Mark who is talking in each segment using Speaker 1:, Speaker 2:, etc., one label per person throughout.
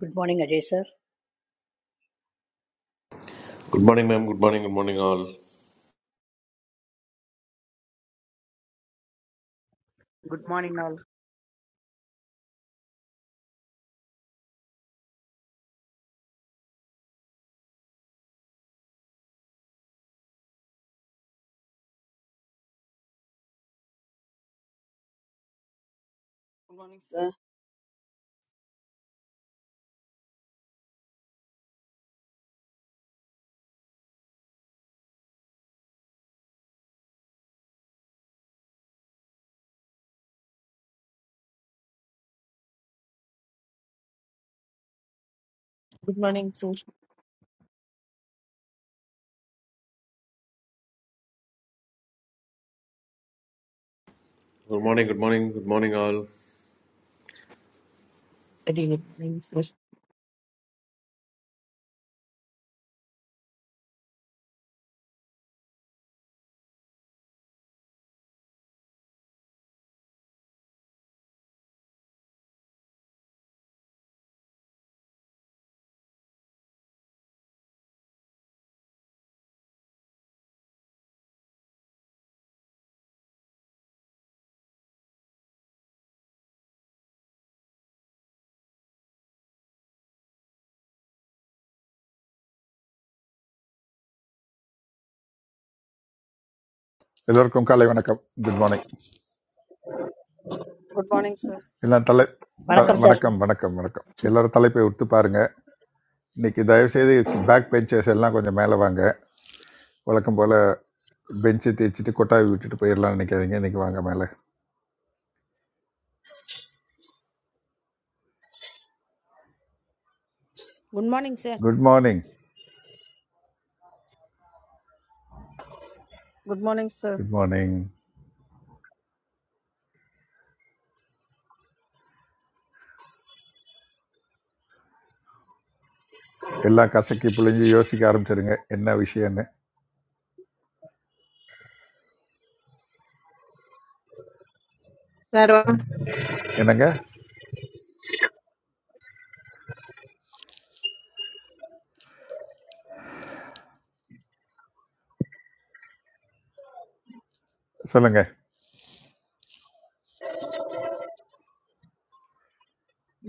Speaker 1: Good morning, Ajay sir.
Speaker 2: Good morning ma'am good morning good morning all
Speaker 3: Good morning, all.
Speaker 4: Good morning sir
Speaker 5: Good morning, sir.
Speaker 2: Good morning good morning good morning all
Speaker 5: Very Good morning, sir.
Speaker 6: எல்லோருக்கும் காலை வணக்கம் good morning
Speaker 7: Good morning, sir.
Speaker 6: எல்லாம் தலை த
Speaker 4: good
Speaker 1: Welcome,
Speaker 4: morning
Speaker 1: sir.
Speaker 4: Sir
Speaker 6: வணக்கம் வணக்கம் வணக்கம்
Speaker 5: So
Speaker 6: எல்லாரும் தலைப்பை விட்டு பாருங்க இன்னைக்கு தயவு செய்து பேக் பெஞ்சஸ் எல்லாம் கொஞ்சம் மேலே வாங்க வழக்கம் போல் பெஞ்சை தேய்ச்சிட்டு கொட்டாவி விட்டுட்டு போயிடலாம்னு நினைக்காதீங்க இன்னைக்கு வாங்க மேலே
Speaker 8: good morning sir
Speaker 6: good morning
Speaker 7: Good morning, sir.
Speaker 6: Good morning எல்லாம் கசக்கி புழிஞ்சு யோசிக்க ஆரம்பிச்சிருங்க என்ன விஷயம்னு
Speaker 9: சார் வா-
Speaker 6: என்னங்க சொல்லுங்க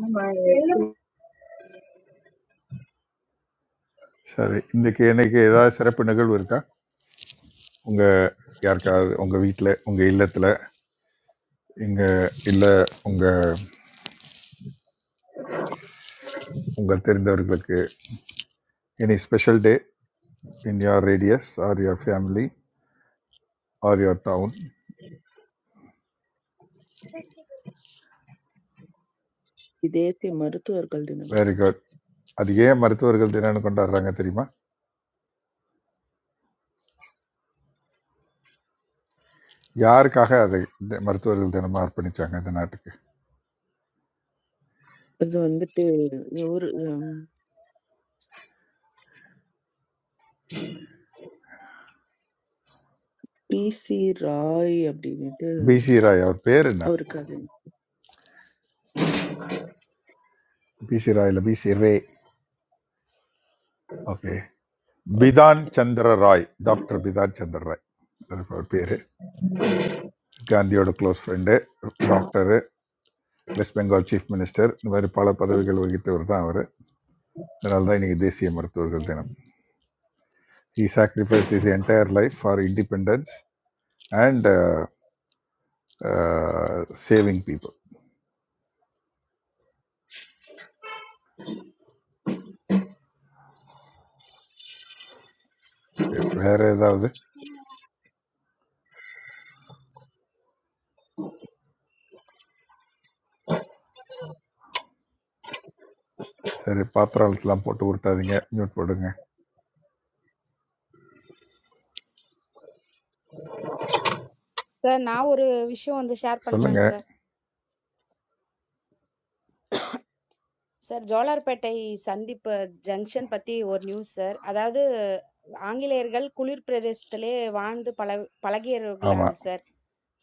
Speaker 10: ஆமா, எல்லாரும்
Speaker 6: சரி இன்னைக்கு இன்னைக்கு ஏதாவது சிறப்பு நிகழ்வு இருக்கா உங்கள் யாருக்காவது உங்கள் வீட்டில் உங்கள் இல்லத்தில் இங்கே இல்லை உங்கள் உங்கள் தெரிந்தவர்களுக்கு Any special day in your radius or your family or your town?
Speaker 5: today's the Marthu arkal dinang,
Speaker 6: Very
Speaker 5: sir.
Speaker 6: good. அது ஏன் மருத்துவர்கள் தினம்னு கொண்டாடுறாங்க தெரியுமா யாருக்காக அதை இந்த மருத்துவர்கள் தினமாக அர்ப்பணிச்சாங்க இந்த நாட்டுக்கு
Speaker 5: Asa andete or PC Ray abdi nete
Speaker 6: PC Roy அவர் பேர் என்ன
Speaker 5: aur kathen.
Speaker 6: பிசி ராய் இல்லை PC Ray okay Bidhan Chandra Roy doctor Bidhan Chandra Roy அது அவர் பேர் காந்தியோட close friend doctor west Bengal chief minister இந்த மாதிரி பல பதவிகள் வகித்தவர் தான் அவர் அதனால தான் இன்றைக்கி தேசிய மருத்துவர்கள் தினம் he sacrificed his entire life for independence and saving people okay வேறு ஏதாவது சரி பாத்திரத்தெலாம் போட்டு உருட்டாதீங்க மியூட் போடுங்க
Speaker 8: சார் நான் ஒரு விஷயம் வந்து ஷேர் பண்றேங்க
Speaker 6: சொல்லுங்கள்
Speaker 8: சார் சார் ஜோலார்பேட்டை சந்திப்பு ஜங்ஷன் பத்தி ஒரு நியூஸ் சார் அதாவது ஆங்கிலேயர்கள் குளிர் பிரதேசத்திலே வாழ்ந்து பல
Speaker 6: ஆமாம்
Speaker 8: பழகியவர்களாங்க சார்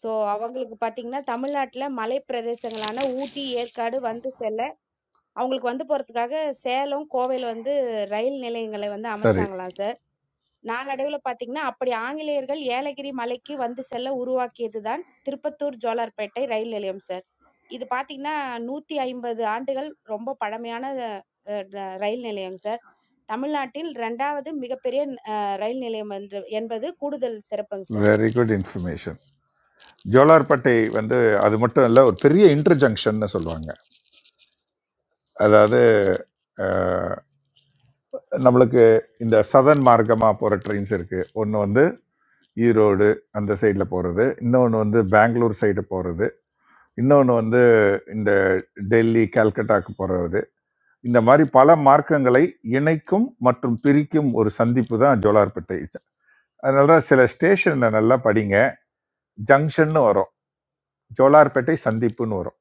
Speaker 8: சோ அவங்களுக்கு பாத்தீங்கன்னா தமிழ்நாட்டுல மலை பிரதேசங்களான ஊட்டி ஏற்காடு வந்து செல்ல அவங்களுக்கு வந்து போறதுக்காக சேலம் கோவையில வந்து ரயில் நிலையங்களை வந்து
Speaker 6: சரி
Speaker 8: அமைச்சாங்களாம் சார் நாளடைவுல பாத்தீங்கன்னா அப்படி ஆங்கிலேயர்கள் ஏலகிரி மலைக்கு வந்து செல்ல உருவாக்கியதுதான் திருப்பத்தூர் ஜோலார்பேட்டை ரயில் நிலையம் சார் இது பாத்தீங்கன்னா 150 ஆண்டுகள் ரொம்ப பழமையான அஹ், ர- ரயில் நிலையம் சார். தமிழ்நாட்டில் 2வது மிகப்பெரிய அஹ், ரயில் நிலையம் என்று- என்பது கூடுதல் சிறப்புங்க sir.
Speaker 6: Very good information Jolarpettai வந்து அது மட்டும் இல்லை ஒரு பெரிய இன்டர்ஜங்ஷன்னு சொல்லுவாங்க அதாவது அஹ், நம்மளுக்கு இந்த சதன் மார்க்கமாக போகிற ட்ரெயின்ஸ் இருக்குது ஒன்று வந்து ஈரோடு அந்த சைடில் போகிறது இன்னொன்று வந்து பெங்களூர் சைடு போகிறது இன்னொன்று வந்து இந்த டெல்லி கல்கட்டாக்கு போகிறது இந்த மாதிரி பல மார்க்கங்களை இணைக்கும் மற்றும் பிரிக்கும் ஒரு சந்திப்பு தான் ஜோலார்பேட்டை அதனால தான் சில ஸ்டேஷன்ல நல்லா படிங்க ஜங்ஷன்னு வரும் ஜோலார்பேட்டை சந்திப்புன்னு வரும்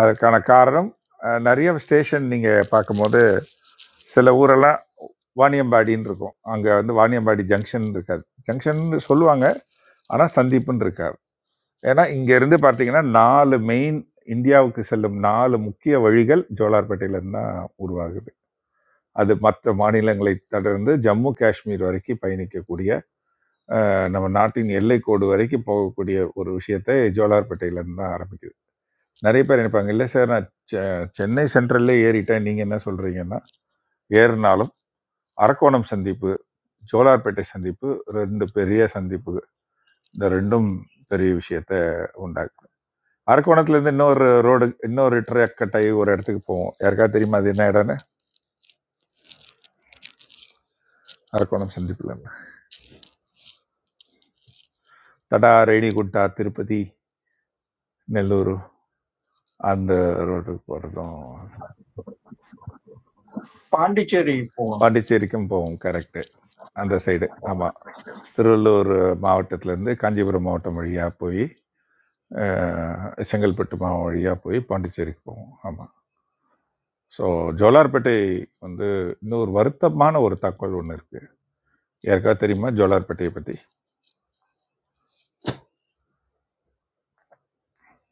Speaker 6: அதற்கான காரணம் அஹ், நிறைய ஸ்டேஷன் நீங்க பார்க்கும்போது சில ஊரெல்லாம் வாணியம்பாடின்னு இருக்கும் அங்க வந்து வாணியம்பாடி ஜங்ஷன் இருக்காது ஜங்ஷன் சொல்லுவாங்க ஆனா சந்திப்புன்னு இருக்காது ஏன்னா இங்க இருந்து பார்த்தீங்கன்னா நாலு மெயின் இந்தியாவுக்கு செல்லும் நாலு முக்கிய வழிகள் ஜோலார்பேட்டையில இருந்து தான் உருவாகுது அது மற்ற மாநிலங்களை தொடர்ந்து ஜம்மு காஷ்மீர் வரைக்கும் பயணிக்கக்கூடிய அஹ், நம்ம நாட்டின் எல்லைக்கோடு வரைக்கும் போகக்கூடிய ஒரு விஷயத்தை ஜோலார்பேட்டையிலேருந்து தான் ஆரம்பிக்குது நிறைய பேர் நினைப்பாங்க இல்லை சார் நான் செ- சென்னை சென்ட்ரல்லே ஏறிட்டேன் நீங்கள் என்ன சொல்கிறீங்கன்னா ஏறினாலும் அரக்கோணம் சந்திப்பு ஜோலார்பேட்டை சந்திப்பு ரெண்டு பெரிய சந்திப்பு இந்த ரெண்டும் பெரிய விஷயத்தை உண்டாக்குது அரக்கோணத்துலேருந்து இன்னொரு ரோடு இன்னொரு ட்ரக் கட்டாயி ஒரு இடத்துக்கு போவோம் யாருக்காவது தெரியுமா அது என்ன இடம்னு அரக்கோணம் சந்திப்புல இருந்து தடா ரேணிகுண்டா திருப்பதி நெல்லூர் அந்த ரோட்டுக்கு போகிறதும்
Speaker 11: பாண்டிச்சேரி போகணும்
Speaker 6: பாண்டிச்சேரிக்கும் போவோம் கரெக்டு அந்த சைடு ஆமாம் திருவள்ளூர் மாவட்டத்திலேருந்து காஞ்சிபுரம் மாவட்டம் வழியாக போய் அஹ், செங்கல்பட்டு மாவட்டம் வழியாக போய் பாண்டிச்சேரிக்கு போவோம் ஆமாம் ஸோ ஜோலார்பேட்டை வந்து இன்னும் ஒரு வருத்தமான ஒரு தகவல் ஒன்று இருக்குது யாருக்காவது தெரியுமா ஜோலார்பேட்டையை பற்றி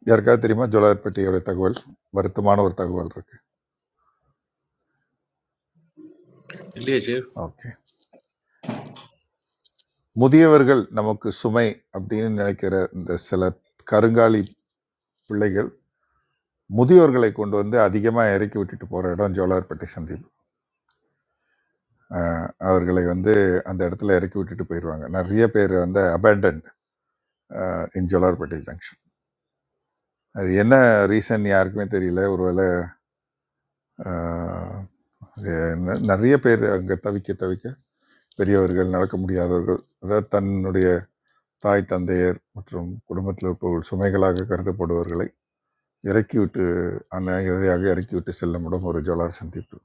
Speaker 6: யாருக்காவது தெரியுமா ஜோலார்பேட்டையோட தகவல் வருத்தமான ஒரு தகவல் இருக்குது
Speaker 2: இல்லையா சீஃப்
Speaker 6: ஓகே முதியவர்கள் நமக்கு சுமை அப்படின்னு நினைக்கிற இந்த சில கருங்காலி பிள்ளைகள் முதியோர்களை கொண்டு வந்து அதிகமாக இறக்கி விட்டுட்டு போகிற இடம் ஜோலார்பேட்டை சந்தீப் அஹ் அவர்களை வந்து அந்த இடத்துல இறக்கி விட்டுட்டு போயிடுவாங்க நிறைய பேர் வந்து அபேண்டன்ட் இன் ஜோலார்பேட்டை ஜங்ஷன் அது என்ன ரீசன் யாருக்குமே தெரியல ஒருவேளை அஹ், அது ந- நிறைய பேர் அங்கே தவிக்க தவிக்க பெரியவர்கள் நடக்க முடியாதவர்கள் அதாவது தன்னுடைய தாய் தந்தையர் மற்றும் குடும்பத்தில் இருப்பவர்கள் சுமைகளாக கருதப்படுபவர்களை இறக்கிவிட்டு அநாயகதையாக இறக்கிவிட்டு செல்லும் இடம் ஒரு ஜோலார் சந்திப்பு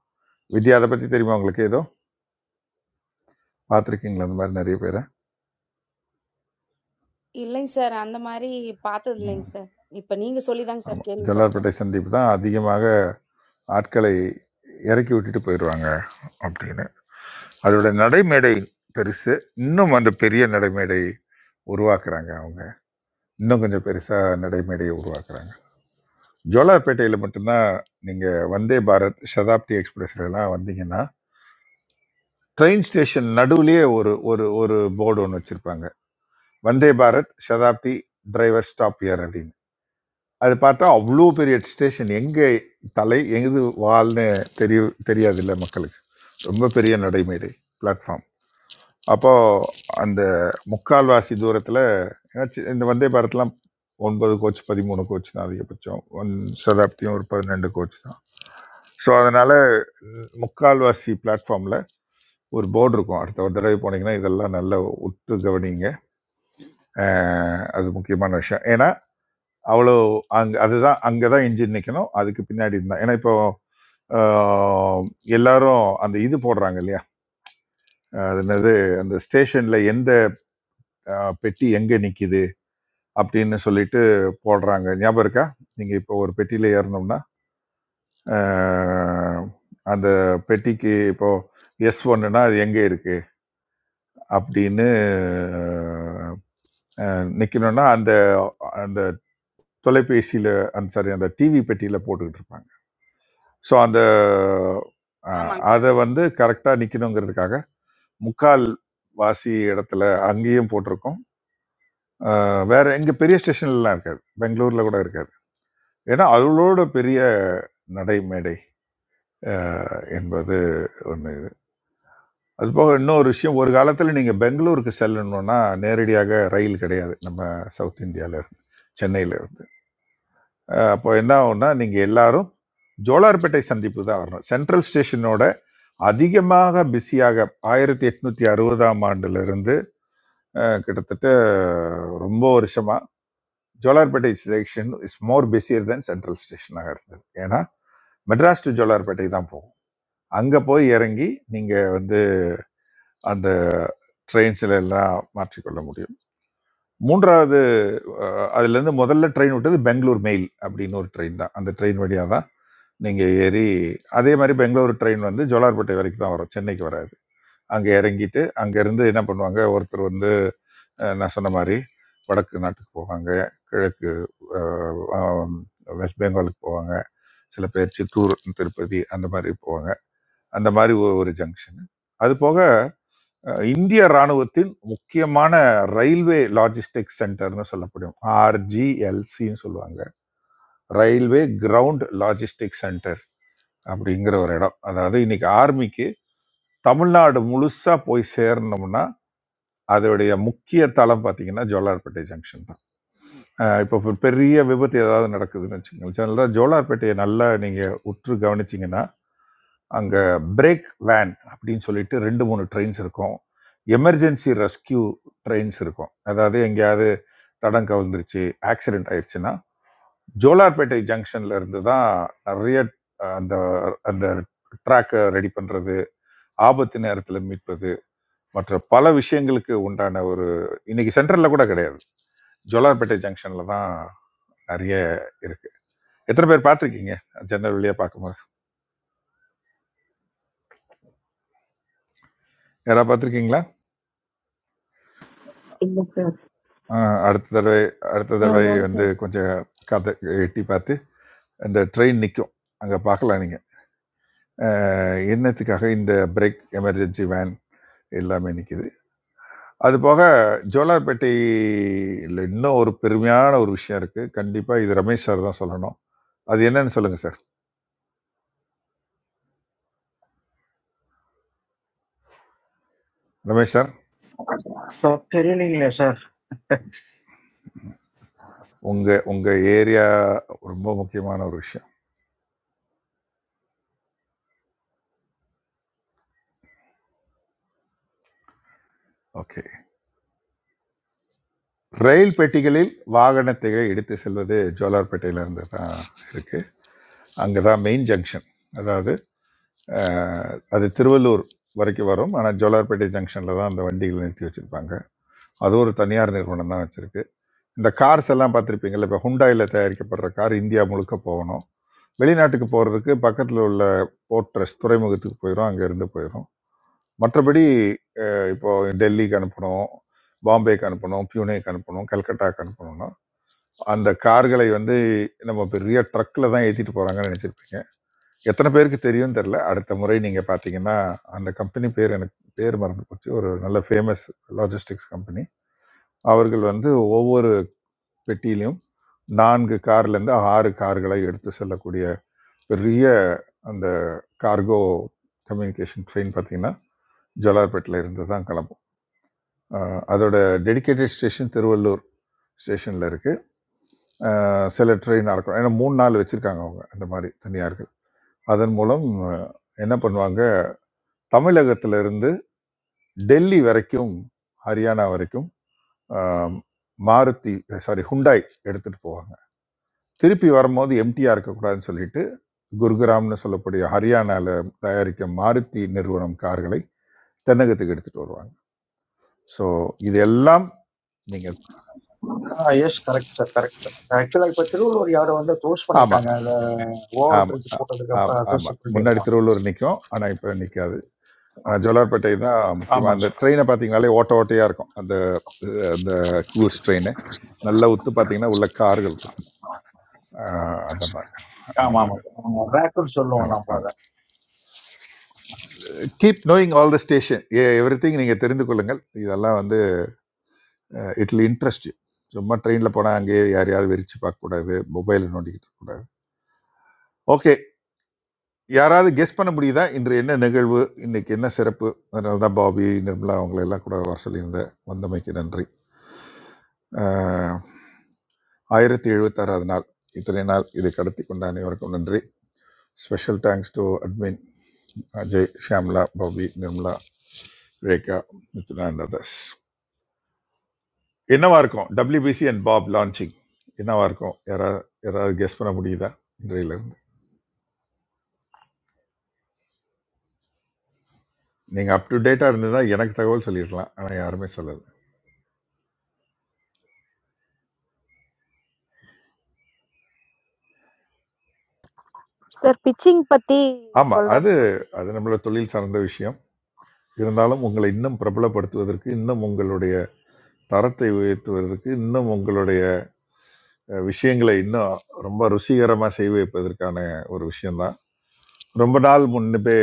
Speaker 6: வித்யா அதை பற்றி தெரியுமா உங்களுக்கு ஏதோ பார்த்துருக்கீங்களா அந்த மாதிரி நிறைய பேரை
Speaker 8: இல்லைங்க சார். அந்த மாரி பாத்தது இல்லைங்க சார். இப்ப நீங்க சொல்லி தாங்க சார்
Speaker 6: ஆமாம்
Speaker 8: கேள்விப்பட்டேன்.
Speaker 6: ஜல்லார்பேட்டை சந்திப்பு தான் அதிகமாக ஆட்களை இறக்கி விட்டுட்டு போயிடுவாங்க அப்படின்னு அதோட நடைமேடை பெருசு இன்னும் அந்த பெரிய நடைமேடை உருவாக்குறாங்க அவங்க இன்னும் கொஞ்சம் பெருசாக நடைமேடையை உருவாக்குறாங்க ஜோலார்பேட்டையில் மட்டும்தான் நீங்கள் வந்தே பாரத் சதாப்தி எக்ஸ்பிரஸ்ல எல்லாம் வந்தீங்கன்னா ட்ரெயின் ஸ்டேஷன் நடுவுலயே ஒரு ஒரு ஒரு போர்டு ஒன்று வச்சுருப்பாங்க Vande Bharat Shatabdi driver stop here அப்படின்னு அது பார்த்தா அவ்வளோ பெரிய ஸ்டேஷன் எங்கே தலை எது வால்னு தெரிய தெரியாதுல்ல மக்களுக்கு ரொம்ப பெரிய நடைமேடை பிளாட்ஃபார்ம் அப்போது அந்த முக்கால்வாசி தூரத்தில் இந்த வந்தே பாரத்லாம் ஒன்பது கோச் பதிமூணு கோச் தான் அதிகபட்சம் ஒன் சதாப்தியும் ஒரு பதினெண்டு கோச் தான் ஸோ அதனால் முக்கால்வாசி பிளாட்ஃபார்மில் ஒரு போர்டு இருக்கும் அடுத்த ஒரு தடவை போனீங்கன்னா இதெல்லாம் நல்லா உற்று கவனிங்க அஹ் அது முக்கியமான விஷயம் ஏன்னா அவ்வளோ அங்கே அதுதான் அங்கே தான் இன்ஜின் நிற்கணும் அதுக்கு பின்னாடி இருந்தால் ஏன்னா இப்போ ஆஹ், எல்லாரும் அந்த இது போடுறாங்க இல்லையா ஆஹ், அது என்னது அந்த ஸ்டேஷன்ல எந்த ஆஹ், பெட்டி எங்க நிக்குது அப்படின்னு சொல்லிட்டு போடுறாங்க ஞாபகம் இருக்கா நீங்க இப்போ ஒரு பெட்டியில ஏறணும்னா ஆஹ், அந்த பெட்டிக்கு இப்போ எஸ் ஒன்னுனா அது எங்க இருக்கு அப்படின்னு ஆஹ், ஆஹ், நிக்கணும்னா அந்த அந்த தொலைபேசியில அந்த சாரி அந்த டிவி பெட்டியில போட்டுக்கிட்டு இருப்பாங்க ஸோ அந்த அ
Speaker 3: ஆமாங்க
Speaker 6: அத வந்து கரெக்ட்டா நிக்கணுங்கிறதுக்காக, முக்கால் வாசி இடத்துல அங்கேயும் போட்டிருக்கோம். அ வேற எங்க பெரிய ஸ்டேஷன்லலாம் இருக்காது. பெங்களூர்ல கூட இருக்காது. ஏன்னா, அதோட பெரிய நடை, மேடை அ என்பது ஒண்ணு இது. அதுபோக இன்னொரு விஷயம், ஒரு காலத்தில நீங்க பெங்களூருக்கு செல்லணும்னா, நேரடியாக ரயில் கிடையாது. நம்ம சவுத் இந்தியால இருந்து, சென்னையில இருந்து. அ அப்போ என்ன ஆகும்னா, நீங்க எல்லாரும் ஜோலார்பேட்டை சந்திப்பு தான் வரணும். சென்ட்ரல் ஸ்டேஷனோட அதிகமாக பிஸியாக ஆயிரத்தி எட்நூத்தி அறுபதாம் ஆண்டுல இருந்து அஹ், கிட்டத்தட்ட ரொம்ப வருஷமா Jolarpettai section is more busier then central ஸ்டேஷனாக இருந்தது ஏன்னா மெட்ராஸ் டு ஜோலார்பேட்டை தான் போகும் அங்க போய் இறங்கி நீங்க வந்து அந்த ட்ரெயின்ஸ்ல எல்லாம் மாற்றிக்கொள்ள முடியும் மூன்றாவது அஹ், அதுல இருந்து முதல்ல ட்ரெயின் விட்டது பெங்களூர் மெயில் அப்படின்னு ஒரு ட்ரெயின் தான் அந்த ட்ரெயின் வழியா தான் நீங்க ஏறி அதே மாதிரி பெங்களூர் ட்ரெயின் வந்து ஜோலார்பேட்டை வரைக்கும் தான் வரும் சென்னைக்கு வராது அங்க இறங்கிட்டு அங்க இருந்து என்ன பண்ணுவாங்க ஒருத்தர் வந்து அஹ் நான் சொன்ன மாதிரி வடக்கு நாட்டுக்கு போவாங்க கிழக்கு அஹ், ஆம், வெஸ்ட் பெங்காலுக்கு போவாங்க சில பேர் சித்தூர் திருப்பதி அந்த மாதிரி போவாங்க அந்த மாதிரி ஒ- ஒரு ஜங்ஷன் அது போக அஹ், இந்திய ராணுவத்தின் முக்கியமான ரயில்வே லாஜிஸ்டிக்ஸ் சென்டர்னு சொல்லப்படும் ஆர்ஜிஎல்சின்னு சொல்லுவாங்க ரயில்வே கிரவுண்ட் லாஜிஸ்டிக் சென்டர் அப்படிங்கிற ஒரு இடம் அதாவது இன்னைக்கு ஆர்மிக்கு தமிழ்நாடு முழுசா போய் சேரணும்னா அதோடைய முக்கிய தளம் பார்த்தீங்கன்னா ஜோலார்பேட்டை ஜங்ஷன் தான் அஹ் இப்போ ஒரு பெரிய விபத்து ஏதாவது நடக்குதுன்னு வச்சுக்கோங்களேன் அதனால ஜோலார்பேட்டையை நல்லா நீங்கள் உற்று கவனிச்சிங்கன்னா அங்கே பிரேக் வேன் அப்படின்னு சொல்லிட்டு ரெண்டு மூணு ட்ரெயின்ஸ் இருக்கும் எமர்ஜென்சி ரெஸ்கியூ ட்ரெயின்ஸ் இருக்கும் அதாவது எங்கேயாவது தடம் கவிழ்ந்துருச்சு ஆக்சிடென்ட் ஆயிடுச்சுன்னா ஜோலார்பேட்டை ஜங்ஷன்ல இருந்து தான் நிறைய அஹ், அந்த அந்த ட்ராக்கை ரெடி பண்ணுறது ஆபத்து நேரத்தில் மீட்பது மற்ற பல விஷயங்களுக்கு உண்டான ஒரு இன்னைக்கு சென்டரில் கூட கிடையாது ஜோலார்பேட்டை ஜங்ஷனில் தான் நிறைய இருக்கு எத்தனை பேர் பார்த்துருக்கீங்க ஜன்னல் வழியாக பார்க்கும்போது யாராவது பார்த்துருக்கீங்களா
Speaker 12: Good
Speaker 6: ஆஹ் அடுத்த தடவை அடுத்த தடவை
Speaker 13: Hello, sir.
Speaker 6: வந்து கொஞ்சம் காத்த எட்டி பார்த்து இந்த ட்ரெயின் நிற்கும் அங்கே பார்க்கலாம் நீங்கள் என்னத்துக்காக இந்த பிரேக் எமர்ஜென்சி வேன் எல்லாமே நிற்கிது அது போக ஜோலார்பேட்டையில் இன்னும் ஒரு பெருமையான ஒரு விஷயம் இருக்குது கண்டிப்பாக இது ரமேஷ் சார் தான் சொல்லணும் அது என்னன்னு சொல்லுங்கள் சார் ரமேஷ் சார்
Speaker 11: சார் தெரியலீங்களே சார்
Speaker 6: உங்கள் உங்கள் ஏரியா ரொம்ப முக்கியமான ஒரு விஷயம் ஓகே ரயில் பெட்டிகளில் வாகனத்தை எடுத்து செல்வது ஜோலார்பேட்டையிலேருந்து தான் இருக்குது அங்கே தான் மெயின் ஜங்ஷன் அதாவது அஹ், அது திருவள்ளூர் வரைக்கும் வரும் ஆனால் ஜோலார்பேட்டை ஜங்ஷனில் தான் அந்த வண்டிகளை நிறுத்தி வச்சுருப்பாங்க அது ஒரு தனியார் நிறுவனம் தான் வச்சுருக்கு இந்த கார்ஸ் எல்லாம் பார்த்துருப்பீங்கள்ல இப்போ ஹுண்டாயில் தயாரிக்கப்படுற கார் இந்தியா முழுக்க போகணும் வெளிநாட்டுக்கு போகிறதுக்கு பக்கத்தில் உள்ள போர்ட்ரஸ் துறைமுகத்துக்கு போயிடும் அங்கேருந்து போயிடும் மற்றபடி அஹ், இப்போ டெல்லிக்கு அனுப்பணும் பாம்பேக்கு அனுப்பணும் பியூனேக்கு அனுப்பணும் கல்கட்டாக்கு அனுப்பணும்னா அந்த கார்களை வந்து நம்ம பெரிய ட்ரக்கில் தான் ஏற்றிட்டு போகிறாங்கன்னு நினச்சிருப்பீங்க எத்தனை பேருக்கு தெரியும்னு தெரில அடுத்த முறை நீங்கள் பார்த்தீங்கன்னா அந்த கம்பெனி பேர் எனக்கு பேர் மறந்து போச்சு ஒரு நல்ல ஃபேமஸ் லாஜிஸ்டிக்ஸ் கம்பெனி அவர்கள் வந்து ஒவ்வொரு பெட்டியிலையும் நான்கு கார்லேருந்து ஆறு கார்களை எடுத்து செல்லக்கூடிய பெரிய அந்த கார்கோ கம்யூனிகேஷன் ட்ரெயின் பார்த்தீங்கன்னா ஜோலார்பேட்டில் இருந்து தான் கிளம்பும் அஹ் அதோட டெடிகேட்டட் ஸ்டேஷன் திருவள்ளூர் ஸ்டேஷனில் இருக்குது அஹ் சில ட்ரெயினாக இருக்கும் ஏன்னா மூணு நாள் வச்சுருக்காங்க அவங்க இந்த மாதிரி தனியார்கள் அதன் மூலம் அஹ், என்ன பண்ணுவாங்க தமிழகத்திலிருந்து டெல்லி வரைக்கும் ஹரியானா வரைக்கும் அஹ், மாருதி சாரி ஹுண்டாய் எடுத்துகிட்டு போவாங்க திருப்பி வரும்போது எம்டிஆர் இருக்கக்கூடாதுன்னு சொல்லிட்டு குர்கிராம்னு சொல்லக்கூடிய ஹரியானாவில் தயாரிக்கும் மாருதி நிறுவனம் கார்களை தென்னகத்துக்கு எடுத்துகிட்டு வருவாங்க ஸோ இதெல்லாம் நீங்கள்
Speaker 11: yes correct sir correct sir ஆக்சுவலாக இப்போ திருவள்ளூர் யாரை வந்து க்ளோஸ்
Speaker 6: ஆமாம்
Speaker 11: பண்ணிட்டாங்க அந்த ஓவர்
Speaker 6: ஆமாம்
Speaker 11: பிரிட்ஜ் போட்டதுக்கு
Speaker 6: ஆமாம்
Speaker 11: அப்புறம் அதர்ஸ்
Speaker 6: ஆமாம் முன்னாடி
Speaker 11: பண்ணிடலாம்
Speaker 6: திருவள்ளூர் நிற்கும் ஆனால் இப்போ நிற்காது ஆனால் ஜோலார்பேட்டை தான் முக்கியமாக
Speaker 11: ஆமாங்க
Speaker 6: அந்த
Speaker 11: சார்
Speaker 6: ட்ரெயினை பார்த்தீங்கனாலே ஓட்ட ஓட்டையாக இருக்கும் அந்த அஹ், அந்த கூர்ஸ் ட்ரெயின் நல்லா உத்து பார்த்தீங்கன்னா உள்ள கார்கள் இருக்கும் ஆஹ், அந்த மாதிரி அந்த
Speaker 11: ஆமாம்
Speaker 6: மாதிரி
Speaker 11: ஆமாம் ரேக்குன்னு சொல்லுவோம்
Speaker 6: ஆமாம்
Speaker 11: நம்ம அதை
Speaker 6: ஆமாம் keep knowing all the station everything நீங்கள் தெரிந்து கொள்ளுங்கள் இதெல்லாம் வந்து இட்லி இன்ட்ரெஸ்ட் சும்மா ட்ரெயினில் போனால் அங்கேயே யாரையாவது வெறிச்சு பார்க்கக்கூடாது மொபைலை நோண்டிக்கிட்டு இருக்கக்கூடாது ஓகே யாராவது கெஸ் பண்ண முடியுதா இன்று என்ன நிகழ்வு இன்னைக்கு என்ன சிறப்பு அதனால தான் பாபி நிர்மலா அவங்களை எல்லாம் கூட வர சொல்லியிருந்தேன் வந்தமைக்கு நன்றி ஆஹ், ஆயிரத்தி எழுபத்தாறாவது நாள் இத்தனை நாள் இதை கடத்தி கொண்ட அனைவருக்கும் நன்றி special thanks to admin Ajay Shyamala Babi Nirmala Rekha Mithna and others என்னவா இருக்கும் டபிள்யூபிசி அண்ட் பாப் லான்ச்சிங் என்னவா இருக்கும் யாராவது யாராவது கெஸ் பண்ண முடியுதா இன்றையிலிருந்து நீங்கள் அப் டு டேட்டாக இருந்ததுன்னா எனக்கு தகவல் சொல்லியிருக்கலாம் ஆனால் யாருமே சொல்லலை
Speaker 8: சார் பிச்சிங் பத்தி
Speaker 6: ஆமா. அது
Speaker 8: சொல்றேன்னு சொன்னீங்க
Speaker 6: அது நம்மளோட தொழில் சார்ந்த விஷயம். இருந்தாலும் உங்களை இன்னும் பிரபலப்படுத்துவதற்கு, இன்னும் உங்களுடைய தரத்தை உயர்த்துவதற்கு, இன்னும் உங்களுடைய அ விஷயங்களை இன்னும் ரொம்ப ருசிகரமா செய்ய வைப்பதற்கான ஒரு விஷயம் தான். ரொம்ப நாள் முன்பே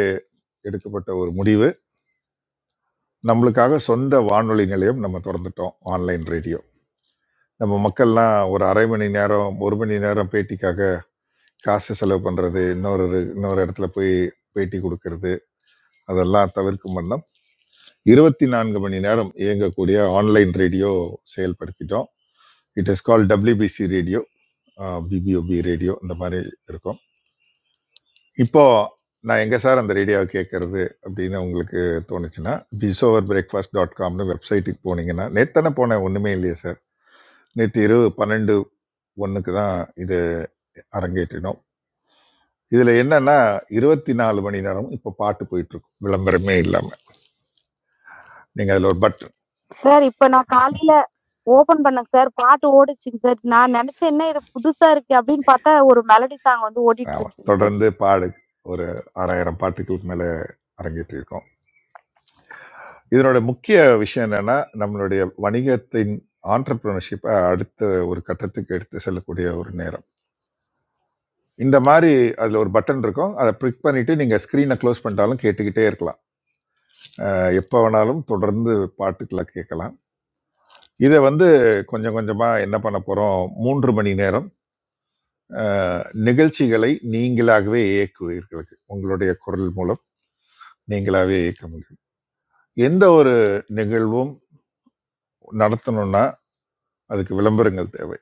Speaker 6: எடுக்கப்பட்ட ஒரு முடிவு. நம்மளுக்காக சொந்த வானொலி நிலையம் நம்ம தொறந்துட்டோம். Online radio. நம்ம மக்கள்லாம் ஒரு 1/2 மணி நேரம், 1 மணி நேரம் பேட்டிக்காக காசு செலவு பண்றது, இன்னொரு இன்னொரு இடத்துல போய் பேட்டி குடுக்கறது, அதெல்லாம் தவிர்க்கும் வண்ணம் இருபத்தி நான்கு மணி நேரம் இயங்கக்கூடிய ஆன்லைன் ரேடியோ செயல்படுத்திட்டோம் it is call WBC radio BPOP radio இந்த மாதிரி இருக்கும் இப்போ நான் எங்கே சார் அந்த ரேடியோவை கேட்கறது அப்படின்னு உங்களுக்கு தோணுச்சுன்னா பிசோவர் பிரேக்ஃபாஸ்ட் டாட் காம்னு வெப்சைட்டுக்கு போனீங்கன்னா நேத்தானே போனேன் ஒன்றுமே இல்லையே சார் நேற்று இரவு பன்னெண்டு ஒன்றுக்கு தான் இது அரங்கேற்றினோம் இதில் என்னன்னா இருபத்தி நாலு மணி நேரம் இப்போ பாட்டு போயிட்டு இருக்கும் விளம்பரமே இல்லாமல் நீங்கள் அதில் ஒரு பட்டன்
Speaker 8: சார் இப்ப நான் காலையில ஓபன் பண்ணேங்க சார் பாட்டு ஓடுச்சுங்க சார் நான் நினைச்சேன் என்ன இது புதுசா இருக்கு அப்படின்னு பார்த்தா ஒரு மெலடி சாங் வந்து ஓடிட்டு
Speaker 6: ஆமா.
Speaker 8: இருந்துச்சுங்க சார்
Speaker 6: தொடர்ந்து பாடு ஒரு ஆறாயிரம் பாட்டுகளுக்கு மேல அரங்கேற்றி இருக்கோம் இதனோட முக்கிய விஷயம் என்னன்னா நம்மளுடைய வணிகத்தின் ஆண்டர்பிரினர்ஷிப்பை அடுத்த ஒரு கட்டத்துக்கு எடுத்து செல்லக்கூடிய ஒரு நேரம் இந்த மாதிரி அதில் ஒரு பட்டன் இருக்கும் அதை பிளிக் பண்ணிட்டு நீங்கள் ஸ்க்ரீனை க்ளோஸ் பண்ணிட்டாலும் கேட்டுக்கிட்டே இருக்கலாம் அஹ் எப்போ வேணாலும் தொடர்ந்து பாட்டுக்களை கேட்கலாம் இதை வந்து கொஞ்சம் கொஞ்சமாக என்ன பண்ண போகிறோம் மூன்று மணி நேரம் அஹ், நிகழ்ச்சிகளை நீங்களாகவே இயக்குவீர்களுக்கு உங்களுடைய குரல் மூலம் நீங்களாகவே இயக்க முடியும் எந்த ஒரு நிகழ்வும் நடத்தணும்னா அதுக்கு விளம்பரங்கள் தேவை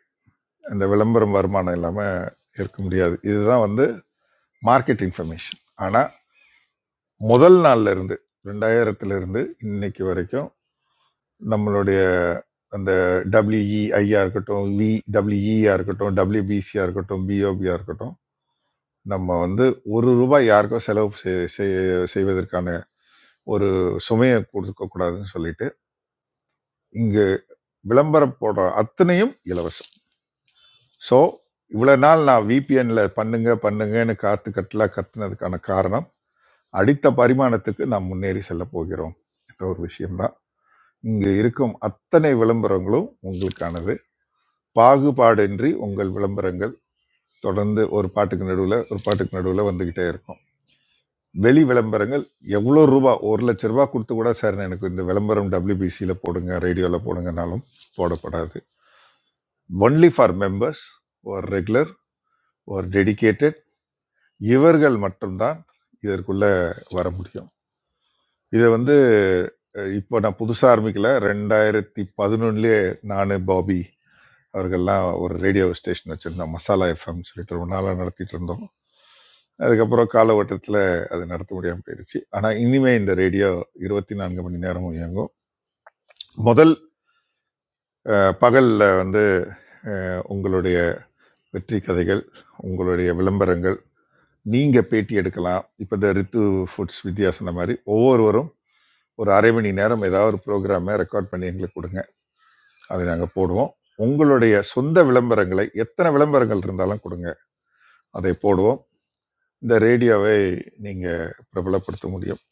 Speaker 6: அந்த விளம்பரம் வருமானம் இல்லாமல் இருக்க முடியாது இதுதான் வந்து மார்க்கெட் இன்ஃபர்மேஷன் ஆனால் முதல் நாள்ல இருந்து ரெண்டாயிரத்துல இருந்து இன்னைக்கு வரைக்கும் நம்மளுடைய அந்த டபிள்யூஇஐயா இருக்கட்டும் விடபிள்யூஇஆ இருக்கட்டும் டபிள்யூபிசியா இருக்கட்டும் பிஓபியா இருக்கட்டும் நம்ம வந்து ஒரு ரூபாய் யாருக்கும் செலவு செய்- செய்- செய்வதற்கான ஒரு சுமையை கொடுக்க கூடாதுன்னு சொல்லிட்டு இங்கு விளம்பரம் போடுற அத்தனையும் இலவசம் ஸோ இவ்வளோ நாள் நான் விபிஎன்ல பண்ணுங்க பண்ணுங்கன்னு காத்து கட்டலாக கத்துனதுக்கான காரணம் அடுத்த பரிமாணத்துக்கு நாம் முன்னேறி செல்ல போகிறோம் என்ற ஒரு விஷயம்தான் இங்கு இருக்கும் அத்தனை விளம்பரங்களும் உங்களுக்கானது பாகுபாடின்றி உங்கள் விளம்பரங்கள் தொடர்ந்து ஒரு பாட்டுக்கு நடுவில் ஒரு பாட்டுக்கு நடுவில் வந்துக்கிட்டே இருக்கும் வெளி விளம்பரங்கள் எவ்வளோ ரூபா ஒரு லட்ச ரூபா கொடுத்து கூட சார் எனக்கு இந்த விளம்பரம் டபிள்யூபிசியில் போடுங்க ரேடியோவில் போடுங்கனாலும் போடப்படாது ஒன்லி ஃபார் மெம்பர்ஸ் ஒரு ரெகுலர் ஒரு dedicated இவர்கள் மட்டும்தான் இதற்குள்ள வர முடியும் இதை வந்து அஹ், இப்போ நான் புதுசாக ஆரம்பிக்கல ரெண்டாயிரத்தி பதினொன்னுலேயே நான் பாபி அவர்கள்லாம் ஒரு ரேடியோ ஸ்டேஷன் வச்சுருந்தோம் மசாலா எஃப்எம் சொல்லிட்டு ரொம்ப நாளாக நடத்திட்டு இருந்தோம் அதுக்கப்புறம் கால ஓட்டத்தில் அது நடத்த முடியாமல் போயிடுச்சு ஆனால் இனிமே இந்த ரேடியோ இருபத்தி நான்கு மணி நேரமும் இயங்கும் முதல் பகலில் வந்து அஹ், உங்களுடைய வெற்றி கதைகள் உங்களுடைய விளம்பரங்கள் நீங்க பேட்டி எடுக்கலாம் இப்போ இந்த ரித்து ஃபுட்ஸ் வித்யா சொன்ன மாதிரி ஒவ்வொருவரும் ஒரு அரை மணி நேரம் ஏதாவது ஒரு ப்ரோக்ராமை ரெக்கார்ட் பண்ணி எங்களுக்கு கொடுங்க அதை நாங்கள் போடுவோம் உங்களுடைய சொந்த விளம்பரங்களை எத்தனை விளம்பரங்கள் இருந்தாலும் கொடுங்க அதை போடுவோம் இந்த ரேடியோவை நீங்க பிரபலப்படுத்த முடியும்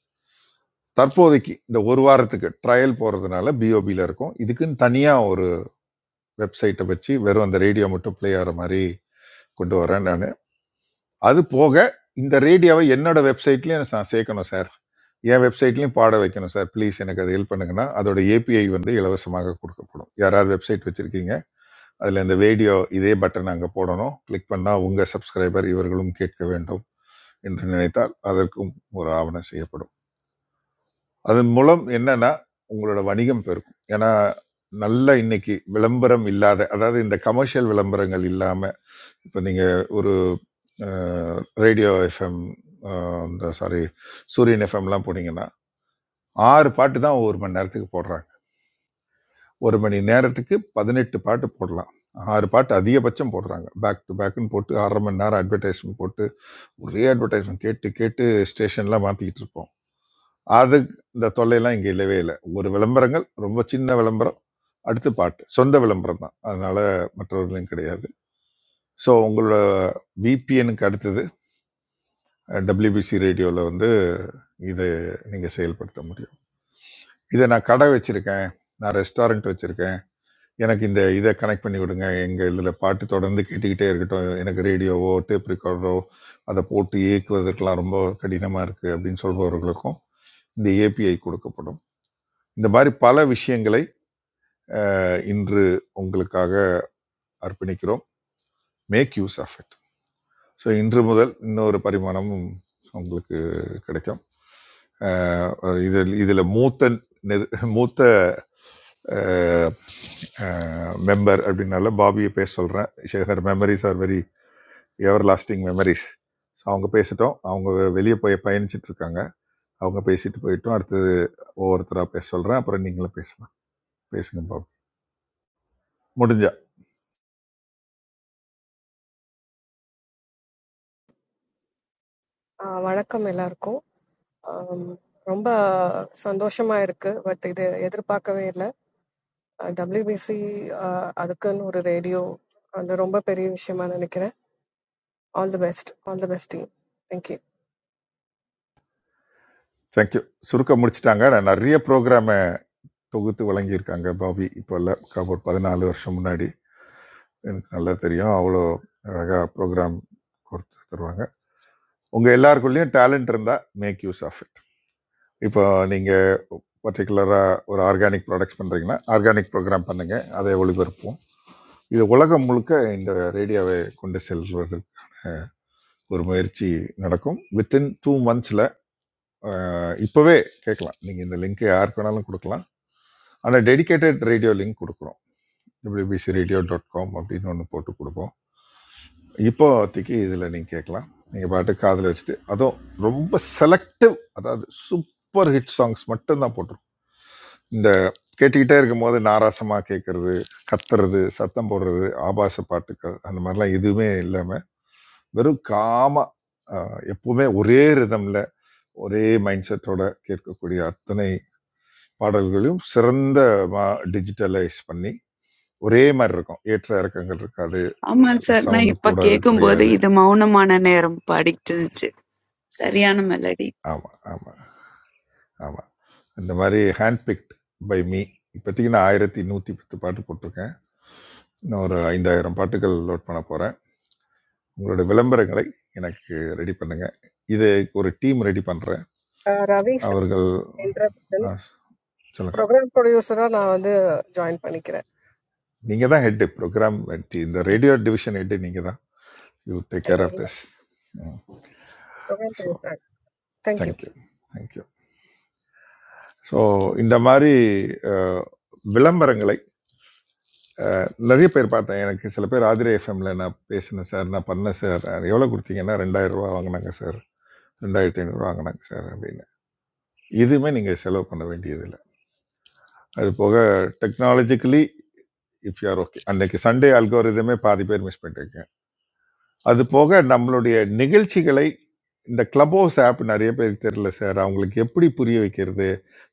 Speaker 6: தற்போதைக்கு இந்த ஒரு வாரத்துக்கு ட்ரையல் போறதுனால பிஓபியில் இருக்கும் இதுக்குன்னு தனியாக ஒரு வெப்சைட்டை வச்சு வெறும் அந்த ரேடியோ மட்டும் ப்ளே ஆகிற மாதிரி கொண்டு வரேன் நான் அது போக இந்த ரேடியோவை என்னோட வெப்சைட்லயும் நான் சேர்க்கணும் சார் என் வெப்சைட்லயும் பாட வைக்கணும் சார் ப்ளீஸ் எனக்கு அது ஹெல்ப் பண்ணுங்கன்னா அதோட ஏபிஐ வந்து இலவசமாக கொடுக்கப்படும் யாராவது வெப்சைட் வச்சிருக்கீங்க அதில் இந்த வீடியோ இதே பட்டன் அங்கே போடணும் கிளிக் பண்ணால் உங்கள் சப்ஸ்கிரைபர் இவர்களும் கேட்க வேண்டும் என்று நினைத்தால் அதற்கும் ஒரு ஆவணம் செய்யப்படும் அதன் மூலம் என்னன்னா உங்களோட வணிகம் பெருக்கும் ஏன்னா நல்ல இன்னைக்கு விளம்பரம் இல்லாத அதாவது இந்த கமர்ஷியல் விளம்பரங்கள் இல்லாம இப்போ நீங்கள் ஒரு ரேடியோ எஃப்எம் இந்த சாரி சூரியன் எஃப்எம்லாம் போனீங்கன்னா ஆறு பாட்டு தான் ஒரு மணி நேரத்துக்கு போடுறாங்க ஒரு மணி நேரத்துக்கு பதினெட்டு பாட்டு போடலாம் ஆறு பாட்டு அதிகபட்சம் போடுறாங்க பேக் டு பேக்குன்னு போட்டு அரை மணி நேரம் அட்வர்டைஸ்மெண்ட் போட்டு ஒரே அட்வர்டைஸ்மெண்ட் கேட்டு கேட்டு ஸ்டேஷன்லாம் மாற்றிக்கிட்டு இருப்போம் அது இந்த தொல்லையெல்லாம் இங்கே இல்லவே இல்லை ஒரு விளம்பரங்கள் ரொம்ப சின்ன விளம்பரம் அடுத்து பாட்டு சொந்த விளம்பரம் தான் அதனால மற்றவர்களும் கிடையாது ஸோ உங்களோட விபிஎனுக்கு அடுத்தது டபிள்யூபிசி ரேடியோவில் வந்து இதை நீங்கள் செயல்படுத்த முடியும் இதை நான் கடை வச்சுருக்கேன் நான் ரெஸ்டாரண்ட் வச்சுருக்கேன் எனக்கு இந்த இதை கனெக்ட் பண்ணி விடுங்க எங்கள் இதில் பாட்டு தொடர்ந்து கேட்டுக்கிட்டே இருக்கட்டும் எனக்கு ரேடியோவோ டேப் ரெக்கார்டரோ அதை போட்டு இயக்குவதற்கெல்லாம் ரொம்ப கடினமாக இருக்குது அப்படின்னு சொல்பவர்களுக்கும் இந்த ஏபிஐ கொடுக்கப்படும் இந்த மாதிரி பல விஷயங்களை அஹ், இன்று உங்களுக்காக அர்ப்பணிக்கிறோம் make use of it so இன்று முதல் இன்னொரு பரிமாணமும் உங்களுக்கு கிடைக்கும் அஹ் இதில் இதில் மூத்த நிர் மூத்த மெம்பர் அப்படின்னால பாபியை பேச சொல்கிறேன் Shekhar memories are very everlasting memories so அவங்க பேசிட்டோம் அவங்க வெளியே போய் பயணிச்சிட்டு இருக்காங்க அவங்க பேசிட்டு போயிட்டோம் அடுத்தது ஒவ்வொருத்தராக பேச சொல்கிறேன் அப்புறம் நீங்களும் பேசலாம் பேசுங்க பாபு முடிஞ்சா
Speaker 14: आवारक का मेला आ रखो। रंबा संतोषमय आ रखे। व्वट इधर येधर पाकवे इला। डब्ल्यूबीसी आदकन उरे रेडियो आण्ड रंबा पेरी विषय माणे निकरे। All the best. All the best team. Thank you.
Speaker 6: Thank you சுருக்க முடிச்சிட்டாங்க நான் நிறைய ப்ரோக்ராமை தொகுத்து வழங்கியிருக்காங்க பாபி இப்போ இல்லை ஒரு பதினாலு வருஷம் முன்னாடி எனக்கு நல்லா தெரியும் அவ்வளோ அழகாக ப்ரோக்ராம் கொடுத்து தருவாங்க உங்கள் எல்லாருக்குள்ளேயும் டேலண்ட் இருந்தால் மேக் யூஸ் ஆஃப் it இப்போ நீங்கள் பர்டிகுலராக ஒரு ஆர்கானிக் ப்ராடக்ட்ஸ் பண்ணுறீங்கன்னா ஆர்கானிக் ப்ரோக்ராம் பண்ணுங்கள் அதை ஒளிபரப்புவோம் இது உலகம் முழுக்க இந்த ரேடியோவை கொண்டு செல்வதற்கான ஒரு முயற்சி நடக்கும் வித்தின் டூ மந்த்ஸில் இப்போவே கேட்கலாம் நீங்கள் இந்த லிங்க்கை யாருக்கு வேணாலும் கொடுக்கலாம் ஆனால் டெடிகேட்டட் ரேடியோ லிங்க் கொடுக்குறோம் டபிள்யூபிசி ரேடியோ டாட் காம் அப்படின்னு ஒன்று போட்டு கொடுப்போம் இப்போதைக்கு இதில் நீங்கள் கேட்கலாம் நீங்கள் பாட்டு காதில் வச்சுட்டு அதுவும் ரொம்ப செலக்டிவ் அதாவது சூப்பர் ஹிட் சாங்ஸ் மட்டும்தான் போட்டிருக்கோம் இந்த கேட்டுக்கிட்டே இருக்கும்போது நாராசமாக கேட்கறது கத்துறது சத்தம் போடுறது ஆபாச பாட்டுக்கு அந்த மாதிரிலாம் எதுவுமே இல்லாமல் வெறும் காமா ஆஹ், எப்பவுமே ஒரே ரிதம்ல ஒரே மைண்ட் செட்டோட கேட்கக்கூடிய அத்தனை பாடல்களையும் சிறந்த டிஜிட்டலைஸ் பண்ணி ஒரே மாதிரி இருக்கும் ஏற்ற இறக்கங்கள் இருக்காது
Speaker 15: ஆமாங்க சார். நான்
Speaker 6: சவுண்டு
Speaker 15: இப்ப
Speaker 6: கூடாது
Speaker 15: கேட்கும்போது
Speaker 6: குறையாது
Speaker 15: இது மௌனமான நேரம் பாடிட்டு இருந்துச்சு. சரியான மெலடி.
Speaker 6: ஆமாம் ஆமாம் ஆமாம் இந்த மாதிரி ஹேண்ட் பிக்ட் பை மீ இப்போதைக்கு நான் ஆயிரத்தி நூற்றி பத்து பாட்டு போட்டிருக்கேன் இன்னும் ஒரு ஐந்தாயிரம் பாட்டுகள் லோட் பண்ண போகிறேன் உங்களோட விளம்பரங்களை எனக்கு ரெடி பண்ணுங்கள் இது ஒரு டீம் ரெடி பண்ணுறேன்
Speaker 14: रावी सर,
Speaker 6: அவர்கள்
Speaker 14: interruption.
Speaker 6: ஆ, சொல்லுங்க
Speaker 14: Program producer आणे ज्वाइन पाणी करे.
Speaker 6: நீங்கள் தான் ஹெட்டு ப்ரோக்ராம் இந்த ரேடியோ டிவிஷன் ஹெட்டு நீங்கள் தான் you take care of this
Speaker 14: Program
Speaker 6: so
Speaker 14: producer. Thank you.
Speaker 6: Thank you thank you. So இந்த மாதிரி அஹ், விளம்பரங்களை அஹ், நிறைய பேர் பார்த்தேன் எனக்கு சில பேர் ஆதிரை எஃப்எம்ல நான் பேசினேன் சார் நான் பண்ணேன் சார் எவ்வளோ கொடுத்தீங்கன்னா ரெண்டாயிரம் ரூபா வாங்கினாங்க சார் ரெண்டாயிரத்தி ஐநூறுரூவா வாங்கினாங்க சார் அப்படின்னு இதுவுமே நீங்கள் செலவு பண்ண வேண்டியதில்லை அது போக டெக்னாலஜிக்கலி இஃப் யூஆர் ஓகே அன்னைக்கு சண்டே அல்கோரிதமே பாதி பேர் மிஸ் பண்ணிருக்கேன் அது போக நம்மளுடைய நிகழ்ச்சிகளை இந்த கிளப் ஹவுஸ் ஆப் நிறைய பேருக்கு தெரியல சார் அவங்களுக்கு எப்படி புரிய வைக்கிறது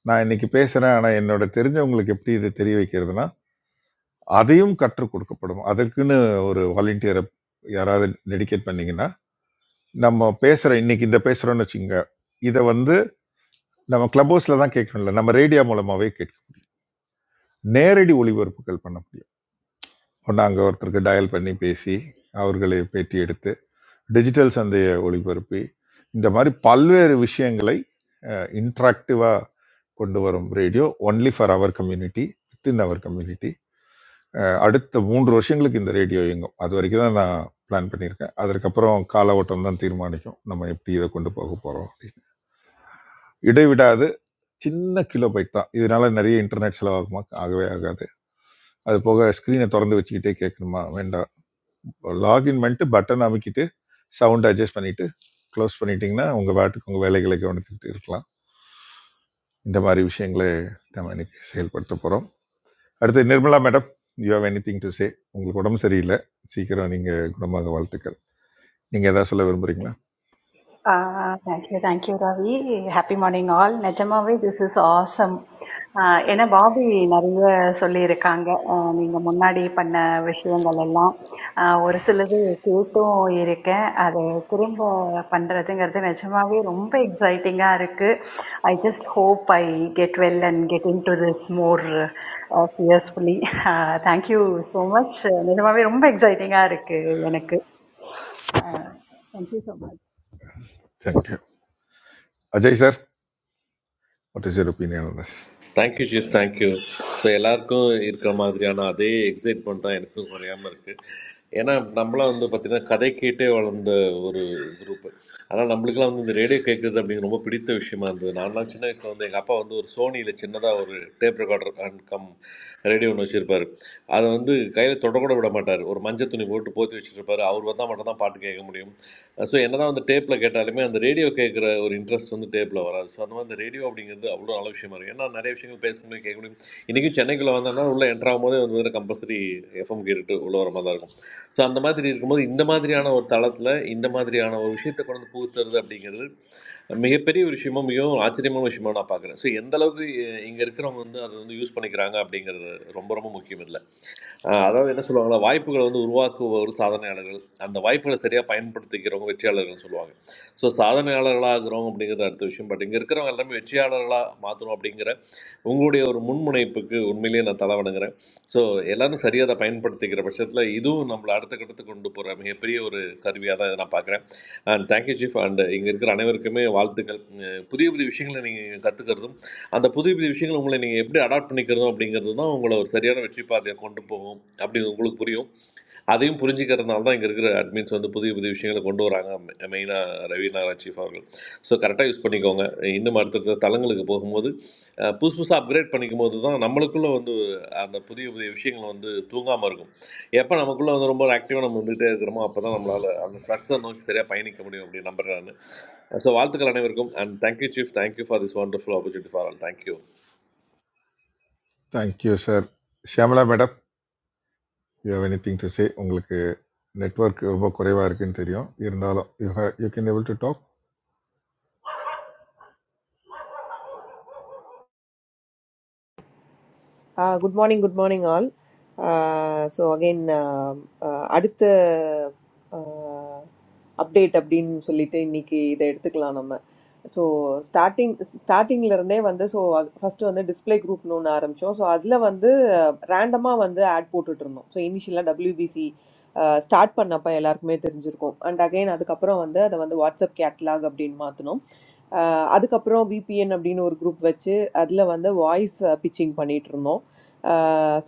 Speaker 6: நான் இன்னைக்கு பேசுகிறேன் ஆனால் என்னோட தெரிஞ்சவங்களுக்கு எப்படி இதை தெரிய வைக்கிறதுனா அதையும் கற்றுக் கொடுக்கப்படும் அதற்குன்னு ஒரு வாலண்டியரை யாராவது டெடிகேட் பண்ணீங்கன்னா நம்ம பேசுற இன்னைக்கு இந்த பேசுறோம்னு வச்சுங்க இதை வந்து நம்ம கிளப் ஹவுஸ்ல தான் கேட்கணும்ல நம்ம ரேடியோ மூலமாவே கேட்கணும் நேரடி ஒளிபரப்புகள் பண்ண முடியும் இப்போ நாங்க ஒருத்தருக்கு டயல் பண்ணி பேசி அவர்களை பேட்டி எடுத்து டிஜிட்டல் சந்தையை ஒளிபரப்பி இந்த மாதிரி பல்வேறு விஷயங்களை இன்ட்ராக்டிவா கொண்டு வரும் radio only for our community within our community அஹ் அடுத்த மூன்று வருஷங்களுக்கு இந்த ரேடியோ இயங்கும் அது வரைக்கும் தான் நான் பிளான் பண்ணியிருக்கேன் அதற்கப்புறம் கால ஓட்டம் தான் தீர்மானிக்கும் நம்ம எப்படி இதை கொண்டு போக போகிறோம் அப்படின்னு இடைவிடாது சின்ன கிலோ பைக் தான் இதனால நிறைய இன்டர்நெட் செலவாகுமா ஆகவே ஆகாது அது போக ஸ்க்ரீனை திறந்து வச்சுக்கிட்டே கேட்கணுமா வேண்டாம் லாகின் பண்ணிட்டு பட்டன் அமைக்கிட்டு சவுண்ட் அட்ஜஸ்ட் பண்ணிட்டு க்ளோஸ் பண்ணிட்டீங்கன்னா உங்கள் பாட்டுக்கு உங்கள் வேலைகளை கவனித்துக்கிட்டு இருக்கலாம் இந்த மாதிரி விஷயங்களை நம்ம இன்னைக்கு செயல்படுத்த போகிறோம் அடுத்து Nirmala madam you have anything to say உங்களுக்கு உடம்பு சரியில்லை சீக்கிரம் நீங்கள் குணமாக வாழ்த்துக்கள் நீங்கள் எதாவது சொல்ல விரும்புகிறீங்களா
Speaker 16: Uh, Thank you, thank you, Ravi. Happy morning, all. Nechamavay, this is awesome. Enna Bobby nariye suli iranga. Minga monadi panna veshiyangalallam. Oru sulogu katto irukkenn. Ada kuruvum pannadathengal then nechamavay umeppa excitinga irukkum. I just hope I get well and get into this more seriously. Thank you so much. Nechamavay umeppa excitinga irukkum. Thank you so much.
Speaker 6: Thank you Ajay sir what is your opinion on this
Speaker 2: thank you chief thank you so எல்லாருக்கும் இருக்கிற மாதிரியான அதே excitement தான் எனக்கும் குறையாமல் இருக்குது ஏன்னா நம்மளாம் வந்து பார்த்திங்கன்னா கதை கேட்டே வளர்ந்த ஒரு குரூப்பு ஆனால் நம்மளுக்குலாம் வந்து இந்த ரேடியோ கேட்குறது அப்படிங்கிற ரொம்ப பிடித்த விஷயமா இருந்தது நான்லாம் சின்ன வயசில் வந்து எங்கள் அப்பா வந்து ஒரு சோனியில் சின்னதாக ஒரு tape recorder and cum radio ஒன்று வச்சுருப்பார் அதை வந்து கையில் தொடக்கூட விட மாட்டார் ஒரு மஞ்சள் துணி போட்டு போத்தி வச்சுருப்பாரு அவர் வந்தால் மட்டும் தான் பாட்டு கேட்க முடியும் ஸோ என்னதான் வந்து டேப்பில் கேட்டாலுமே அந்த ரேடியோ கேட்குற ஒரு இன்ட்ரெஸ்ட் வந்து டேப்பில் வராது ஸோ அந்த மாதிரி அந்த ரேடியோ அப்படிங்கிறது அவ்வளோ நல்ல விஷயமா இருக்குது ஏன்னா நிறைய விஷயங்கள் பேச முடியும் கேட்க முடியும் இன்றைக்கும் சென்னைக்குள்ளே வந்தோம்னா உள்ளே என்ட்ரு ஆகும்போதே வந்து வந்து கம்பல்சரி எஃப்எம் கேட்டுட்டு உள்ள வர மாதிரி தான் இருக்கும் ஸோ அந்த மாதிரி இருக்கும்போது இந்த மாதிரியான ஒரு தளத்தில் இந்த மாதிரியான ஒரு விஷயத்தை கொண்டு வந்து புகுத்துறது அப்படிங்கிறது மிகப்பெரிய ஒரு விஷயமா மிகவும் ஆச்சரியமான விஷயமா நான் பார்க்குறேன் ஸோ எந்த அளவுக்கு இங்கே இருக்கிறவங்க வந்து அதை வந்து யூஸ் பண்ணிக்கிறாங்க அப்படிங்கிறது ரொம்ப ரொம்ப முக்கியம் இதில் அஹ் அதாவது என்ன சொல்லுவாங்கன்னா வாய்ப்புகளை வந்து உருவாக்குபவர் சாதனையாளர்கள் அந்த வாய்ப்புகளை சரியாக பயன்படுத்திக்கிறவங்க வெற்றியாளர்கள்னு சொல்லுவாங்க ஸோ சாதனையாளர்களாகிறோம் அப்படிங்கிறது அடுத்த விஷயம் பட் இங்கே இருக்கிறவங்க எல்லாமே வெற்றியாளர்களாக மாற்றணும் அப்படிங்கிற உங்களுடைய ஒரு முன்முனைப்புக்கு உண்மையிலேயே நான் தலை வணங்குறேன் ஸோ எல்லாரும் சரியாக அதை பயன்படுத்திக்கிற பட்சத்தில் இதுவும் நம்மளை அடுத்த கட்டத்துக்கு கொண்டு போகிற மிகப்பெரிய ஒரு கருவியாக தான் இதை நான் பார்க்குறேன் அண்ட் தேங்க்யூ சீஃப் அண்ட் இங்கே இருக்கிற அனைவருக்குமே வாழ்த்துக்கள் அஹ் புதிய புதிய விஷயங்களை நீங்கள் கற்றுக்கிறதும் அந்த புதிய புதிய விஷயங்களை உங்களை நீங்கள் எப்படி அடாப்ட் பண்ணிக்கிறதும் அப்படிங்கிறது தான் உங்களை ஒரு சரியான வெற்றி பாதையை கொண்டு போகும் அப்படின்னு உங்களுக்கு புரியும் அதையும் புரிஞ்சுக்கிறதுனால தான் இங்கே இருக்கிற அட்மின்ஸ் வந்து புதிய புதிய விஷயங்களை கொண்டு வராங்க மெயினாக ரவி நாராயண் சீஃப் அவர்கள் ஸோ கரெக்டாக யூஸ் பண்ணிக்கோங்க இன்னும் அடுத்தடுத்த தளங்களுக்கு போகும்போது அஹ், புதுசு புதுசாக அப்கிரேட் பண்ணிக்கும் போது தான் நம்மளுக்குள்ளே வந்து அந்த புதிய புதிய விஷயங்கள் வந்து தூங்காமல் இருக்கும் எப்போ நமக்குள்ளே வந்து ரொம்ப ஆக்டிவாக நம்ம வந்துகிட்டே இருக்கிறோமோ அப்போ தான் நம்மளால் அந்த சக்ஸஸ் நோக்கி சரியாக பயணிக்க முடியும் அப்படின்னு நம்புறேன் ஸோ வாழ்த்துக்கள் அனைவருக்கும் and thank you chief thank you for this wonderful opportunity for all thank you
Speaker 6: thank you sir Shyamala madam you have anything to say உங்களுக்கு நெட்வொர்க் ரொம்ப குறைவாக இருக்குன்னு தெரியும் இருந்தாலும் you have you can able to talk
Speaker 17: Uh, good morning, good morning, all. Uh, so again, um, uh, அடுத்த update அப்படின்னு சொல்லிட்டு இன்னைக்கு இதை எடுத்துக்கலாம் நம்ம ஸோ ஸ்டார்டிங் ஸ்டார்டிங்ல இருந்தே வந்து ஸோ ஃபர்ஸ்ட் வந்து டிஸ்ப்ளே குரூப்னு ஒன்று ஆரம்பித்தோம் ஸோ அதில் வந்து ரேண்டமாக வந்து ஆட் போட்டுட்டு இருந்தோம் ஸோ இனிஷியலாக டபிள்யூபிசி ஸ்டார்ட் பண்ணப்ப எல்லாருக்குமே தெரிஞ்சிருக்கும் அண்ட் அகைன் அதுக்கப்புறம் வந்து அதை வந்து வாட்ஸ்அப் கேட்லாக் அப்படின்னு மாற்றினோம் அதுக்கப்புறம் VPN அப்படின்னு ஒரு குரூப் வச்சு, அதுல வந்து வாய்ஸ் பிட்சிங் பண்ணிட்டுருந்தோம். ஆ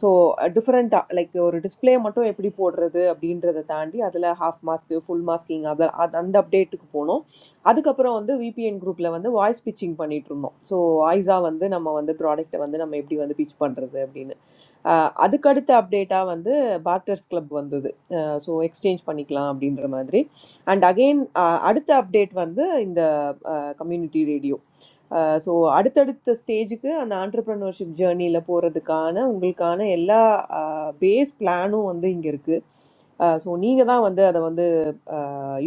Speaker 17: ஸோ டிஃபரெண்ட்டா லைக் ஒரு டிஸ்ப்ளே மட்டும் எப்படி போடுறது அப்படின்றத தாண்டி, அதுல ஹாஃப் மாஸ்க், ஃபுல் மாஸ்கிங் அத அது அந்த அப்டேட்டுக்கு போனோம். அதுக்கப்புறம் வந்து VPN குரூப்ல வந்து வாய்ஸ் பிட்சிங் பண்ணிட்டுருந்தோம். ஸோ வாய்ஸா வந்து நம்ம வந்து ப்ராடக்ட்ட வந்து நம்ம எப்படி வந்து பிட்ச் பண்றது அப்படின்னு. ஆ அதுக்கடுத்த அப்டேட்டா வந்து பார்ட்டர்ஸ் கிளப் வந்தது. அ ஸோ எக்ஸ்சேஞ்ச் பண்ணிக்கலாம் அப்படின்ற மாதிரி. அண்ட் அகைன் அ அடுத்த அப்டேட் வந்து இந்த கம்யூனிட்டி ரேடியோ ஸோ அடுத்தடுத்த ஸ்டேஜுக்கு அந்த ஆண்டர்ப்ரனர்ஷிப் ஜேர்னியில் போகிறதுக்கான உங்களுக்கான எல்லா பேஸ் பிளானும் வந்து இங்கே இருக்குது ஸோ நீங்கள் தான் வந்து அதை வந்து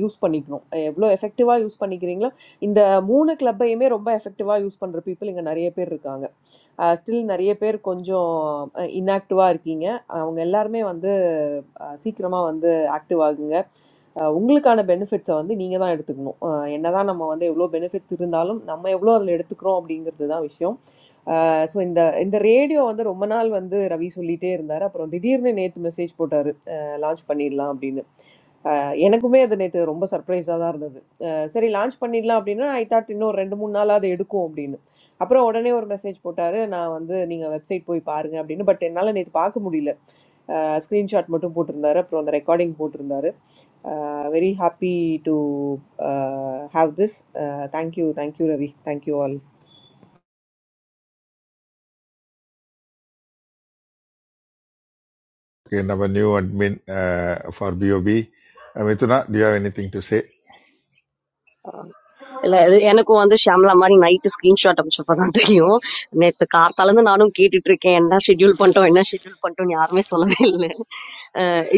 Speaker 17: யூஸ் பண்ணிக்கணும் எவ்வளோ எஃபெக்டிவாக யூஸ் பண்ணிக்கிறீங்களோ இந்த மூணு கிளப்பையுமே ரொம்ப எஃபெக்டிவாக யூஸ் பண்ணுற பீப்புள் இங்கே நிறைய பேர் இருக்காங்க ஸ்டில் நிறைய பேர் கொஞ்சம் இன்ஆக்டிவா இருக்கீங்க. அவங்க எல்லாருமே வந்து அ சீக்கிரமா வந்து ஆக்டிவ் ஆகுங்க. அ உங்களுக்கான பெனிஃபிட்ஸ வந்து நீங்க தான் எடுத்துக்கணும். அ என்னதான் நம்ம வந்து எவ்ளோ பெனிஃபிட்ஸ் இருந்தாலும், நம்ம எவ்ளோ அதில எடுத்துக்கிறோம் அப்படிங்கிறது தான் விஷயம். அ ஸோ இந்த இந்த ரேடியோ வந்து ரொம்ப நாள் வந்து ரவி சொல்லிட்டே இருந்தாரு. அப்புறம் திடீர்னு நேத்து மெசேஜ் போட்டாரு. அ லான்ச் பண்ணிடலாம் அப்படின்னு. எனக்குமே அது நேற்று ரொம்ப சர்ப்ரைஸாக தான் இருந்தது அஹ் சரி லான்ச் பண்ணிடலாம் அப்படின்னா ஐ தாட் இன்னும் ரெண்டு மூணு நாள் அது எடுக்கும் அப்படின்னு அப்புறம் உடனே ஒரு மெசேஜ் போட்டாரு நான் வந்து நீங்கள் வெப்சைட் போய் பாருங்க அப்படின்னு பட் என்னால் நேற்று பார்க்க முடியல ஸ்க்ரீன்ஷாட் மட்டும் போட்டிருந்தாரு அப்புறம் அந்த ரெக்கார்டிங் போட்டிருந்தாரு very happy to have this thank you thank you Ravi thank you all
Speaker 6: okay நம்ம new admin for POP Mithuna D have anything to say
Speaker 18: இல்ல இது எனக்கும் வந்து ஷாம்லா மாதிரி நைட்டு ஸ்கிரீன்ஷாட் அமைச்சப்பதான் தெரியும் நேத்து கார்த்தால இருந்து நானும் கேட்டுட்டு இருக்கேன் என்ன ஷெட்யூல் பண்ணிட்டோம் என்ன ஷெட்யூல் பண்ணிட்டோம் யாருமே சொல்லவே இல்லை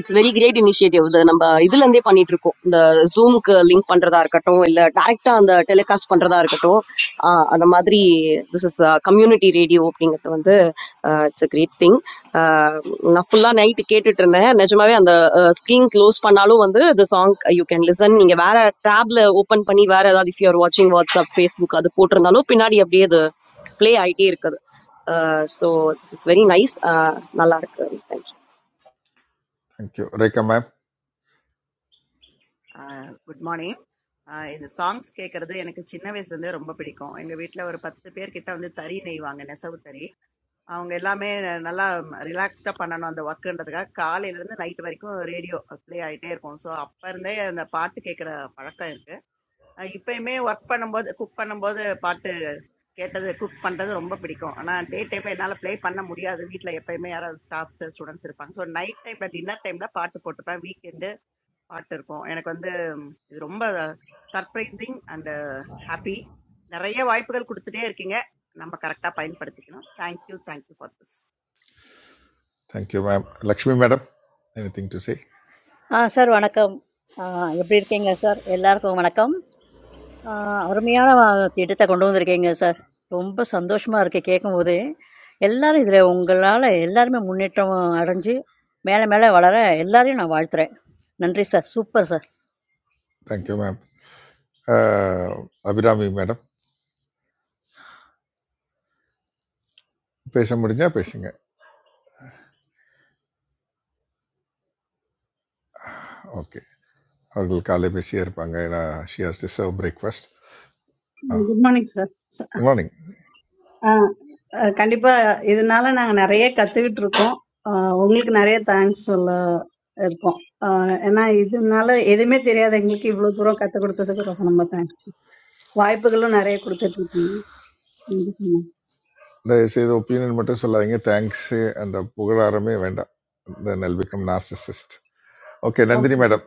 Speaker 18: இட்ஸ் வெரி கிரேட் இனிஷியேட்டிவ் இது நம்ம இதுல இருந்தே பண்ணிட்டு இருக்கோம் இந்த ஜூமுக்கு லிங்க் பண்றதா இருக்கட்டும் இல்ல டைரக்டா அந்த டெலிகாஸ்ட் பண்றதா இருக்கட்டும் அந்த அந்த மாதிரி திஸ் இஸ் கம்யூனிட்டி ரேடியோ அப்படிங்கிறது வந்து இட்ஸ் அ கிரேட் திங் நான் ஃபுல்லாக நைட்டு கேட்டுட்டு இருந்தேன் நிஜமாவே அந்த ஸ்க்ரீன் க்ளோஸ் பண்ணாலும் வந்து இந்த சாங் யூ கேன் லிசன் நீங்கள் வேற டேப்ல ஓப்பன் பண்ணி வேற ஏதாவது இஃப் யூஆர் வாட்சிங் வாட்ஸ்அப் ஃபேஸ்புக் அது போட்டிருந்தாலும் பின்னாடி அப்படியே அது ப்ளே ஆகிட்டே இருக்குது so this is very nice நல்லா இருக்கு thank you
Speaker 6: thank you Rekha ma'am
Speaker 3: sir good morning இந்த சாங்ஸ் கேட்கறது எனக்கு சின்ன வயசுல இருந்தே ரொம்ப பிடிக்கும் எங்க வீட்ல ஒரு பத்து பேர் கிட்ட வந்து தறி நெய்வாங்க நெசவு தறி அவங்க எல்லாமே நல்லா ரிலாக்ஸ்டா பண்ணணும் அந்த ஒர்க்குன்றதுக்காக காலையில இருந்து நைட் வரைக்கும் ரேடியோ ப்ளே ஆயிட்டே இருக்கும் ஸோ அப்ப இருந்தே அந்த பாட்டு கேட்கிற பழக்கம் இருக்கு அஹ் இப்பயுமே ஒர்க் பண்ணும்போது குக் பண்ணும்போது பாட்டு கேட்டது குக் பண்றது ரொம்ப பிடிக்கும் ஆனா டே டைம்ல என்னால ப்ளே பண்ண முடியாது வீட்ல எப்பயுமே யாராவது ஸ்டாஃப்ஸ் ஸ்டூடெண்ட்ஸ் இருப்பாங்க ஸோ நைட் டைம்ல டின்னர் டைம்ல பாட்டு போட்டுப்பேன் weekend Partner, I am very surprised and happy. The right vibes are coming. We are very happy. Thank you, thank you for this.
Speaker 6: Thank you ma'am Lakshmi madam anything to say
Speaker 1: Ah, sir, welcome. How are you doing, sir? All are welcome. I am very happy to see you, sir. I am very happy to see you, sir. I am very happy to see you, sir. I am very happy to see you, sir. I am very happy to see you, sir. I am very happy to see you, sir.
Speaker 6: Thank you ma'am Abirami madam பேச முடிஞ்சா பேசுங்க okay அவர்கள் காலை பேசியே இருப்பாங்க ஏன்னா she has to serve breakfast ஆ
Speaker 19: Good morning, sir.
Speaker 6: Morning
Speaker 19: Ah, Kanippa, this morning I am very grateful to you. Ah, you are very thankful. Ah, I am very grateful to you for your kind support. Wife also very grateful to you.
Speaker 6: தயவுசெய்து opinion மட்டும் சொல்லாதீங்க thanks அந்த புகழாரமே வேண்டாம் then I'll become narcissist okay
Speaker 19: Okay.
Speaker 6: Nandini madam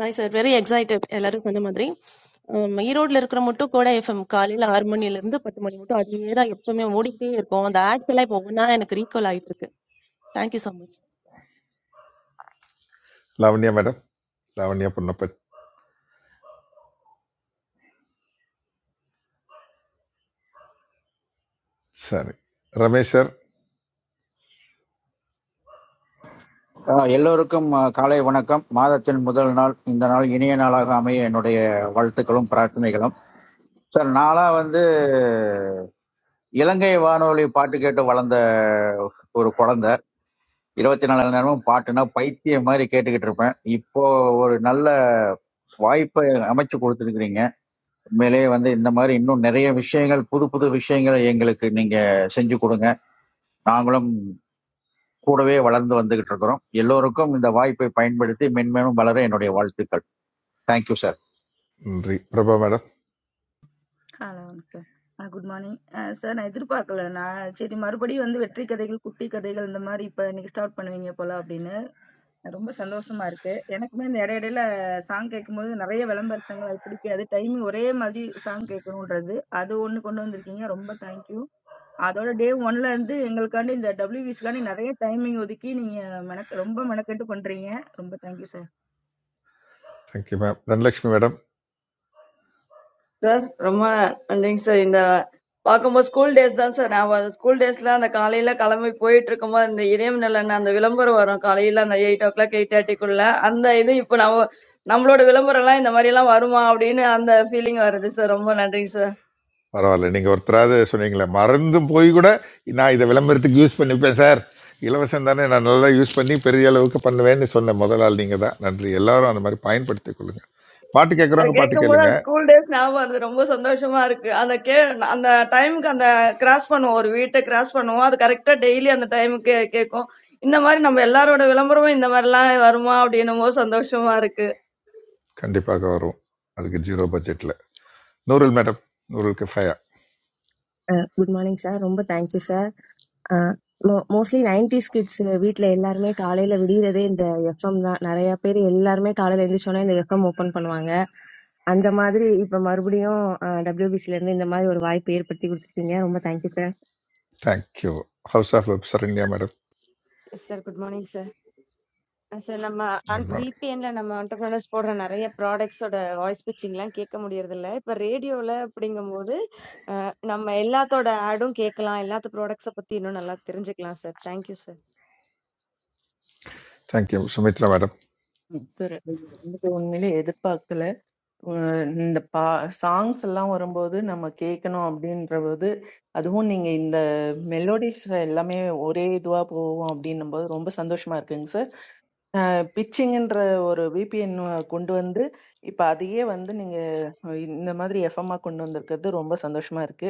Speaker 20: Right sir, very excited. All are so happy. My road, little more to go. If from Kali to Armani, little more, Patmani, little more. That's why I am very happy. I am very happy. Thank you so much.
Speaker 6: Lavanya madam Lavanya Ponnappan சரி Ramesh sir
Speaker 11: அஹ் எல்லோருக்கும் அஹ், காலை வணக்கம் மாதத்தின் முதல் நாள் இந்த நாள் இனிய நாளாக அமைய என்னுடைய வாழ்த்துக்களும் பிரார்த்தனைகளும் சார் நானா வந்து இலங்கை வானொலி பாட்டு கேட்டு வளர்ந்த ஒரு குழந்தை இருபத்தி நாலு மணி நேரமும் பாட்டுனா பைத்தியம் மாதிரி கேட்டுக்கிட்டு இருப்பேன் இப்போ ஒரு நல்ல வாய்ப்பை அமைச்சு கொடுத்துருக்கிறீங்க உண்மையிலேயே வந்து இந்த மாதிரி இன்னும் நிறைய விஷயங்கள் புது புது விஷயங்களை எங்களுக்கு நீங்க செஞ்சு கொடுங்க நாங்களும் கூடவே வளர்ந்து வந்துகிட்டு இருக்கிறோம் எல்லோருக்கும் இந்த வாய்ப்பை பயன்படுத்தி மென்மேலும் வளர என்னுடைய வாழ்த்துக்கள் தேங்க்யூ சார்
Speaker 6: நன்றி Prabha madam
Speaker 21: Hello, sir. Ah, Good morning. Ah, Sir, I did report that I, today, my body, when the battery, the egg, the egg, and the Mary, now you start playing, yeah, pola, Abhinaya, I am very happy to see. I am very happy to see. I am very happy to see. I am very happy to see. I am very happy to see. I am very happy to see. I am very happy to see.
Speaker 6: Thank you ma'am Dhanalakshmi madam
Speaker 4: sir ரொம்ப நன்றிங்க sir இந்த பார்க்கும்போது school days தான் sir நான் school டேஸ்ல அந்த காலையில கிளம்பி போயிட்டு இருக்கும்போது இந்த இதயம் நிலன்னு அந்த விளம்பரம் வரும் காலையில அந்த எயிட் ஓ கிளாக் எயிட் தேர்ட்டிக்குள்ள அந்த இது இப்போ நம்ம நம்மளோட விளம்பரம் எல்லாம் இந்த மாதிரி எல்லாம் வருமா அப்படின்னு அந்த ஃபீலிங் வருது சார் ரொம்ப நன்றிங்க சார்
Speaker 6: பரவாயில்ல நீங்க ஒருத்தராவது சொன்னீங்களே மறந்து போய் கூட நான் இதை விளம்பரத்துக்கு யூஸ் பண்ணிப்பேன் சார் இலவசம் தானே நான் நல்லா யூஸ் பண்ணி பெரிய அளவுக்கு பண்ணுவேன்னு சொன்ன முதல் ஆள் நீங்க தான் நன்றி எல்லாரும் அந்த மாதிரி பயன்படுத்திக் கொள்ளுங்க பாட்டு
Speaker 4: அது
Speaker 6: கேட்குறவங்க பாட்டு
Speaker 4: கேட்கும்போது
Speaker 6: கேளுங்க
Speaker 4: அந்த ஸ்கூல் டேஸ் ஞாபகம் வருது ரொம்ப சந்தோஷமா இருக்கு அந்த கே அந்த டைமுக்கு அந்த கிராஸ் பண்ணுவோம் ஒரு வீட்டை கிராஸ் பண்ணுவோம் அது கரெக்டா டெய்லி அந்த டைமுக்கு கேட்கும் இந்த மாதிரி நம்ம எல்லாரோட விளம்பரமும் இந்த மாதிரிலாம் வருமா அப்படின்னும் போது சந்தோஷமா இருக்கு
Speaker 6: கண்டிப்பாக வரும் அதுக்கு ஜீரோ பட்ஜெட்ல நூறுல் மேடம் நூறுல் கிஃபயா
Speaker 12: morning, sir. Rumba, thank you, sir. Mostly 90s kids. Weetle, all me. Kerala le video ra deendha. Yafam nara ya piri. All me Kerala le endeshona nira yafam open panvanga. Andamadhi. Ipa marubiyon. WBC lendi andamai orvai piri prati gurthi niya. Rumba thank you, sir.
Speaker 6: Thank you house of web Saranya madam
Speaker 22: yes sir good morning sir sir நம்ம
Speaker 6: நிர்மாணி
Speaker 22: விபிஎன்ல நம்ம entrepreneurs போடுற நிறைய ப்ராடக்ட்ஸோட voice பிச்சிங்லாம் கேட்க முடியறது இல்ல இப்ப ரேடியோல அப்படிங்கும்போது நம்ம எல்லாத்தோட ஆடும் கேட்கலாம் எல்லாத்து ப்ராடக்ட்ஸ பத்தி இன்னும் நல்லா தெரிஞ்சுக்கலாம் sir thank you
Speaker 6: thank you Sumithra madam
Speaker 5: Sir, to unni le edapakal le na pa songs allam arambodhu. Na ma kekno abdi nambodhu. Adho hooning in the melodies allame oru duva po abdi nambodhu. Rombas andosh mar keng sir. Pitching பிச்சிங்ன்ற ஒரு VPN கொண்டு வந்து, இப்ப அதையே வந்து நீங்க இந்த மாதிரி எஃப்எம்மா கொண்டு வந்திருக்கிறது ரொம்ப சந்தோஷமா இருக்கு.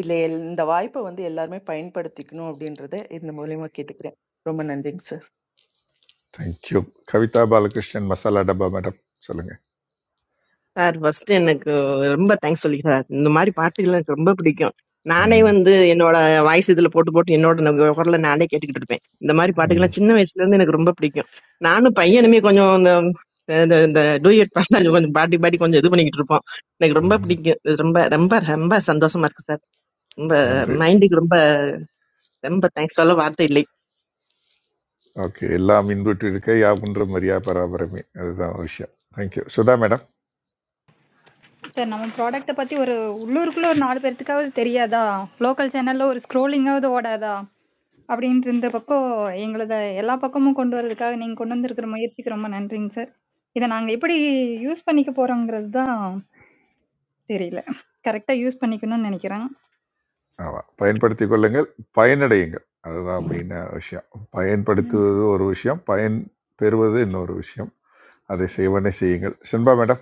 Speaker 5: இதுல எல் இந்த வாய்ப்ப வந்து எல்லாருமே பயன்படுத்திக்கணும் அப்படின்றத இந்த மூலியமா கேட்டுக்கிறேன். ரொம்ப நன்றிங்க sir.
Speaker 6: Thank you Kavitha Balakrishnan Masala Dabba madam சொல்லுங்க
Speaker 9: சார் ஃபர்ஸ்ட் எனக்கு ரொம்ப தேங்க்ஸ் சொல்லிக்கிறேன் சார் இந்த மாதிரி பாட்டுகள் எனக்கு ரொம்ப பிடிக்கும் நானே
Speaker 6: ம்,
Speaker 9: வந்து என்னோட வாய்ஸ் இதுல போட்டு போட்டு என்னோட ந- குரலை நானே கேட்டுக்கிட்டு இருப்பேன் இந்த மாதிரி
Speaker 6: ம்,
Speaker 9: பாட்டுகள்லாம் சின்ன வயசுல இருந்து எனக்கு ரொம்ப பிடிக்கும் நானும் பையனுமே கொஞ்சம் இந்த இந்த இந்த டூயட் பாட்டு அது கொஞ்சம் பாட்டி பாட்டி கொஞ்சம் இது பண்ணிக்கிட்டு இருப்போம் எனக்கு ரொம்ப
Speaker 6: ம்.
Speaker 9: பிடிக்கும் இது ரொம்ப ரொம்ப ரொம்ப சந்தோஷமா இருக்கு சார் ரொம்ப
Speaker 6: நன்றி
Speaker 9: மைண்டுக்கு ரொம்ப ரொம்ப தேங்க்ஸ் சொல்ல வார்த்தை இல்லை
Speaker 6: ஓகே எல்லாம் இன்புற்று இருக்க யாவுன்ற மரியா பராபரமே அதுதான் ஒரு விஷயம் தேங்க்யூ சுதா மேடம்
Speaker 23: சார் நம்ம ப்ராடக்ட்டை பற்றி ஒரு உள்ளூருக்குள்ளே ஒரு நாலு பேர்த்துக்காவது தெரியாதா லோக்கல் சேனலில் ஒரு ஸ்க்ரோலிங்காவது ஓடாதா அப்படின்ட்டு இருந்த பக்கம் எங்களது எல்லா பக்கமும் கொண்டு வர்றதுக்காக நீங்கள் கொண்டு வந்திருக்கிற முயற்சிக்கு ரொம்ப நன்றிங்க சார் இதை நாங்கள் எப்படி யூஸ் பண்ணிக்க போகிறோங்கிறது தான் தெரியல கரெக்டாக யூஸ் பண்ணிக்கணும்னு நினைக்கிறேன்
Speaker 6: ஆமாம் பயன்படுத்தி கொள்ளுங்கள் பயனடையுங்கள் அதுதான் மெயினாக விஷயம் பயன்படுத்துவது ஒரு விஷயம் பயன் பெறுவது இன்னொரு விஷயம் அதை செய்வனே செய்யுங்கள் Sinba madam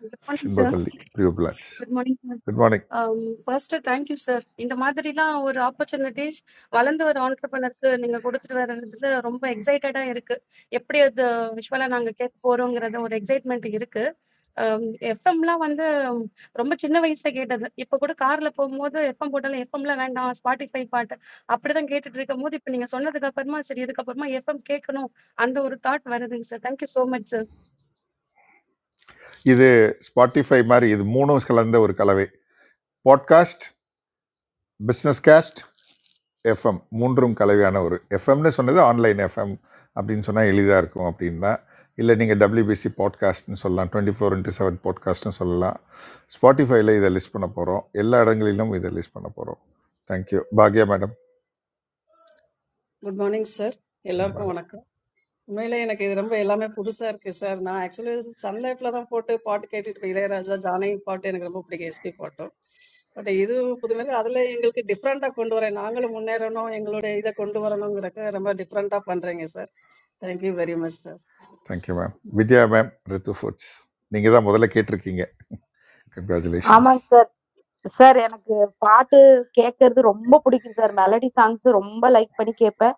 Speaker 24: Good morning,
Speaker 6: Sinba
Speaker 24: sir.
Speaker 6: Kolli Priyo plans
Speaker 24: Good morning. sir.
Speaker 6: Good morning
Speaker 24: Um, first, thank you, sir. In the Madurai, our approach is, Valan the round couplet. Niga goru thiruvaiyanadulla, rompa excitement ada irukk. Eppre adh swala nangka keppoorangrada or excitement irukk. Um, effamla vanda rompa chinnava ista gate da. Eppo goru carla po modu effam portal effamla vanda as party five parta. Appre than gate driga modi pinniga. Sonnadika kappamma siri yeda kappamma effam kekono. Andu oru thought varethu sir. Thank you so much. sir.
Speaker 6: இது Spotify மாதிரி இது மூணும் கலந்த ஒரு கலவை podcast business cast FM மூன்றும் கலவையான ஒரு எஃப்எம்னு சொன்னது ஆன்லைன் எஃப்எம் அப்படின்னு சொன்னால் எளிதாக இருக்கும் அப்படின்னு தான் இல்லை நீங்கள் டபிள்யூபிசி பாட்காஸ்ட்னு சொல்லலாம் டுவெண்ட்டி ஃபோர் இன்ட்டு செவன் பாட்காஸ்ட்னு சொல்லலாம் ஸ்பாட்டிஃபைல இதை லிஸ்ட் பண்ண போகிறோம் எல்லா இடங்களிலும் இதை லிஸ்ட் பண்ண போகிறோம் தேங்க்யூ பாக்யா madam
Speaker 7: Good morning, sir. Hello,
Speaker 6: இன்பாலை
Speaker 7: everyone. No, no, I am. I am. We all are poor, sir. Sir, I actually some life like that. Photo, photo, edited, no. I just know that photo. I am going to take a selfie photo. But this is because generally we are different. Different. We are different. Thank you very much, sir.
Speaker 6: Thank you ma'am Vidhya ma'am Ritu foods நீங்கள் தான் முதல்ல கேட்டிருக்கீங்க congratulations
Speaker 8: ஆமாங்க sir எனக்கு பாட்டு கேட்கறது ரொம்ப பிடிக்கும் சார். மெலடி சாங்ஸ் ரொம்ப லைக் பண்ணி கேட்பேன்.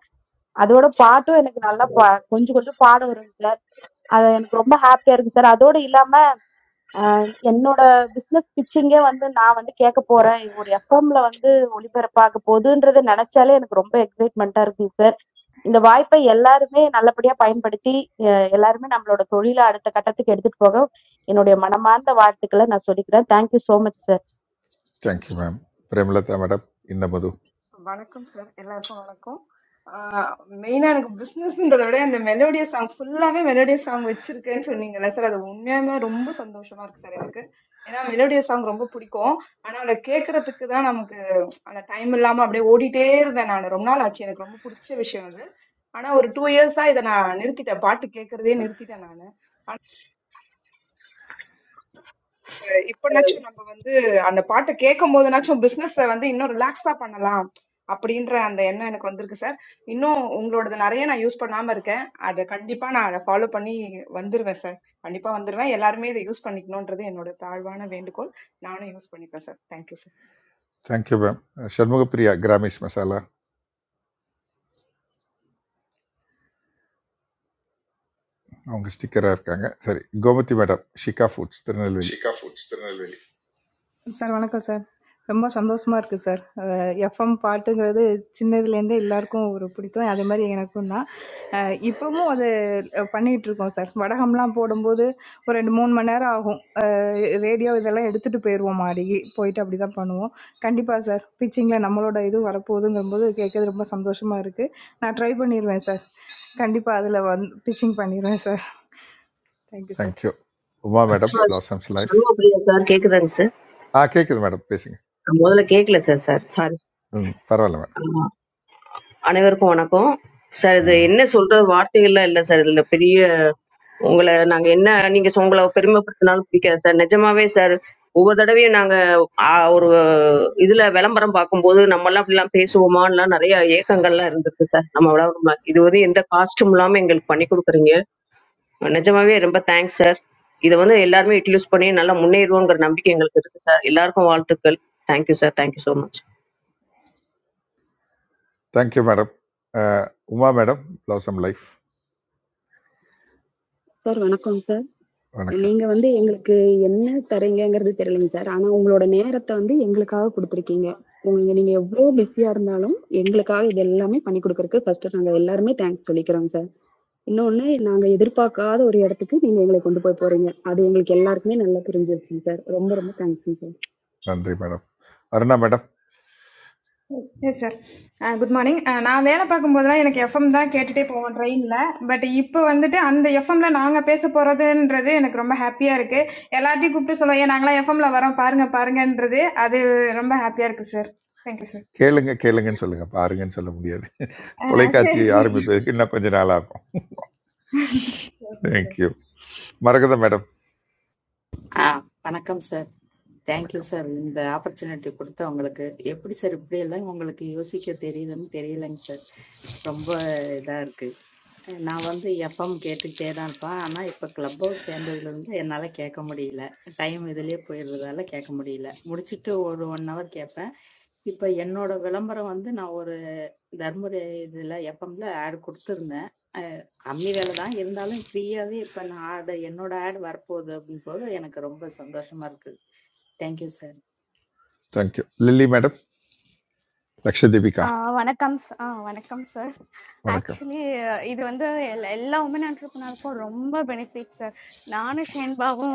Speaker 8: அதோட பாட்டும் எனக்கு நல்லா ப கொஞ்சம் கொஞ்சம் பாட வருங்க சார். அது எனக்கு ரொம்ப ஹாப்பியா இருக்கு சார். அதோட இல்லாம அ என்னோட பிசினஸ் பிட்ச்சிங்கே வந்து நான் வந்து கேட்கப் போறேன். ஒரு எஃப்எம்ல வந்து ஒளிபரப்பாகப் போகுதுன்றத நெனச்சாலே எனக்கு ரொம்ப எக்ஸைட்மென்ட்டா இருக்குங்க சார். இந்த வாய்ப்பை எல்லாருமே நல்லபடியா பயன்படுத்தி, எ எல்லாருமே நம்மளோட தொழில அடுத்த கட்டத்துக்கு எடுத்துட்டு போக என்னுடைய மனமார்ந்த வாழ்த்துக்கள நான் சொல்லிக்கிறேன். Thank you so much sir.
Speaker 6: Thank you ma'am Premalatha madam இன்னமது
Speaker 10: வணக்கம் சார் எல்லாருக்கும் வணக்கம் மெயினா எனக்கு பிசினஸ்ன்றத விட இந்த மெலோடியஸ் சாங் ஃபுல்லாவே மெலோடியஸ் சாங் வச்சிருக்கேன்னு சொன்னீங்கல்ல சார் அது உண்மையாலுமே ரொம்ப சந்தோஷமா இருக்கு சார் எனக்கு ஏன்னா மெலோடியஸ் சாங் ரொம்ப பிடிக்கும் ஆனா அதை கேட்கறதுக்கு தான் நமக்கு அந்த டைம் இல்லாம அப்படியே ஓடிட்டே இருந்தேன் நான் ரொம்ப நாள் ஆச்சு எனக்கு ரொம்ப பிடிச்ச விஷயம் அது ஆனா ஒரு டூ இயர்ஸா இதை நான் நிறுத்திட்டேன் பாட்டு கேட்கறதே நிறுத்திட்டேன் நான் இப்பனாச்சும் நம்ம வந்து அந்த பாட்டை கேட்கும்போதுனாச்சும் பிசினஸ் வந்து இன்னும் ரிலாக்ஸா பண்ணலாம் அப்படின்ற அந்த எண்ணம் எனக்கு வந்திருக்கு சார் இன்னும் உங்களோடது நிறைய நான் யூஸ் பண்ணாம இருக்கேன் அதை கண்டிப்பா நான் அதை ஃபாலோ பண்ணி வந்துருவேன் சார் கண்டிப்பா வந்துருவேன் எல்லாருமே இதை யூஸ் பண்ணிக்கணும்ன்றது என்னோட தாழ்வான வேண்டுகோள் நானும் யூஸ் பண்ணிப்பேன் sir thank you sir
Speaker 6: thank you ma'am Shanmugapriya Gramis masala அவங்க ஸ்டிக்கராக இருக்காங்க சரி Gomathi madam Shikha foods Tirunelveli
Speaker 25: sir வணக்கம் சார். ரொம்ப சந்தோஷமா இருக்கு சார். எஃப்எம் பாட்டுங்கிறது சின்னதுலேருந்தே எல்லாருக்கும் ஒரு பிடித்தம், அதே மாதிரி எனக்கும் தான். அஹ் இப்பவும் அது அஹ் பண்ணிட்டு இருக்கோம் சார். வடகம்லாம் போடும்போது ஒரு ரெண்டு மூணு மணி நேரம் ஆகும். ரேடியோ இதெல்லாம் எடுத்துட்டு போயிடுவோம், மாடிக்கு போயிட்டு அப்படி தான் பண்ணுவோம். கண்டிப்பாக சார் பிச்சிங்கில் நம்மளோட இது வரப்போகுதுங்கும்போது கேட்கறது ரொம்ப சந்தோஷமா இருக்கு. நான் ட்ரை பண்ணிடுவேன் சார், கண்டிப்பாக அதில் வந்து பிச்சிங் பண்ணிடுவேன் sir. Thank you sir.
Speaker 6: Thank you Uma madam
Speaker 26: sir
Speaker 6: blossoms life
Speaker 26: Shanmuga Priya sir கேக்குதாங்க சார்
Speaker 6: ஆ கேட்குது மேடம் பேசுங்க
Speaker 26: நான் முதல்ல கேட்கல சார் சார் சாரி
Speaker 6: ம் பரவாயில்ல மேடம்
Speaker 26: ஆமா. அனைவருக்கும் வணக்கம் சார் இது என்ன சொல்றது வார்த்தைகள்லாம் இல்லை சார் இதுல பெரிய உங்களை நாங்க என்ன நீங்க சொ- உங்களை பெருமைப்படுத்தினாலும் பிடிக்காது சார் நிஜமாவே சார் ஒவ்வொரு தடவையும் நாங்க ஆ, ஒரு இதுல விளம்பரம் பார்க்கும்போது நம்ம எல்லாம் அப்படிலாம் பேசுவோமான்லாம் நிறைய ஏக்கங்கள்லாம் இருந்திருக்கு சார் நம்ம விளம்பரம் இது வந்து எந்த காஸ்டும் இல்லாம எங்களுக்கு பண்ணி கொடுக்குறீங்க நிஜமாவே ரொம்ப தேங்க்ஸ் சார். இதை வந்து எல்லாருமே யூட்டிலைஸ் பண்ணி நல்லா முன்னேறுவோங்கிற நம்பிக்கை எங்களுக்கு இருக்கு சார். எல்லாருக்கும் வாழ்த்துக்கள். Thank you sir. Thank you so much.
Speaker 6: Thank you madam அஹ், Uma madam blossom life
Speaker 27: sir வணக்கம் சார்.
Speaker 6: வணக்கம்
Speaker 27: நீங்க வந்து எங்களுக்கு என்ன தர்றீங்கங்கிறது தெரியலைங்க சார். ஆனா உங்களோட நேரத்த வந்து எங்களுக்காக குடுத்திருக்கீங்க. உங்க நீங்க எவ்ளோ பிஸியா இருந்தாலும் எங்களுக்காக இது எல்லாமே பண்ணி குடுக்கறதுக்கு ஃபர்ஸ்ட் நாங்க எல்லாருமே தேங்க்ஸ் சொல்லிக்கிறோம் சார். இன்னொன்னு நாங்க எதிர்பார்க்காத ஒரு இடத்துக்கு நீங்க எங்களை கொண்டு போய் போறீங்க. அது எங்களுக்கு எல்லாருக்குமே நல்லா புரிஞ்சிருச்சுங்க சார். ரொம்ப ரொம்ப தேங்க்ஸ்ங்க சார்.
Speaker 6: நன்றி madam Aruna madam
Speaker 28: Yes, sir. Ah, good morning. Ah, na when I come from there, I am comfortable. I came today. I am not there. But if I come today, I am comfortable. I am happy. I am happy. I am happy. I am happy.
Speaker 6: கேளுங்க கேளுங்கன்னு சொல்லுங்க பாருங்கன்னு சொல்ல முடியாது
Speaker 28: I
Speaker 6: தொலைக்காட்சி
Speaker 28: am
Speaker 6: ஆரம்பிப்பதற்கு இன்னும் கொஞ்ச நாள் ஆகும்
Speaker 28: happy.
Speaker 6: தேங்க்யூ மரகத மேடம்
Speaker 29: ஆ, வணக்கம் சார். தேங்க் யூ
Speaker 6: வணக்கம்
Speaker 29: சார். இந்த ஆப்பர்சூனிட்டி கொடுத்த உங்களுக்கு. எப்படி சார் இப்படியெல்லாம் உங்களுக்கு யோசிக்க தெரியுதுன்னு தெரியலைங்க சார். ரொம்ப இதா இருக்கு. அஹ் நான் வந்து எஃப்எம் கேட்டுக்கிட்டே தான் இருப்பேன். ஆனா இப்ப கிளப் ஹவுஸ் சேர்ந்ததுலேருந்து என்னால கேட்க முடியல. டைம் இதுலயே போயிடுறதால கேட்க முடியல. முடிச்சிட்டு ஒரு ஒன் hour கேட்பேன். இப்ப என்னோட விளம்பரம் வந்து நான் ஒரு தர்மபுரி இதுல எஃப்எம்ல ஆட் கொடுத்திருந்தேன். அ, கம்மி வேலை தான் இருந்தாலும் ஃப்ரீயாவே இப்ப நான் ad என்னோட ஆட் வரப்போகுது அப்படிங்கும்போது எனக்கு ரொம்ப சந்தோஷமா இருக்கு. Thank you, sir.
Speaker 6: Thank you Lily madam Lakshadeepika
Speaker 30: ஆ வணக்கம் ச ஆ வணக்கம் சார்.
Speaker 6: வணக்கம்
Speaker 30: ஆக்சுவலி இது வந்து எல் எல்லா வுமன் என்டர்பிரினியர்க்கும் ரொம்ப பெனிஃபிட் சார். நானும் ஷேன்பாவும்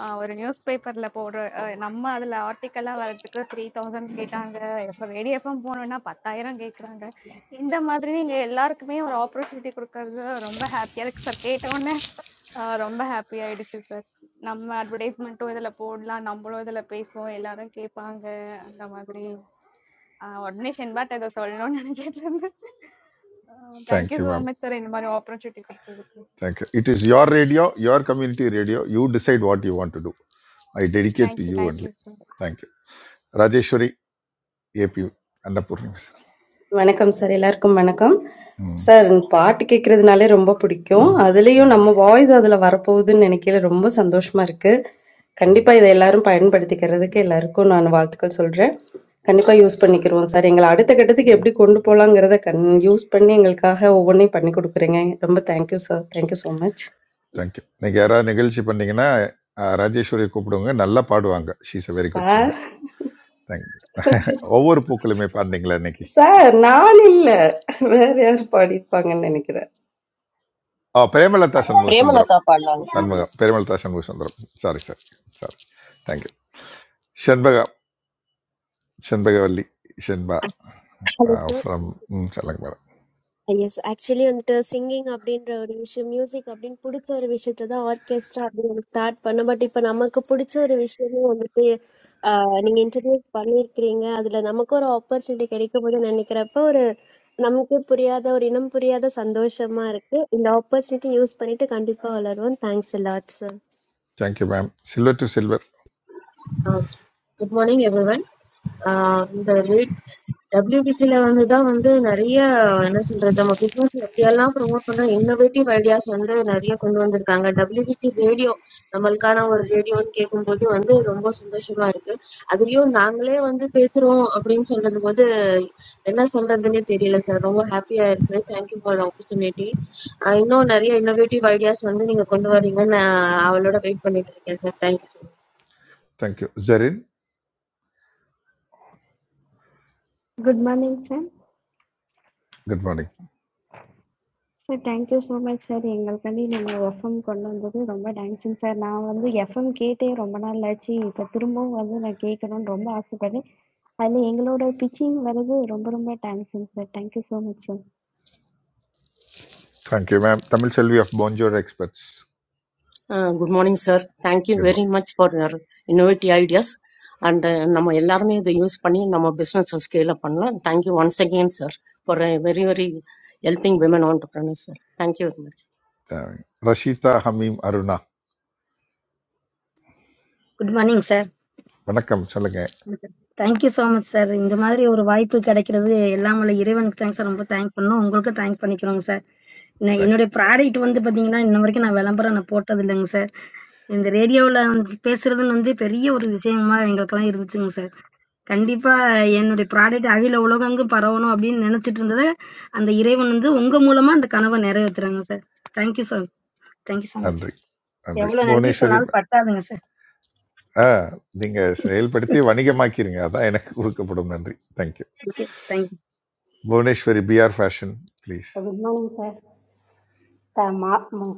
Speaker 30: அ ஒரு நியூஸ் பேப்பர்ல போடுற அ நம்ம அதுல ஆர்டிக்கலா வர்றதுக்கு 3000 கேட்டாங்க. இப்ப ரேடியோ எஃப்எம் போனோம்னா 10,000 கேட்குறாங்க. இந்த மாதிரி நீங்க எல்லாருக்குமே ஒரு ஆப்பர்ச்சுனிட்டி குடுக்கறது ரொம்ப ஹாப்பியா இருக்கு சார். கேட்டவுடனே அ ரொம்ப ஹாப்பி ஆயிடுச்சு சார். நம்ம அட்வர்டைஸ்மென்ட்டும் இதுல போடலாம். நம்மளும் இதுல பேசுவோம். எல்லாரும் கேட்பாங்க. அந்த மாதிரி. Ah, ordination, but I do sorry. No, no, no, no. Thank you
Speaker 6: thank you
Speaker 30: so
Speaker 6: ma'am
Speaker 30: much for inviting me.
Speaker 6: Thank you it is your radio your community radio you decide what you want to do I dedicate
Speaker 30: Thank
Speaker 6: to
Speaker 30: you,
Speaker 6: you
Speaker 30: thank you
Speaker 6: only
Speaker 30: so.
Speaker 6: Thank you Rajeswari A B Annapoorni miss
Speaker 31: வணக்கம் sir எல்லாருக்கும் வணக்கம்
Speaker 6: ம்
Speaker 31: sir எனக்கு பாட்டு கேட்கறதுனாலே ரொம்ப பிடிக்கும் அதுலயும்
Speaker 6: ம்
Speaker 31: நம்ம வாய்ஸ் அதுல வரப்போகுதுன்னு நினைக்கல ரொம்ப சந்தோஷமா இருக்கு
Speaker 6: ம்
Speaker 31: கண்டிப்பா இதை எல்லாரும் பயன்படுத்திக்கிறதுக்கு எல்லாருக்கும் நான் வாழ்த்துக்கள் சொல்றேன் கண்டிப்பா யூஸ் பண்ணிக்கிறோம் சார் எங்களை அடுத்த கட்டத்துக்கு எப்படி கொண்டு போலாங்கிறத கண் யூஸ் பண்ணி எங்களுக்காக ஒவ்வொன்றையும் பண்ணி கொடுக்குறீங்க ரொம்ப thank you sir thank you so much
Speaker 6: thank you நீங்கள் யாராவது நிகழ்ச்சி பண்ணீங்கன்னா அஹ், ராஜேஸ்வரியை கூப்பிடுங்க நல்லா பாடுவாங்க she's a very good
Speaker 31: sir
Speaker 6: singer thank you ஒவ்வொரு பூக்களுமே பாடினீங்களா இன்னைக்கு
Speaker 31: சார் நான் இல்ல வேற யாரும் பாடியிருப்பாங்கன்னு நினைக்கிறேன்
Speaker 6: ஆ பிரேமலதா சண்முக சுந்தரம்
Speaker 18: பிரேமலதா பாடலாம்
Speaker 6: Shanmugam Premalatha Shanmuga Sundaram sorry sir sorry thank you Shenbaga Shenbagavalli Shenba
Speaker 32: hello sir
Speaker 6: from ம் சொல்லுங்க மேடம்
Speaker 32: எஸ் ஆக்சுவலி வந்துட்டு சிங்கிங் அப்படின்ற ஒரு விஷயம் மியூசிக் அப்படின்னு பிடிச்ச ஒரு விஷயத்தை தான் ஆர்கெஸ்ட்ரா அப்படின்னு ஸ்டார்ட் பண்ண பட் இப்போ நமக்கு பிடிச்ச ஒரு விஷயமும் வந்துட்டு ஆஹ், நீங்க இன்ட்ரடியூஸ் பண்ணியிருக்கிறீங்க அதுல நமக்கு ஒரு ஆப்பர்ச்சுனிட்டி கிடைக்கும் போது நினைக்கிறப்ப ஒரு நமக்கு புரியாத ஒரு இனம் புரியாத சந்தோஷமா இருக்கு இந்த ஆப்பர்ச்சுனிட்டி யூஸ் பண்ணிட்டு கண்டிப்பா வளருவோம் thanks a lot sir
Speaker 6: thank you ma'am silver to silver
Speaker 13: Uh, Good morning, everyone. The WBCL, and that, and that, Nariya, I have said that our business is very all for one, for one innovative ideas, and that Nariya, can do under the WBCL radio. The Malika, our radio, and we combine that, and that, is very all so much. Thank you for the opportunity. I know Nariya, innovative ideas, and that you can do under the.
Speaker 6: Thank you Jerin
Speaker 33: Good morning, sir.
Speaker 6: Good morning
Speaker 33: Sir, thank you so much, sir. English language, my FM commandon, that is, very dancing, sir. Now, when the FM gate, it is, romana lachi, that turmo, when the like, commandon, romba askale. I mean, English, our pitching, that is, romba romba dancing, sir. Thank you so much, sir.
Speaker 6: Thank you ma'am Tamil Selvi of Bonjour experts
Speaker 34: Uh, Good morning, sir. Thank you
Speaker 6: good morning
Speaker 34: very much for your innovative ideas, and naamayallarni the use pani naamay business scale upanla. Thank you once again, sir, for a very very helping women entrepreneurs. sir. Thank you very much.
Speaker 6: Thank Rasheeda Hameem Aruna
Speaker 35: Good morning, sir.
Speaker 6: வணக்கம் சொல்லுங்க
Speaker 35: Thank you so much, sir. In the matter of our wife to Kerala, today all of us are giving thanks, sir. We are thanking you. You are also thanking us, sir. In
Speaker 6: thank
Speaker 35: our pride, it is not only that you are supporting us, sir. In the radio, the press, etc., we are also doing something, sir. Even if we are proud of our children, we are also proud of our parents. Thank you so much, sir.
Speaker 6: நன்றி
Speaker 35: We are
Speaker 6: நன்றி
Speaker 35: also doing our
Speaker 6: Bhuvaneswari
Speaker 35: national work, sir.
Speaker 6: ஆ நீங்க செயல்படுத்தி வணிகமாக்கிருங்க அதான் எனக்கு கொடுக்கப்படும் நன்றி thank you
Speaker 35: Okay, thank you.
Speaker 6: Bhuvaneswari P R fashion please
Speaker 36: good morning sir த மா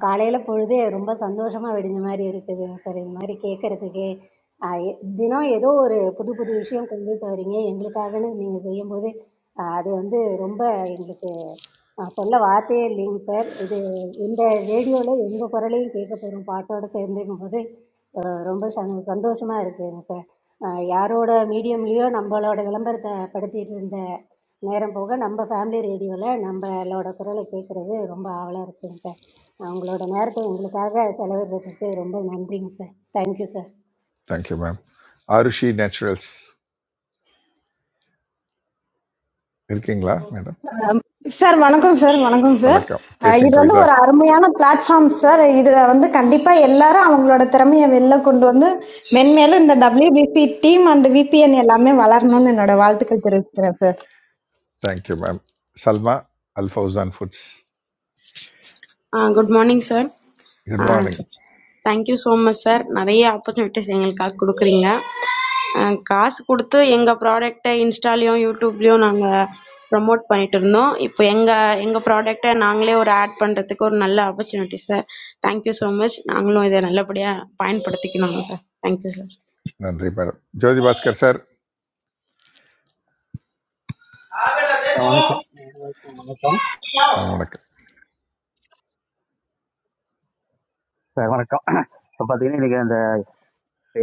Speaker 36: காலையில் பொழுதே ரொம்ப சந்தோஷமாக விடிஞ்ச மாதிரி இருக்குதுங்க சார் இது மாதிரி கேட்குறதுக்கே தினம் ஏதோ ஒரு புது புது விஷயம் கொண்டுட்டு வரீங்க எங்களுக்காகன்னு நீங்கள் செய்யும்போது ஆஹ் அது வந்து ரொம்ப எங்களுக்கு ஆஹ் சொல்ல வார்த்தையே இல்லைங்க சார் இது இந்த ரேடியோவில் எங்கள் குரலையும் கேட்க போகிறோம் பாட்டோட சேர்ந்துக்கும் போது ஆஹ் ரொம்ப சந் சந்தோஷமாக இருக்குதுங்க சார் ஆஹ் யாரோட மீடியம்லேயோ நம்மளோட விளம்பரத்தை படுத்திட்டு இருந்த நேரம் போக நம்ம ஃபேமிலி ரேடியோவில் நம்மளோட குரலை கேட்குறது ரொம்ப ஆவலாக இருக்குங்க சார் உங்களோட நேரத்தை எங்களுக்காக செலவிடுறதுக்கு ரொம்ப நன்றிங்க sir thank you sir
Speaker 6: thank you ma'am Aarushi Naturals இருக்கீங்களா மேடம்
Speaker 37: சார் வணக்கம் சார் வணக்கம் சார்
Speaker 6: வணக்கம்
Speaker 37: அஹ் இது
Speaker 6: பேசுங்க
Speaker 37: வந்து
Speaker 6: கவிதா
Speaker 37: ஒரு அருமையான பிளாட்ஃபார்ம் சார் இதுல வந்து கண்டிப்பா எல்லாரும் அவங்களோட திறமையை வெளில கொண்டு வந்து மென்மேலும் இந்த டபிள்யூபிசி டீம் அண்ட் விபிஎன் எல்லாமே வளரணும்னு என்னோட வாழ்த்துக்கள் தெரிவிச்சுக்கிறேன் sir
Speaker 6: thank you ma'am Salma Alfauzan foods
Speaker 38: Uh, good morning, sir.
Speaker 6: Good
Speaker 38: Uh,
Speaker 6: morning
Speaker 38: thank you so much sir நிறைய ஆப்பர்ச்சுனிட்டிஸ் எங்களுக்காக கொடுக்குறீங்க அஹ் காசு கொடுத்து எங்கள் ப்ராடக்டை இன்ஸ்டாலையும் யூடியூப்லேயும் நாங்கள் ப்ரமோட் பண்ணிட்டு இருந்தோம் இப்போ எங்கள் எங்கள் ப்ராடக்டை நாங்களே ஒரு ஆட் பண்ணுறதுக்கு ஒரு நல்ல opportunity sir thank you so much நாங்களும் இதை நல்லபடியாக பயன்படுத்திக்கணும் சார் தேங்க்யூ சார்
Speaker 6: நன்றி மேடம் ஜோதி பாஸ்கர் சார்
Speaker 39: அஹ் வணக்கம் வணக்கம்
Speaker 6: வணக்கம்
Speaker 39: சார் வணக்கம் இப்போ பார்த்தீங்கன்னா இன்னைக்கு அந்த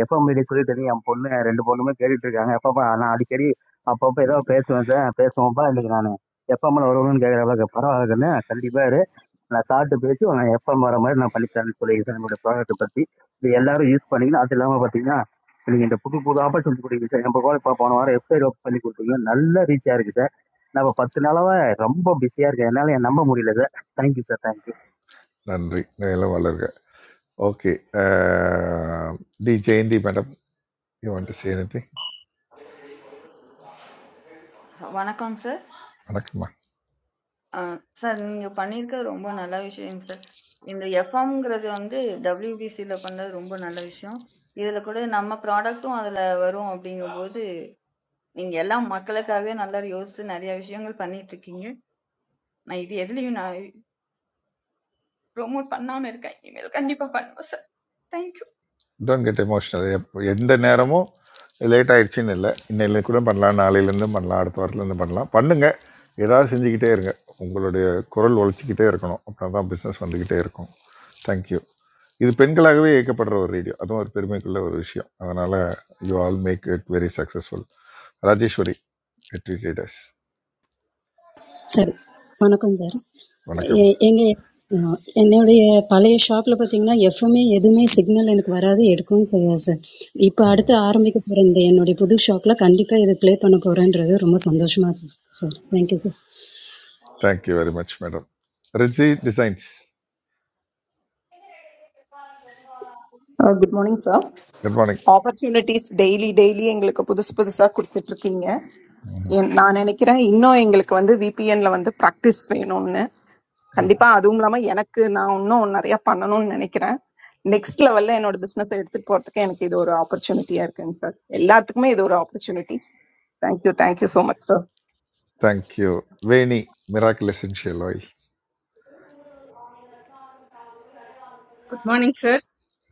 Speaker 39: எஃப்எம் மீடியா சொல்லி தெரியும் என் பொண்ணு ரெண்டு பொண்ணுமே கேட்டுட்டு இருக்காங்க அப்பப்பா நான் அடிக்கடி அப்பப்போ ஏதோ பேசுவேன் சார் பேசுவோம்ப்பா இன்னைக்கு நான் எஃப்எம்ல வருவணும்னு கேட்குறப்ப பரவாயில்லன்னு கண்டிப்பாக இரு நான் சாப்பிட்டு பேசி நான் எஃப்எம் வர மாதிரி நான் பண்ணித்தரேன்னு சொல்லியிருக்கேன் சார் என்னோட ப்ராடக்ட் பற்றி இது எல்லாரும் யூஸ் பண்ணிக்கணும் அது இல்லாமல் பார்த்தீங்கன்னா நீங்கள் இந்த புது புது ஆப்பர்ச்சுனிட்டி கொடுக்குறீங்க சார் நம்ம கூட இப்போ போன வாரம் வெப்சைட் ஓப்பன் பண்ணி கொடுத்தீங்க நல்ல ரீச்சாக இருக்குது சார் நான் இப்போ பத்து நாளாக ரொம்ப பிஸியாக இருக்கேன் என்னால் என் நம்ப முடியல சார் தேங்க்யூ சார் தேங்க்யூ
Speaker 6: நன்றி மேலும் வளர்க okay T Jayanthi madam you want to say anything
Speaker 40: ச வணக்கங்க சார்.
Speaker 6: வணக்கம்மா
Speaker 40: அ சார் நீங்க பண்ணியிருக்க ரொம்ப நல்ல விஷயங்க சார். இந்த எஃப்எம்ங்கிறது வந்து WBCல பண்ணது ரொம்ப நல்ல விஷயம். இதுல கூட நம்ம ப்ராடக்ட்டும் அதுல வரும் அப்படிங்கும்போது, நீங்க எல்லாம் மக்களுக்காகவே நல்லா யோசிச்சு நெறைய விஷயங்கள் பண்ணிட்டு இருக்கீங்க. நான் இது எதுலயும் நான் ப்ரோமோட் பண்ணாம இருக்கேன். இனிமேல் கண்டிப்பா பண்ணுவேன் sir. Thank you.
Speaker 6: Don't get emotional எந்த நேரமும் லேட் ஆயிடுச்சுன்னு இல்லை இன்னையில கூட பண்ணலாம் நாளையிலேருந்து பண்ணலாம் அடுத்த வாரத்துலேருந்து பண்ணலாம் பண்ணுங்க ஏதாவது செஞ்சுக்கிட்டே இருங்க உங்களுடைய குரல் ஒழிச்சிக்கிட்டே இருக்கணும் அப்படின்னா தான் பிஸ்னஸ் வந்துக்கிட்டே இருக்கும் தேங்க்யூ இது பெண்களாகவே இயக்கப்படுற ஒரு ரேடியோ அதுவும் ஒரு பெருமைக்குள்ள ஒரு விஷயம் அதனால் you all make it very successful Rajeswari வெற்றி
Speaker 41: சரி வணக்கம் சார் எ-
Speaker 6: வணக்கம்
Speaker 41: எங்க அஹ், என்னுடைய பழைய ஷாப்ல பாத்தீங்கன்னா எஃப்எம்ஏ எதுவுமே சிக்னல் எனக்கு வராது எடுக்கவும் செய்யாது சார் இப்போ அடுத்து ஆரம்பிக்க போற இந்த என்னுடைய புது ஷாப்ல கண்டிப்பா இது ப்ளே பண்ண போறேன்றது ரொம்ப சந்தோஷமா இருக்கு sir thank you sir
Speaker 6: thank you very much madam Riji designs
Speaker 42: Uh, Good morning, sir.
Speaker 6: Good morning
Speaker 42: Opportunities daily, daily எங்களுக்கு புதுசு புதுசா கொடுத்துட்டு இருக்கீங்க. என்- நான் நினைக்கிறேன் இன்னும் எங்களுக்கு வந்து VPN ல வந்து practice வேணும்னு. கண்டிப்பா அதுவும் இல்லாம எனக்கு நான் இன்னும் நிறைய பண்ணணும்னு நினைக்கிறேன். Next level ல என்னோட business அ எடுத்துட்டு போறதுக்கு எனக்கு இது ஒரு opportunity ஆ இருக்குங்க sir. எல்லாத்துக்குமே இது ஒரு opportunity. Thank you, thank you so much, sir.
Speaker 6: Thank you Veni miracle essential oil
Speaker 43: good morning sir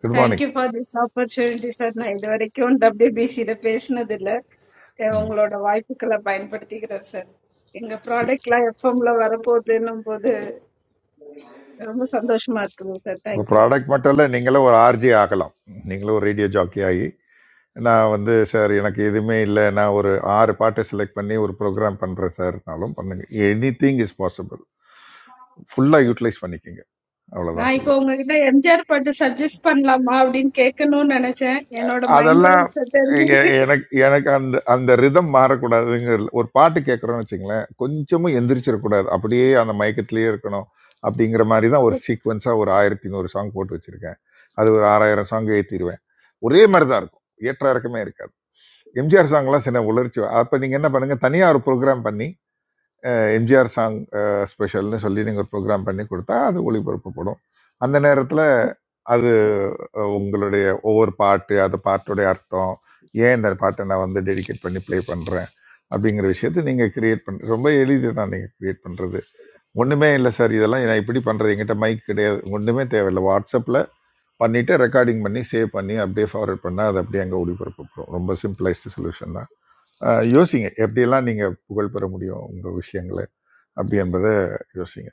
Speaker 6: good morning
Speaker 43: thank you for this opportunity sir நான் இது வரைக்கும் டபிள்யூபிசியில் பேசினதில்ல அஹ்
Speaker 6: உங்கள்
Speaker 43: உங்களோட வாய்ப்புகளை பயன்படுத்திக்கிறேன் சார் எங்கள் ப்ராடக்ட்லாம் எஃப்எம்ல வரப்போகுதுன்னும் போது ரொம்ப சந்தோஷமா இருக்குது சார் தேங்க்யூ சார்
Speaker 6: ப்ராடக்ட் மட்டும் இல்லை நீங்களும் ஒரு ஆர்ஜி ஆகலாம் நீங்களும் ஒரு ரேடியோ ஜாக்கி ஆகி நான் வந்து சார் எனக்கு எதுவுமே இல்லை நான் ஒரு ஆறு பாட்டை செலக்ட் பண்ணி ஒரு ப்ரோக்ராம் பண்ணுறேன் சார்னாலும் பண்ணுங்கள் எனி திங் இஸ் பாசிபிள் ஃபுல்லாக யூட்டிலைஸ் பண்ணிக்கோங்க அவ்வளோதான்
Speaker 43: நான்
Speaker 6: சொல்லுவேன்
Speaker 43: இப்போ உங்ககிட்ட எம்ஜிஆர் பாட்டு சஜஸ்ட் பண்ணலாமா அப்படின்னு கேட்கணும்னு நினைச்சேன் என்னோட மைண்ட்
Speaker 6: அதெல்லாம்
Speaker 43: வாய்ஸ்
Speaker 6: எ-
Speaker 43: தெரிஞ்சுக்கிட்டு
Speaker 6: எனக்கு எனக்கு அந்த அந்த ரிதம் மாறக்கூடாதுங்கிறது ஒரு பாட்டு கேட்குறோன்னு வச்சுங்களேன் கொஞ்சமும் எந்திரிச்சிடக்கூடாது அப்படியே அந்த மயக்கத்திலேயே இருக்கணும் அப்படிங்கிற மாதிரி தான் ஒரு சீக்வன்ஸாக ஒரு ஆயிரத்தி நூறு சாங் போட்டு வச்சுருக்கேன் அது ஒரு ஆறாயிரம் சாங் ஏற்றிடுவேன் ஒரே மாதிரி தான் இருக்கும் ஏற்ற இறக்கமே இருக்காது எம்ஜிஆர் சாங்லாம் சின்ன உளர்ச்சி அப்போ நீங்கள் என்ன பண்ணுங்கள் தனியாக ஒரு ப்ரோக்ராம் பண்ணி எம்ஜிஆர் சாங் ஸ்பெஷல்னு சொல்லி நீங்கள் ஒரு ப்ரோக்ராம் பண்ணி கொடுத்தா அது ஒளிபரப்பப்படும் அந்த நேரத்தில் அது அஹ், உங்களுடைய ஒவ்வொரு பாட்டு அந்த பாட்டுடைய அர்த்தம் ஏன் இந்த பாட்டை நான் வந்து டெடிகேட் பண்ணி ப்ளே பண்ணுறேன் அப்படிங்கிற விஷயத்தை நீங்கள் கிரியேட் பண்ண ரொம்ப எளிது தான் நீங்கள் கிரியேட் பண்ணுறது ஒன்றுமே இல்லை சார் இதெல்லாம் நான் இப்படி பண்ணுறது என்கிட்ட மைக் கிடையாது ஒன்றுமே தேவையில்லை வாட்ஸ்அப்பில் பண்ணிவிட்டு ரெக்கார்டிங் பண்ணி சேவ் பண்ணி அப்படியே ஃபார்வர்ட் பண்ணால் அது அப்படியே அங்கே ஒளிபரப்பப்படும் ரொம்ப சிம்பிளைஸ்டு சொல்யூஷன் தான் அஹ், யோசிங்க எப்படியெல்லாம் நீங்கள் புகழ் பெற முடியும் உங்கள் விஷயங்களை அப்படி என்பதை யோசிங்க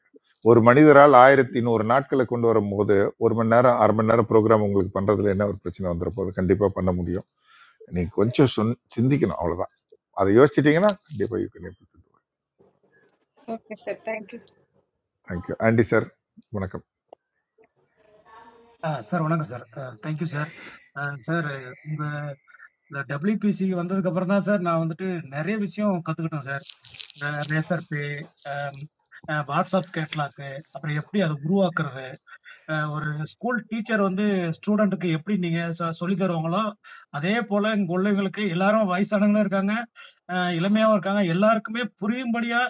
Speaker 6: ஒரு மனிதரால் ஆயிரத்தி நூறு நாட்களை கொண்டு வரும்போது ஒரு மணி நேரம் அரை மணி நேரம் ப்ரோக்ராம் உங்களுக்கு பண்றதுல என்ன ஒரு பிரச்சனை வந்துட போகுது கண்டிப்பா பண்ண முடியும் நீங்க கொஞ்சம் சொன் சிந்திக்கணும் அவ்வளவுதான் அதை யோசிச்சிட்டீங்கன்னா கண்டிப்பா you can able to do
Speaker 43: okay sir thank you
Speaker 6: thank you aunty sir வணக்கம்
Speaker 44: ஆ சார் வணக்கம் சார். அ தேங்க் யூ சார். அ சார் உங்க இந்த WPC வந்ததுக்கு அப்புறம் தான் சார் நான் வந்துட்டு நெறைய விஷயம் கத்துக்கிட்டேன் சார். அ Razor Pay, அம் அ WhatsApp கேட்லாக், அப்புறம் எப்படி அத உருவாக்குறது, அ ஒரு ஸ்கூல் டீச்சர் வந்து ஸ்டூடண்ட்க்கு எப்படி நீங்க சொ சொல்லித் தருவாங்களோ, அதே போல இங்க உள்ளவங்களுக்கு எல்லாரும் வயசானவங்களும் இருக்காங்க, அ இளமையாவும் இருக்காங்க. எல்லாருக்குமே புரியும்படியா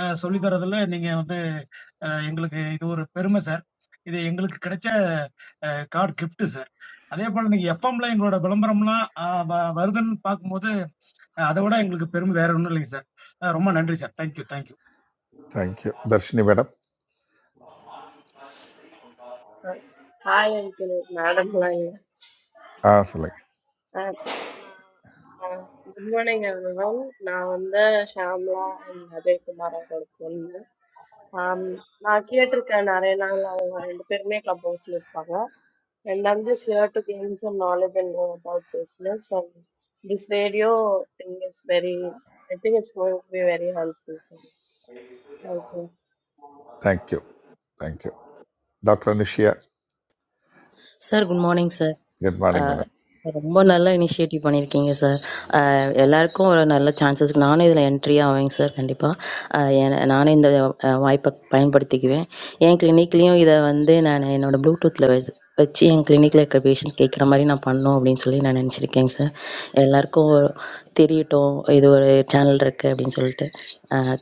Speaker 44: அ சொல்லித் தர்றதுல நீங்க வந்து அ எங்களுக்கு இது ஒரு பெருமை சார். இது எங்களுக்கு கிடைச்ச அ காட் கிஃப்ட் சார். அதே போல நீங்க எஃப்எம்ல எங்களோட விளம்பரம்லாம் ஆஹ் வ- வருதுன்னு பார்க்கும்போது அஹ் அதை விட எங்களுக்கு பெருமை வேற ஒன்றும் இல்லைங்க சார் ரொம்ப நன்றி sir thank you thank you
Speaker 6: thank you Dharshini madam
Speaker 45: Uh, Hi, Uncle, Madam Lawyer.
Speaker 6: ஆ சொல்லுங்க
Speaker 45: Uh, uh, good morning, everyone. நான் வந்து ஷாம்லா அண்ட் அஜய் குமார் அவரோட பொண்ணு ஆம், நான் கேட்டிருக்கேன் நிறைய நாள் அவங்க ரெண்டு பேருமே கிளப் ஹவுஸ்ல இருப்பாங்க and I'm just here to gain some knowledge and know about business and this radio thing is very I think it's going to be very helpful for me. Thank you.
Speaker 6: Thank you thank you doctor Anushiya
Speaker 46: sir good morning sir
Speaker 6: good morning madam
Speaker 46: ரொம்ப நல்ல initiative பண்ணியிருக்கீங்க sir எல்லாருக்கும் ஒரு நல்ல chances நானும் இதில் entry ஆவேங்க sir கண்டிப்பாக நானே இந்த அஹ், வாய்ப்பை பயன்படுத்திக்குவேன் என் கிளினிக்லேயும் இதை வந்து நான் என்னோட ப்ளூடூத்தில் வச்சு என் கிளினிக்கில் இருக்கிற பேஷண்ட்ஸ் கேட்குற மாதிரி நான் பண்ணணும் அப்படின்னு சொல்லி நான் நினச்சிருக்கேங்க சார் எல்லாருக்கும் ஒரு தெரியட்டும் இது ஒரு சேனல் இருக்குது அப்படின்னு சொல்லிட்டு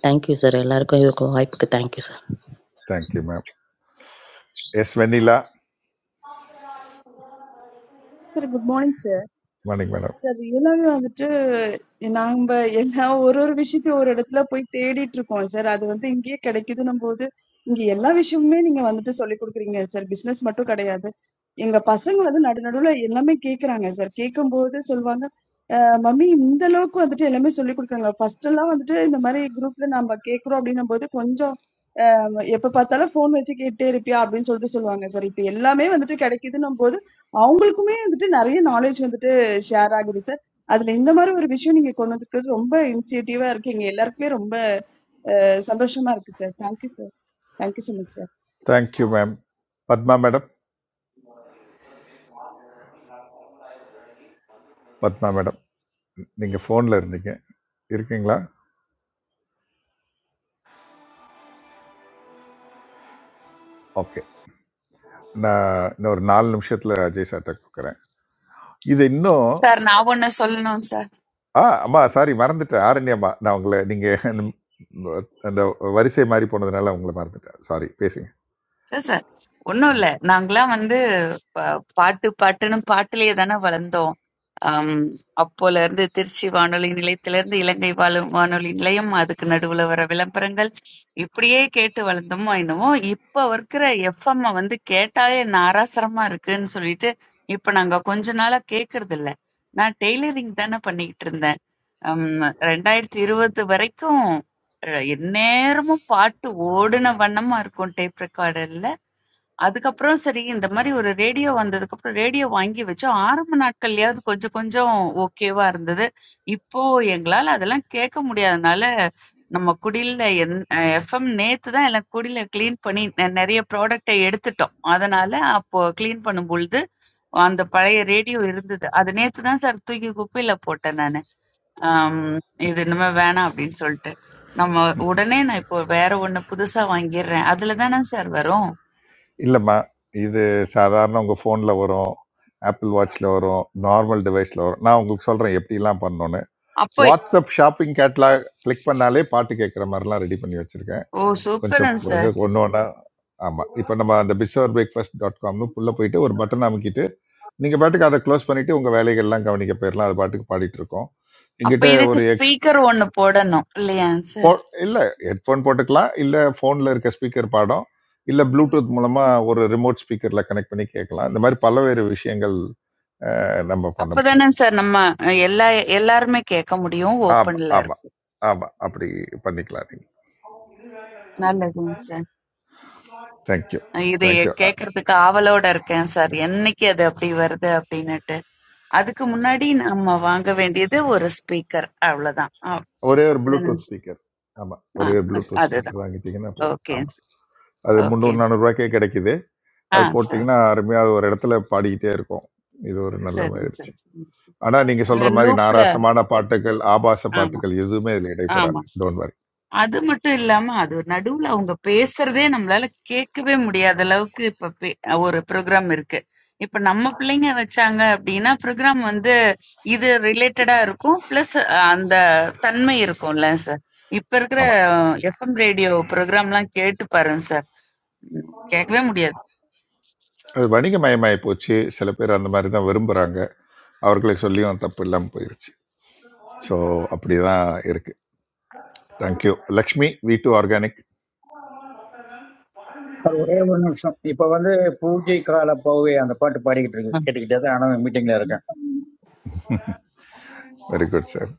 Speaker 46: தேங்க்யூ சார் எல்லாருக்கும் இதுக்கு வாய்ப்புக்கு thank you sir
Speaker 6: thank you ma'am S Vennila
Speaker 47: Sir, good morning sir.
Speaker 6: Morning madam
Speaker 47: Sir, all of you, or a poet theatre to sir. I mean, we all. All the things that we are doing, we are doing. Sir, that is why we are coming here. Sir, business is not only that. We are doing all the things that we are doing. First of all, we are doing our group. We are doing our group. Appa patala phone heci eight eight eight pi, Arvind sir thei sirloonga siri pi. Ella mei, mandante kadikidinam bodo, aongul kume mandante nariye knowledge mandante share agirisar. Adalendamaru oru vishu niye kono thukko, romba initiative arkhi niyalar kere romba samdosham arkisar. Thank you sir, thank you sir mazhar.
Speaker 6: Thank you ma'am Padma madam Padma madam நீங்கள் ஃபோனில் இருந்தீங்க இருக்கீங்களா okay நான் இன்னும் ஒரு நாலு நிமிஷத்தில் அஜய் சார்ட்ட கொடுக்குறேன் இது இன்னும்
Speaker 15: சார் நான் ஒண்ணு சொல்லணும் சார்.
Speaker 6: ஆ அம்மா சாரி மறந்துட்டேன் ஆரண்ய அம்மா நான் உங்களை நீங்கள் அந்த அந்த வரிசை மாறி போனதுனால உங்களை மறந்துட்டேன் சாரி பேசுங்க
Speaker 15: சார் சார் ஒன்றும் இல்லை நாங்களாம் வந்து ப- பாட்டு பாட்டுன்னு பாட்டிலேயே தானே வளர்ந்தோம் ஆம், அப்போல இருந்து திருச்சி வானொலி நிலையத்திலிருந்து இலங்கை வானொ- வானொலி நிலையம் அதுக்கு நடுவுல வர விளம்பரங்கள் இப்படியே கேட்டு வளர்ந்தோமோ என்னமோ இப்போ இருக்கிற எஃப்எம் வந்து கேட்டாலே நாராசரமா இருக்குன்னு சொல்லிட்டு இப்போ நாங்க கொஞ்ச நாளா கேட்கறது இல்ல நான் டெய்லரிங் தானே பண்ணிக்கிட்டு இருந்தேன் ஆம், ரெண்டாயிரத்தி இருபது வரைக்கும் அஹ், எந்நேரமும் பாட்டு ஓடுன வண்ணமா இருக்கும் டேப் ரெக்கார்டர்ல. அதுக்கப்புறம் சரி இந்த மாரி ஒரு ரேடியோ வந்ததுக்கப்புறம் ரேடியோ வாங்கி வச்சோம். ஆரம்ப நாட்கள்லயாவது கொஞ்சம் கொஞ்சம் ஓகேவா இருந்தது. இப்போ எங்களால அதெல்லாம் கேட்க முடியாதனால, நம்ம குடில்ல என் அ எஃப்எம் நேத்து தான் எல்லாம் குடில கிளீன் பண்ணி நெ நெறைய ப்ராடக்ட்ட எடுத்துட்டோம். அதனால அப்போ கிளீன் பண்ணும்பொழுது, அந்த பழைய ரேடியோ இருந்தது. அது நேத்து தான் சார் தூக்கி குப்பையில போட்டேன் நானு. ஆம், இது இனிமே வேணாம் அப்படின்னு சொல்லிட்டு நம்ம உடனே நான் இப்போ வேற ஒண்ணு புதுசா வாங்கிடுறேன் அதுல தானே சார் வரும்
Speaker 6: இல்லைம்மா இது சாதாரண உங்கள் ஃபோனில் வரும் ஆப்பிள் வாட்ச்சில் வரும் நார்மல் டிவைஸில் வரும் நான் உங்களுக்கு சொல்கிறேன் எப்படிலாம் பண்ணணும்னு
Speaker 15: அப்போ
Speaker 6: வாட்ஸ்அப் ஷாப்பிங் கேட்லாக் கிளிக் பண்ணாலே பாட்டு கேட்குற மாதிரிலாம் ரெடி பண்ணி வச்சுருக்கேன்
Speaker 15: ஓ
Speaker 6: கொஞ்சம்
Speaker 15: சூப்பருங்க
Speaker 6: பொறுங்க
Speaker 15: சார்
Speaker 6: ஒன்று ஒன்றா ஆமாம் இப்போ நம்ம அந்த பிஷோர் பிரேக்ஃபாஸ்ட் டாட் காம்னு உள்ளே போயிட்டு ஒரு பட்டன் அமைக்கிட்டு நீங்கள் பாட்டுக்கு அதை க்ளோஸ் பண்ணிவிட்டு உங்கள் வேலைகள்லாம் கவனிக்க போயிடலாம் அது பாட்டுக்கு பாடிட்டு இருக்கோம்
Speaker 15: அப்ப
Speaker 6: எங்கிட்ட
Speaker 15: இதுக்கு
Speaker 6: ஒரு எக்ஸ்
Speaker 15: ஸ்பீக்கர் ஒண்ணு போடணும் இல்லையாங்க
Speaker 6: போ
Speaker 15: சார்
Speaker 6: இல்லை ஹெட்ஃபோன் போட்டுக்கலாம் இல்லை ஃபோனில் இருக்க ஸ்பீக்கர் பாடம் இல்லை ப்ளூடூத் மூலமாக ஒரு ரிமோட் ஸ்பீக்கரில் கனெக்ட் பண்ணி கேட்கலாம் இந்த மாதிரி பல்வேறு விஷயங்கள் அஹ், நம்ம பண்ண
Speaker 15: அப்பதானே
Speaker 6: முடியும்
Speaker 15: சார் நம்ம அஹ், எல்லா எல்லாருமே கேட்க முடியும்
Speaker 6: ஆமாம்
Speaker 15: ஓப்பன்ல
Speaker 6: ஆமாம்
Speaker 15: இருக்கு
Speaker 6: ஆமாம் அப்படி பண்ணிக்கலாம் நீங்கள்
Speaker 15: நல்லதுங்க சார்
Speaker 6: தேங்க்யூ
Speaker 15: அஹ், இது
Speaker 6: தேங்க்யூ
Speaker 15: கேட்கறதுக்கு ஆவலோட இருக்கேன் சார் என்னைக்கு அது அப்படி வருது அப்படின்னுட்டு அதுக்கு முன்னாடி நம்ம வாங்க வேண்டியது ஒரு ஸ்பீக்கர் அவ்வளவுதான் அஹ்,
Speaker 6: ஒரே ஒரு
Speaker 15: அப்படிதானே
Speaker 6: ப்ளூடூத்
Speaker 15: சார்
Speaker 6: ஸ்பீக்கர் ஆமாம்
Speaker 15: ஆ,
Speaker 6: ஒரே ஒரு
Speaker 15: அ-
Speaker 6: ப்ளூடூத்
Speaker 15: அதுதான்
Speaker 6: ஸ்பீக்கர் வாங்கிட்டீங்கன்னா போதும்
Speaker 15: ஓகே
Speaker 6: ஆமாம் அது
Speaker 15: ஓகே
Speaker 6: முந்நூறு
Speaker 15: சார்
Speaker 6: நானூறுரூவாய்க்கே கிடைக்குது
Speaker 15: ஆ
Speaker 6: அது
Speaker 15: சார்
Speaker 6: போட்டிங்கன்னா அருமையாக ஒரு இடத்துல பாடிக்கிட்டே இருக்கும் இது ஒரு நல்ல
Speaker 15: சரிங்க
Speaker 6: முயற்சி
Speaker 15: சார் சரிங்க சார்
Speaker 6: ஆனா நீங்க சொல்ற மாதிரி
Speaker 15: லூப்ல
Speaker 6: நாராசமான பாட்டுகள் ஆபாச
Speaker 15: ஆமா
Speaker 6: பாட்டுகள் எதுவுமே இதுல இடைபெறாது
Speaker 15: ஆமா சார்.
Speaker 6: டோன்ட் வரி
Speaker 15: அது மட்டும் இல்லாம அது நடுவுல அவங்க பேசுறதே நம்மளால கேட்கவே முடியாத அளவுக்கு இப்ப பே- ஒரு ப்ரோக்ராம் இருக்கு இப்ப நம்ம பிள்ளைங்க வச்சாங்க அப்படின்னா ப்ரோக்ராம் வந்து இது ரிலேட்டடா இருக்கும் பிளஸ் அந்த தன்மை இருக்கும்ல சார் இப்ப இருக்கிற
Speaker 6: ஆமா
Speaker 15: எஃப்எம் ரேடியோ ப்ரோக்ராம்லாம் கேட்டு பாருங்க சார் கேட்கவே முடியாது
Speaker 6: அது வணிகமயமாயி போச்சு சில பேர் அந்த மாதிரி தான் விரும்புறாங்க அவர்களுக்கு சொல்லியும் தப்பு இல்லாமல் போயிருச்சு ஸோ அப்படிதான் இருக்கு thank you Lakshmi V two organic
Speaker 11: sir ஒரே ஒரு நிமிஷம் இப்ப வந்து பூஜை கால போவே அந்த பாட்டு பாடிக்கிட்டு இருக்கு கேட்டுக்கிட்டே தான் ஆனா மீட்டிங்ல
Speaker 6: very good sir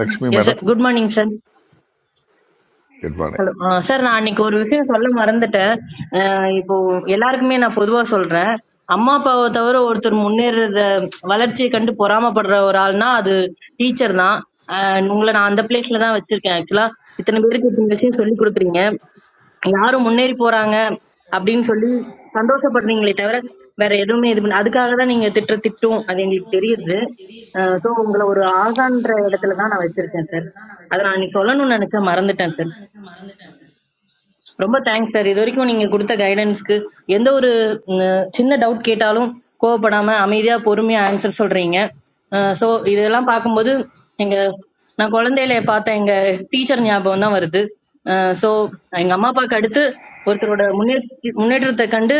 Speaker 6: Lakshmi
Speaker 48: Yes, sir.
Speaker 6: Madam
Speaker 48: Good morning, sir.
Speaker 6: Good morning
Speaker 48: hello ஆ, சார் நான் அன்னைக்கு ஒரு விஷயம் சொல்ல மறந்துட்டேன் அஹ் இப்போ எல்லாருக்குமே நான் பொதுவா சொல்றேன் அம்மா அப்பாவை தவிர ஒருத்தர் முன்னேறத வளர்ச்சியை கண்டு பொறாமைப்படுற ஒரு ஆள்னா அது டீச்சர் தான் அஹ் உங்களை நான் அந்த பிளேஸ்ல தான் வச்சிருக்கேன் ஆக்சுவலா இத்தனை பேருக்கு இத்தனை விஷயம் சொல்லி கொடுக்குறீங்க யாரும் முன்னேறி போறாங்க அப்படின்னு சொல்லி சந்தோஷப்படுறீங்களே தவிர வேற எதுவுமே இது பண்ண அதுக்காக தான் நீங்க திட்டுற திட்டும் அது எங்களுக்கு தெரியுது ஸோ உங்களை ஒரு ஆகான்ற இடத்துல தான் நான் வச்சிருக்கேன் சார் அதை நான் அன்னைக்கு சொல்லணும்னு நினைச்சா மறந்துட்டேன் சார் ரொம்ப தேங்க்ஸ் சார் இது வரைக்கும் நீங்க கொடுத்த கைடன்ஸ்க்கு எந்த ஒரு ம், சின்ன டவுட் கேட்டாலும் கோவப்படாம அமைதியா பொறுமையா ஆன்சர் சொல்றீங்க ஸோ இதெல்லாம் பார்க்கும்போது எங்க நான் குழந்தையில பார்த்த எங்க டீச்சர் ஞாபகம் தான் வருது ஸோ எங்க அம்மா அப்பாவுக்கு அடுத்து ஒருத்தரோட முன்னேற்ற முன்னேற்றத்தை கண்டு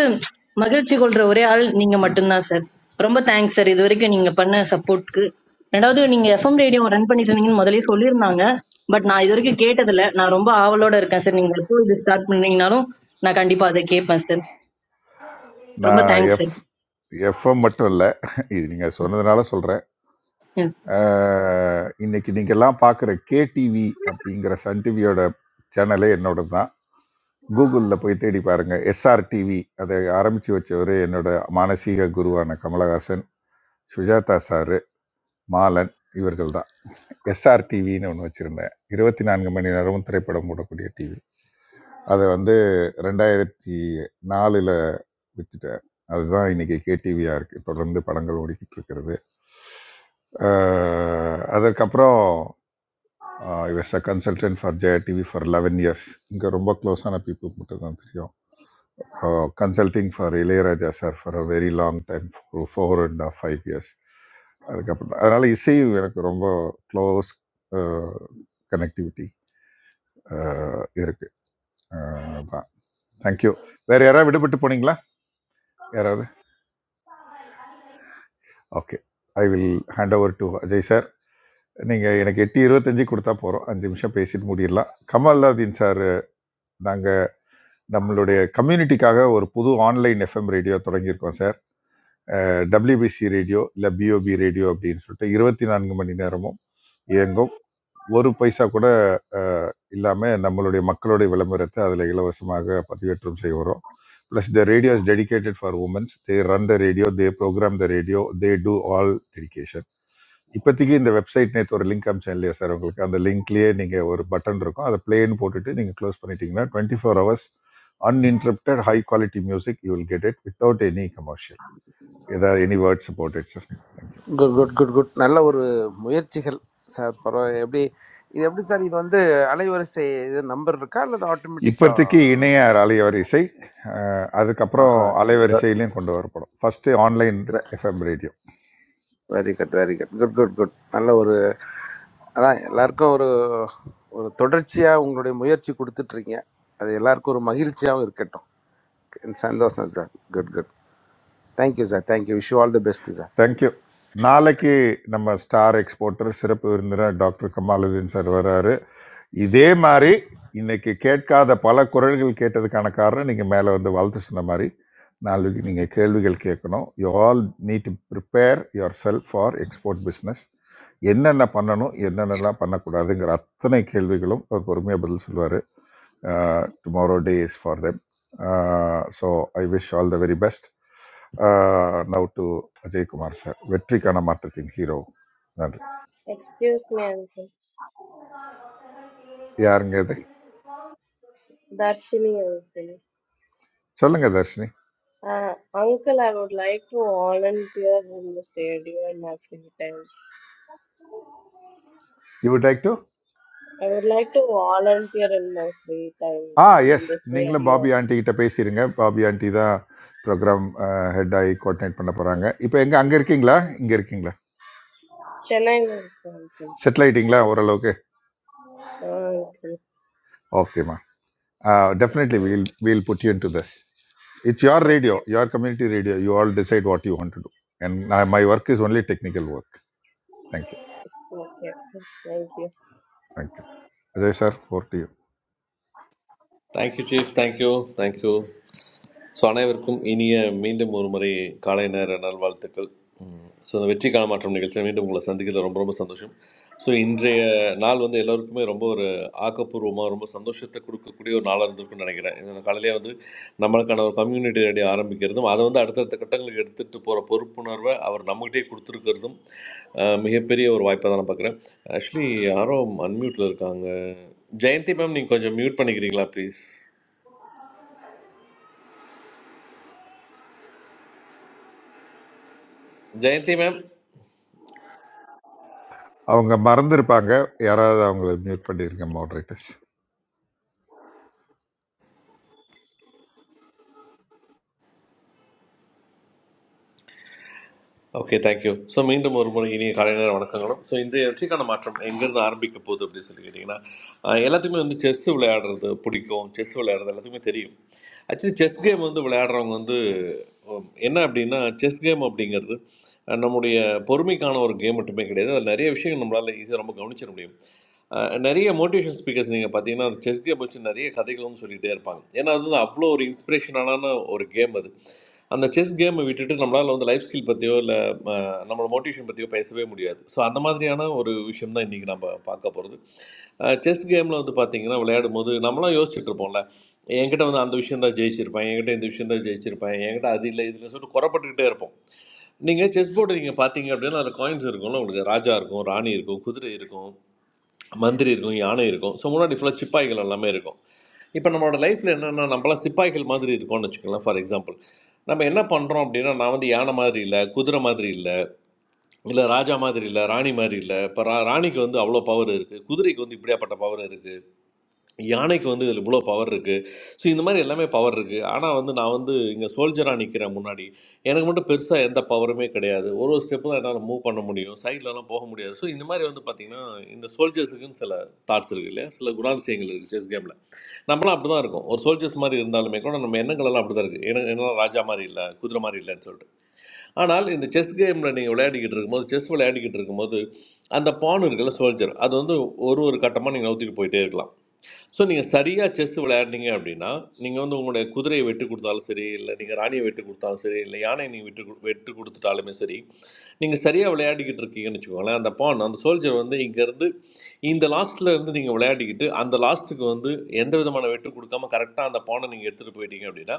Speaker 48: மகிழ்ச்சி கொள்ற ஒரே ஆள் நீங்க மட்டும்தான் சார் ரொம்ப தேங்க்ஸ் சார் இது வரைக்கும் நீங்க பண்ண சப்போர்ட்க்கு ரெண்டாவது நீங்க எஃப்எம் ரேடியோ ரன் பண்ணிட்டு இருந்தீங்கன்னு முதலே சொல்லியிருந்தாங்க பட் நான் இது வரைக்கும் கேட்டதில்ல நான் ரொம்ப ஆவலோட இருக்கேன் சார் நீங்க எப்போ இது ஸ்டார்ட் பண்ணீங்கனாலும் நான் கண்டிப்பா அதை கேட்பேன் சார் ரொம்ப
Speaker 6: நான்
Speaker 48: தேங்க்ஸ்
Speaker 6: எஃப் எஃப்எம் மட்டும் இல்லை இது நீங்கள் சொன்னதுனால சொல்கிறேன்
Speaker 48: சார்
Speaker 6: இன்னைக்கு நீங்கள்லாம் பார்க்குற கேடிவி அப்படிங்கிற சன் டிவியோட சேனலே என்னோட தான் கூகுளில் போய் தேடி பாருங்கள் எஸ்ஆர்டிவி அதை ஆரம்பித்து வச்சவர் என்னோட மானசீக குருவான கமலஹாசன் சுஜாதா சாரு மாலன் இவர்கள் தான் எஸ்ஆர்டிவின்னு ஒன்று வச்சுருந்தேன் இருபத்தி நான்கு மணி நேரமும் திரைப்படம் போடக்கூடிய டிவி அதை வந்து ரெண்டாயிரத்தி நாலில் விற்றுட்டேன் அதுதான் இன்றைக்கி கேடிவியாக இருக்குது தொடர்ந்து படங்கள் ஓடிக்கிட்டு இருக்கிறது அஹ் அதற்கப்புறம் I was a consultant for Jaya TV for eleven years இங்கே ரொம்ப க்ளோஸான பீப்புள் மட்டும் தான் தெரியும் அப்புறம் consulting for Ilaiyaraaja sir for a very long time four four and five years அதுக்கப்புறம் அதனால் இசை எனக்கு ரொம்ப க்ளோஸ் கனெக்டிவிட்டி இருக்குது அதான் தேங்க்யூ வேறு யாராவது விடுபட்டு போனீங்களா யாராவது okay I will hand over to Ajay sir நீங்கள் எனக்கு எட்டு இருபத்தஞ்சு கொடுத்தா போகிறோம் அஞ்சு நிமிஷம் பேசிட்டு முடிடலாம் கமல்லாதீன் சார் நாங்கள் நம்மளுடைய கம்யூனிட்டிக்காக ஒரு புது ஆன்லைன் எஃப்எம் ரேடியோ தொடங்கியிருக்கோம் சார் டபிள்யூபிசி ரேடியோ இல்லை பிஓபி ரேடியோ அப்படின்னு சொல்லிட்டு இருபத்தி நான்கு மணி நேரமும் இயங்கும் ஒரு பைசா கூட அஹ், இல்லாம நம்மளுடைய மக்களுடைய விளம்பரத்தை அதுல இலவசமாக பதிவேற்றம் செய்ய வரோம் plus the radio is dedicated for womens they run the radio they programme the radio they do all dedication இப்போதைக்கு இந்த வெப்சைட் நேற்று ஒரு லிங்க் அமிச்சேன் இல்லையா சார் உங்களுக்கு அந்த லிங்க்லேயே நீங்கள் ஒரு பட்டன் இருக்கும் அதை பிளேன்னு போட்டுட்டு நீங்கள் க்ளோஸ் பண்ணிட்டீங்கன்னா twenty four hours uninterrupted high quality music you will get it without any commercial ஏதாவது எனி வேர்ட்ஸ் போட்டு sir thank you.
Speaker 49: Good good good good நல்ல ஒரு முயற்சிகள் சார் பரவாயில்ல எப்படி இது எப்படி சார் இது வந்து அலைவரிசை இது நம்பர் இருக்கா அல்லது ஆட்டோமேட்டிக்கா
Speaker 6: இப்போதைக்கு இணைய அலைவரிசை அஹ், அதுக்கப்புறம்
Speaker 49: ஆஹா குட்
Speaker 6: அலைவரிசையிலையும் கொண்டு வரப்படும் first online FM radio
Speaker 49: very good very good good good good நல்ல ஒரு அதான் எல்லாருக்கும் ஒரு ஒரு தொடர்ச்சியாக உங்களுடைய முயற்சி கொடுத்துட்ருக்கீங்க அது எல்லாருக்கும் ஒரு மகிழ்ச்சியாகவும் இருக்கட்டும் சந்தோஷம் sir good good thank you sir thank you wish all the best sir
Speaker 6: thank you
Speaker 49: thank you.
Speaker 6: நாளைக்கு நம்ம ஸ்டார் எக்ஸ்போர்ட்டர் சிறப்பு விருந்தினர் டாக்டர் கமாலுதீன் சார் வராரு இதே மாதிரி இன்னைக்கு கேட்காத பல குரல்கள் கேட்டதுக்கான காரணம் நீங்கள் மேலே வந்து வாழ்த்து சொன்ன மாதிரி நாளைக்கு நீங்கள் கேள்விகள் கேட்கணும் you all need to prepare yourself for export business என்னென்ன பண்ணணும் என்னென்னலாம் பண்ணக்கூடாதுங்கிற அத்தனை கேள்விகளும் அவர் பொறுமையாக பதில் சொல்லுவார் tomorrow day is for them so I wish all the very best now to Ajaykumar sir வெற்றிக்கான மாற்றத்தின் ஹீரோ நன்றி
Speaker 45: Excuse me, Uncle.
Speaker 6: யாருங்க இது
Speaker 45: Darshini, Uncle.
Speaker 6: சொல்லுங்க Dharshini
Speaker 45: Uh, uncle, I would like to volunteer in the radio in my free time.
Speaker 6: You would like to
Speaker 45: I would like to volunteer in my free time
Speaker 6: ஆ
Speaker 45: in
Speaker 6: yes
Speaker 45: this
Speaker 6: நீங்களும்
Speaker 45: radio.
Speaker 6: Bobby aunty கிட்ட பேசிடுங்க Bobby aunty தான் programme head ஆகி coordinate பண்ண போகிறாங்க இப்போ எங்கே அங்கே இருக்கீங்களா
Speaker 45: Uh,
Speaker 6: இங்கே இருக்கீங்களா
Speaker 45: Chennai, will go, uncle.
Speaker 6: Settle ஆகிட்டீங்களா ஓரளவுக்கு
Speaker 45: Uh, Okay,
Speaker 6: ஓகேம்மா
Speaker 45: okay,
Speaker 6: definitely
Speaker 45: okay,
Speaker 6: we'll we'll put you in to this it's your radio your community radio you all decide what you want to do and my work is only technical work thank you
Speaker 45: okay, okay. okay. Thank you.
Speaker 6: Thank you Ajay sir ஓர்
Speaker 2: thank you chief thank you thank you so அனைவருக்கும் இனிய மீண்டும் ஒரு முறை காலை நேர நல்வாழ்த்துக்கள் so இந்த வெற்றி கால மாற்றம் நிகழ்ச்சியில் மீண்டும் உங்களை சந்திக்கிறதுல ரொம்ப ரொம்ப சந்தோஷம் ஸோ இன்றைய நாள் வந்து எல்லாருக்குமே ரொம்ப ஒரு ஆக்கப்பூர்வமாக ரொம்ப சந்தோஷத்தை கொடுக்கக்கூடிய ஒரு நாளாக இருந்திருக்கும்னு நினைக்கிறேன் இந்த காலையிலே வந்து நம்மளுக்கான ஒரு கம்யூனிட்டி ரெடி ஆரம்பிக்கிறதும் அதை வந்து அடுத்தடுத்த கட்டங்களுக்கு எடுத்துகிட்டு போகிற பொறுப்புணர்வை அவர் நம்மகிட்டே கொடுத்துருக்கிறதும் அஹ், மிகப்பெரிய ஒரு வாய்ப்பாக தான் நான் பார்க்குறேன் ஆக்சுவலி யாரோ அன்மியூட்டில் இருக்காங்க ஜெயந்தி மேம் நீங்கள் கொஞ்சம் மியூட் பண்ணிக்கிறீங்களா ப்ளீஸ் ஜெயந்தி மேம்
Speaker 6: அவங்க மறந்துருப்பாங்க யாராவது அவங்கள மியூட் பண்ணியிருக்க மாடரேட்டர்ஸ்
Speaker 2: ஓகே தேங்க்யூ ஸோ மீண்டும் ஒரு முறை இனிய காலை நேர வணக்கங்களும் ஸோ இன்றைய வெற்றிக்கான மாற்றம் எங்கேருந்து ஆரம்பிக்க போகுது அப்படின்னு சொல்லி கேட்டிங்கன்னா ஆஹ் எல்லாத்துக்குமே வந்து செஸ் விளையாடுறது பிடிக்கும் செஸ் விளையாடுறது எல்லாத்துக்குமே தெரியும் ஆக்சுவலி செஸ் கேம் வந்து விளையாடுறவங்க வந்து ஹம், என்ன அப்படின்னா செஸ் கேம் அப்படிங்கிறது அஹ், நம்முடைய பொறுமைக்கான ஒரு கேம் மட்டுமே கிடையாது அது நிறைய விஷயங்கள் நம்மளால் ஈஸியாக ரொம்ப கவனிச்சிட முடியும் அஹ் நிறைய மோட்டிவேஷன் ஸ்பீக்கர்ஸ் நீங்கள் பார்த்தீங்கன்னா அந்த செஸ் கேம் வச்சு நிறைய கதைகளும் சொல்லிகிட்டே இருப்பாங்க ஏன்னா அது வந்து அவ்வளோ ஒரு இன்ஸ்பிரேஷனான ஒரு கேம் அது அந்த செஸ் கேமை விட்டுட்டு நம்மளால் வந்து லைஃப் ஸ்கில் பற்றியோ இல்லை நம்மளோட மோட்டிவேஷன் பற்றியோ பேசவே முடியாது ஸோ அந்த மாதிரியான ஒரு விஷயம் தான் இன்றைக்கி நம்ம பார்க்க போகிறது செஸ் கேமில் வந்து பார்த்தீங்கன்னா விளையாடும் போது நம்மளாம் யோசிச்சுட்டு இருப்போம்ல என்கிட்ட வந்து அந்த விஷயம் தான் ஜெயிச்சிருப்பேன் என்கிட்ட இந்த விஷயம் தான் ஜெயிச்சிருப்பேன் என்கிட்ட அது இல்லை இதுல சொல்லிட்டு குறப்பட்டுக்கிட்டே இருப்போம் நீங்கள் செஸ் போர்டு நீங்கள் பார்த்தீங்க அப்படின்னா அதில் காயின்ஸ் இருக்கும்ல உங்களுக்கு ராஜா இருக்கும் ராணி இருக்கும் குதிரை இருக்கும் மந்திரி இருக்கும் யானை இருக்கும் ஸோ முன்னாடி ஃபுல்லாக சிப்பாய்கள் எல்லாமே இருக்கும் இப்போ நம்மளோட லைஃப்பில் என்னென்னா நம்மளாம் சிப்பாய்கள் மாதிரி இருக்கோம்னு வச்சுக்கலாம் ஃபார் எக்ஸாம்பிள் நம்ம என்ன பண்ணுறோம் அப்படின்னா நான் வந்து யானை மாதிரி இல்லை குதிரை மாதிரி இல்லை இல்லை ராஜா மாதிரி இல்லை ராணி மாதிரி இல்லை இப்போ ரா ராணிக்கு வந்து அவ்வளோ பவர் இருக்குது குதிரைக்கு வந்து இப்படியாப்பட்ட பவர் இருக்குது யானைக்கு வந்து இதில் இவ்வளோ பவர் இருக்குது ஸோ இந்த மாதிரி எல்லாமே பவர் இருக்குது ஆனால் வந்து நான் வந்து இங்கே சோல்ஜராக நிற்கிறேன் முன்னாடி எனக்கு மட்டும் பெருசாக எந்த பவருமே கிடையாது ஒரு ஒரு ஸ்டெப்பு தான் என்னால் மூவ் பண்ண முடியும் சைட்லலாம் போக முடியாது ஸோ இந்த மாதிரி வந்து பார்த்திங்கன்னா இந்த சோல்ஜர்ஸுக்குன்னு சில தாட்ஸ் இருக்குது இல்லையா சில குணாதிசயங்கள் இருக்குது செஸ் கேமில் நம்மளாம் அப்படி தான் இருக்கும் ஒரு சோல்ஜர்ஸ் மாதிரி இருந்தாலுமே கூட நம்ம எண்ணங்களெல்லாம் அப்படி தான் இருக்குது எனக்கு என்னால் ராஜா மாதிரி இல்லை குதிரை மாதிரி இல்லைன்னு சொல்லிட்டு ஆனால் இந்த செஸ் கேமில் நீங்கள் விளையாடிக்கிட்டு இருக்கும்போது செஸ் விளையாடிக்கிட்டு இருக்கும்போது அந்த பான் இருக்குல்ல சோல்ஜர் அது வந்து ஒரு ஒரு கட்டமாக நீங்கள் நவுத்திட்டு போயிட்டே இருக்கலாம் ஸோ நீங்கள் சரியாக செஸ் விளையாடுனீங்க அப்படின்னா நீங்கள் வந்து உங்களுடைய குதிரையை வெட்டு கொடுத்தாலும் சரி இல்லை நீங்கள் ராணியை வெட்டு கொடுத்தாலும் சரி இல்லை யானையை நீங்கள் வெட்டு கொடு- வெட்டு கொடுத்துட்டாலுமே சரி நீங்கள் சரியாக விளையாடிக்கிட்டு இருக்கீங்கன்னு வச்சுக்கோங்களேன் அந்த பான் அந்த சோல்ஜர் வந்து இங்கேருந்து இந்த லாஸ்ட்ல இருந்து நீங்கள் விளையாடிக்கிட்டு அந்த லாஸ்ட்டுக்கு வந்து எந்த விதமான விதமான வெட்டு கொடுக்காம கரெக்டாக அந்த பானை நீங்கள் எடுத்துகிட்டு போயிட்டீங்க அப்படின்னா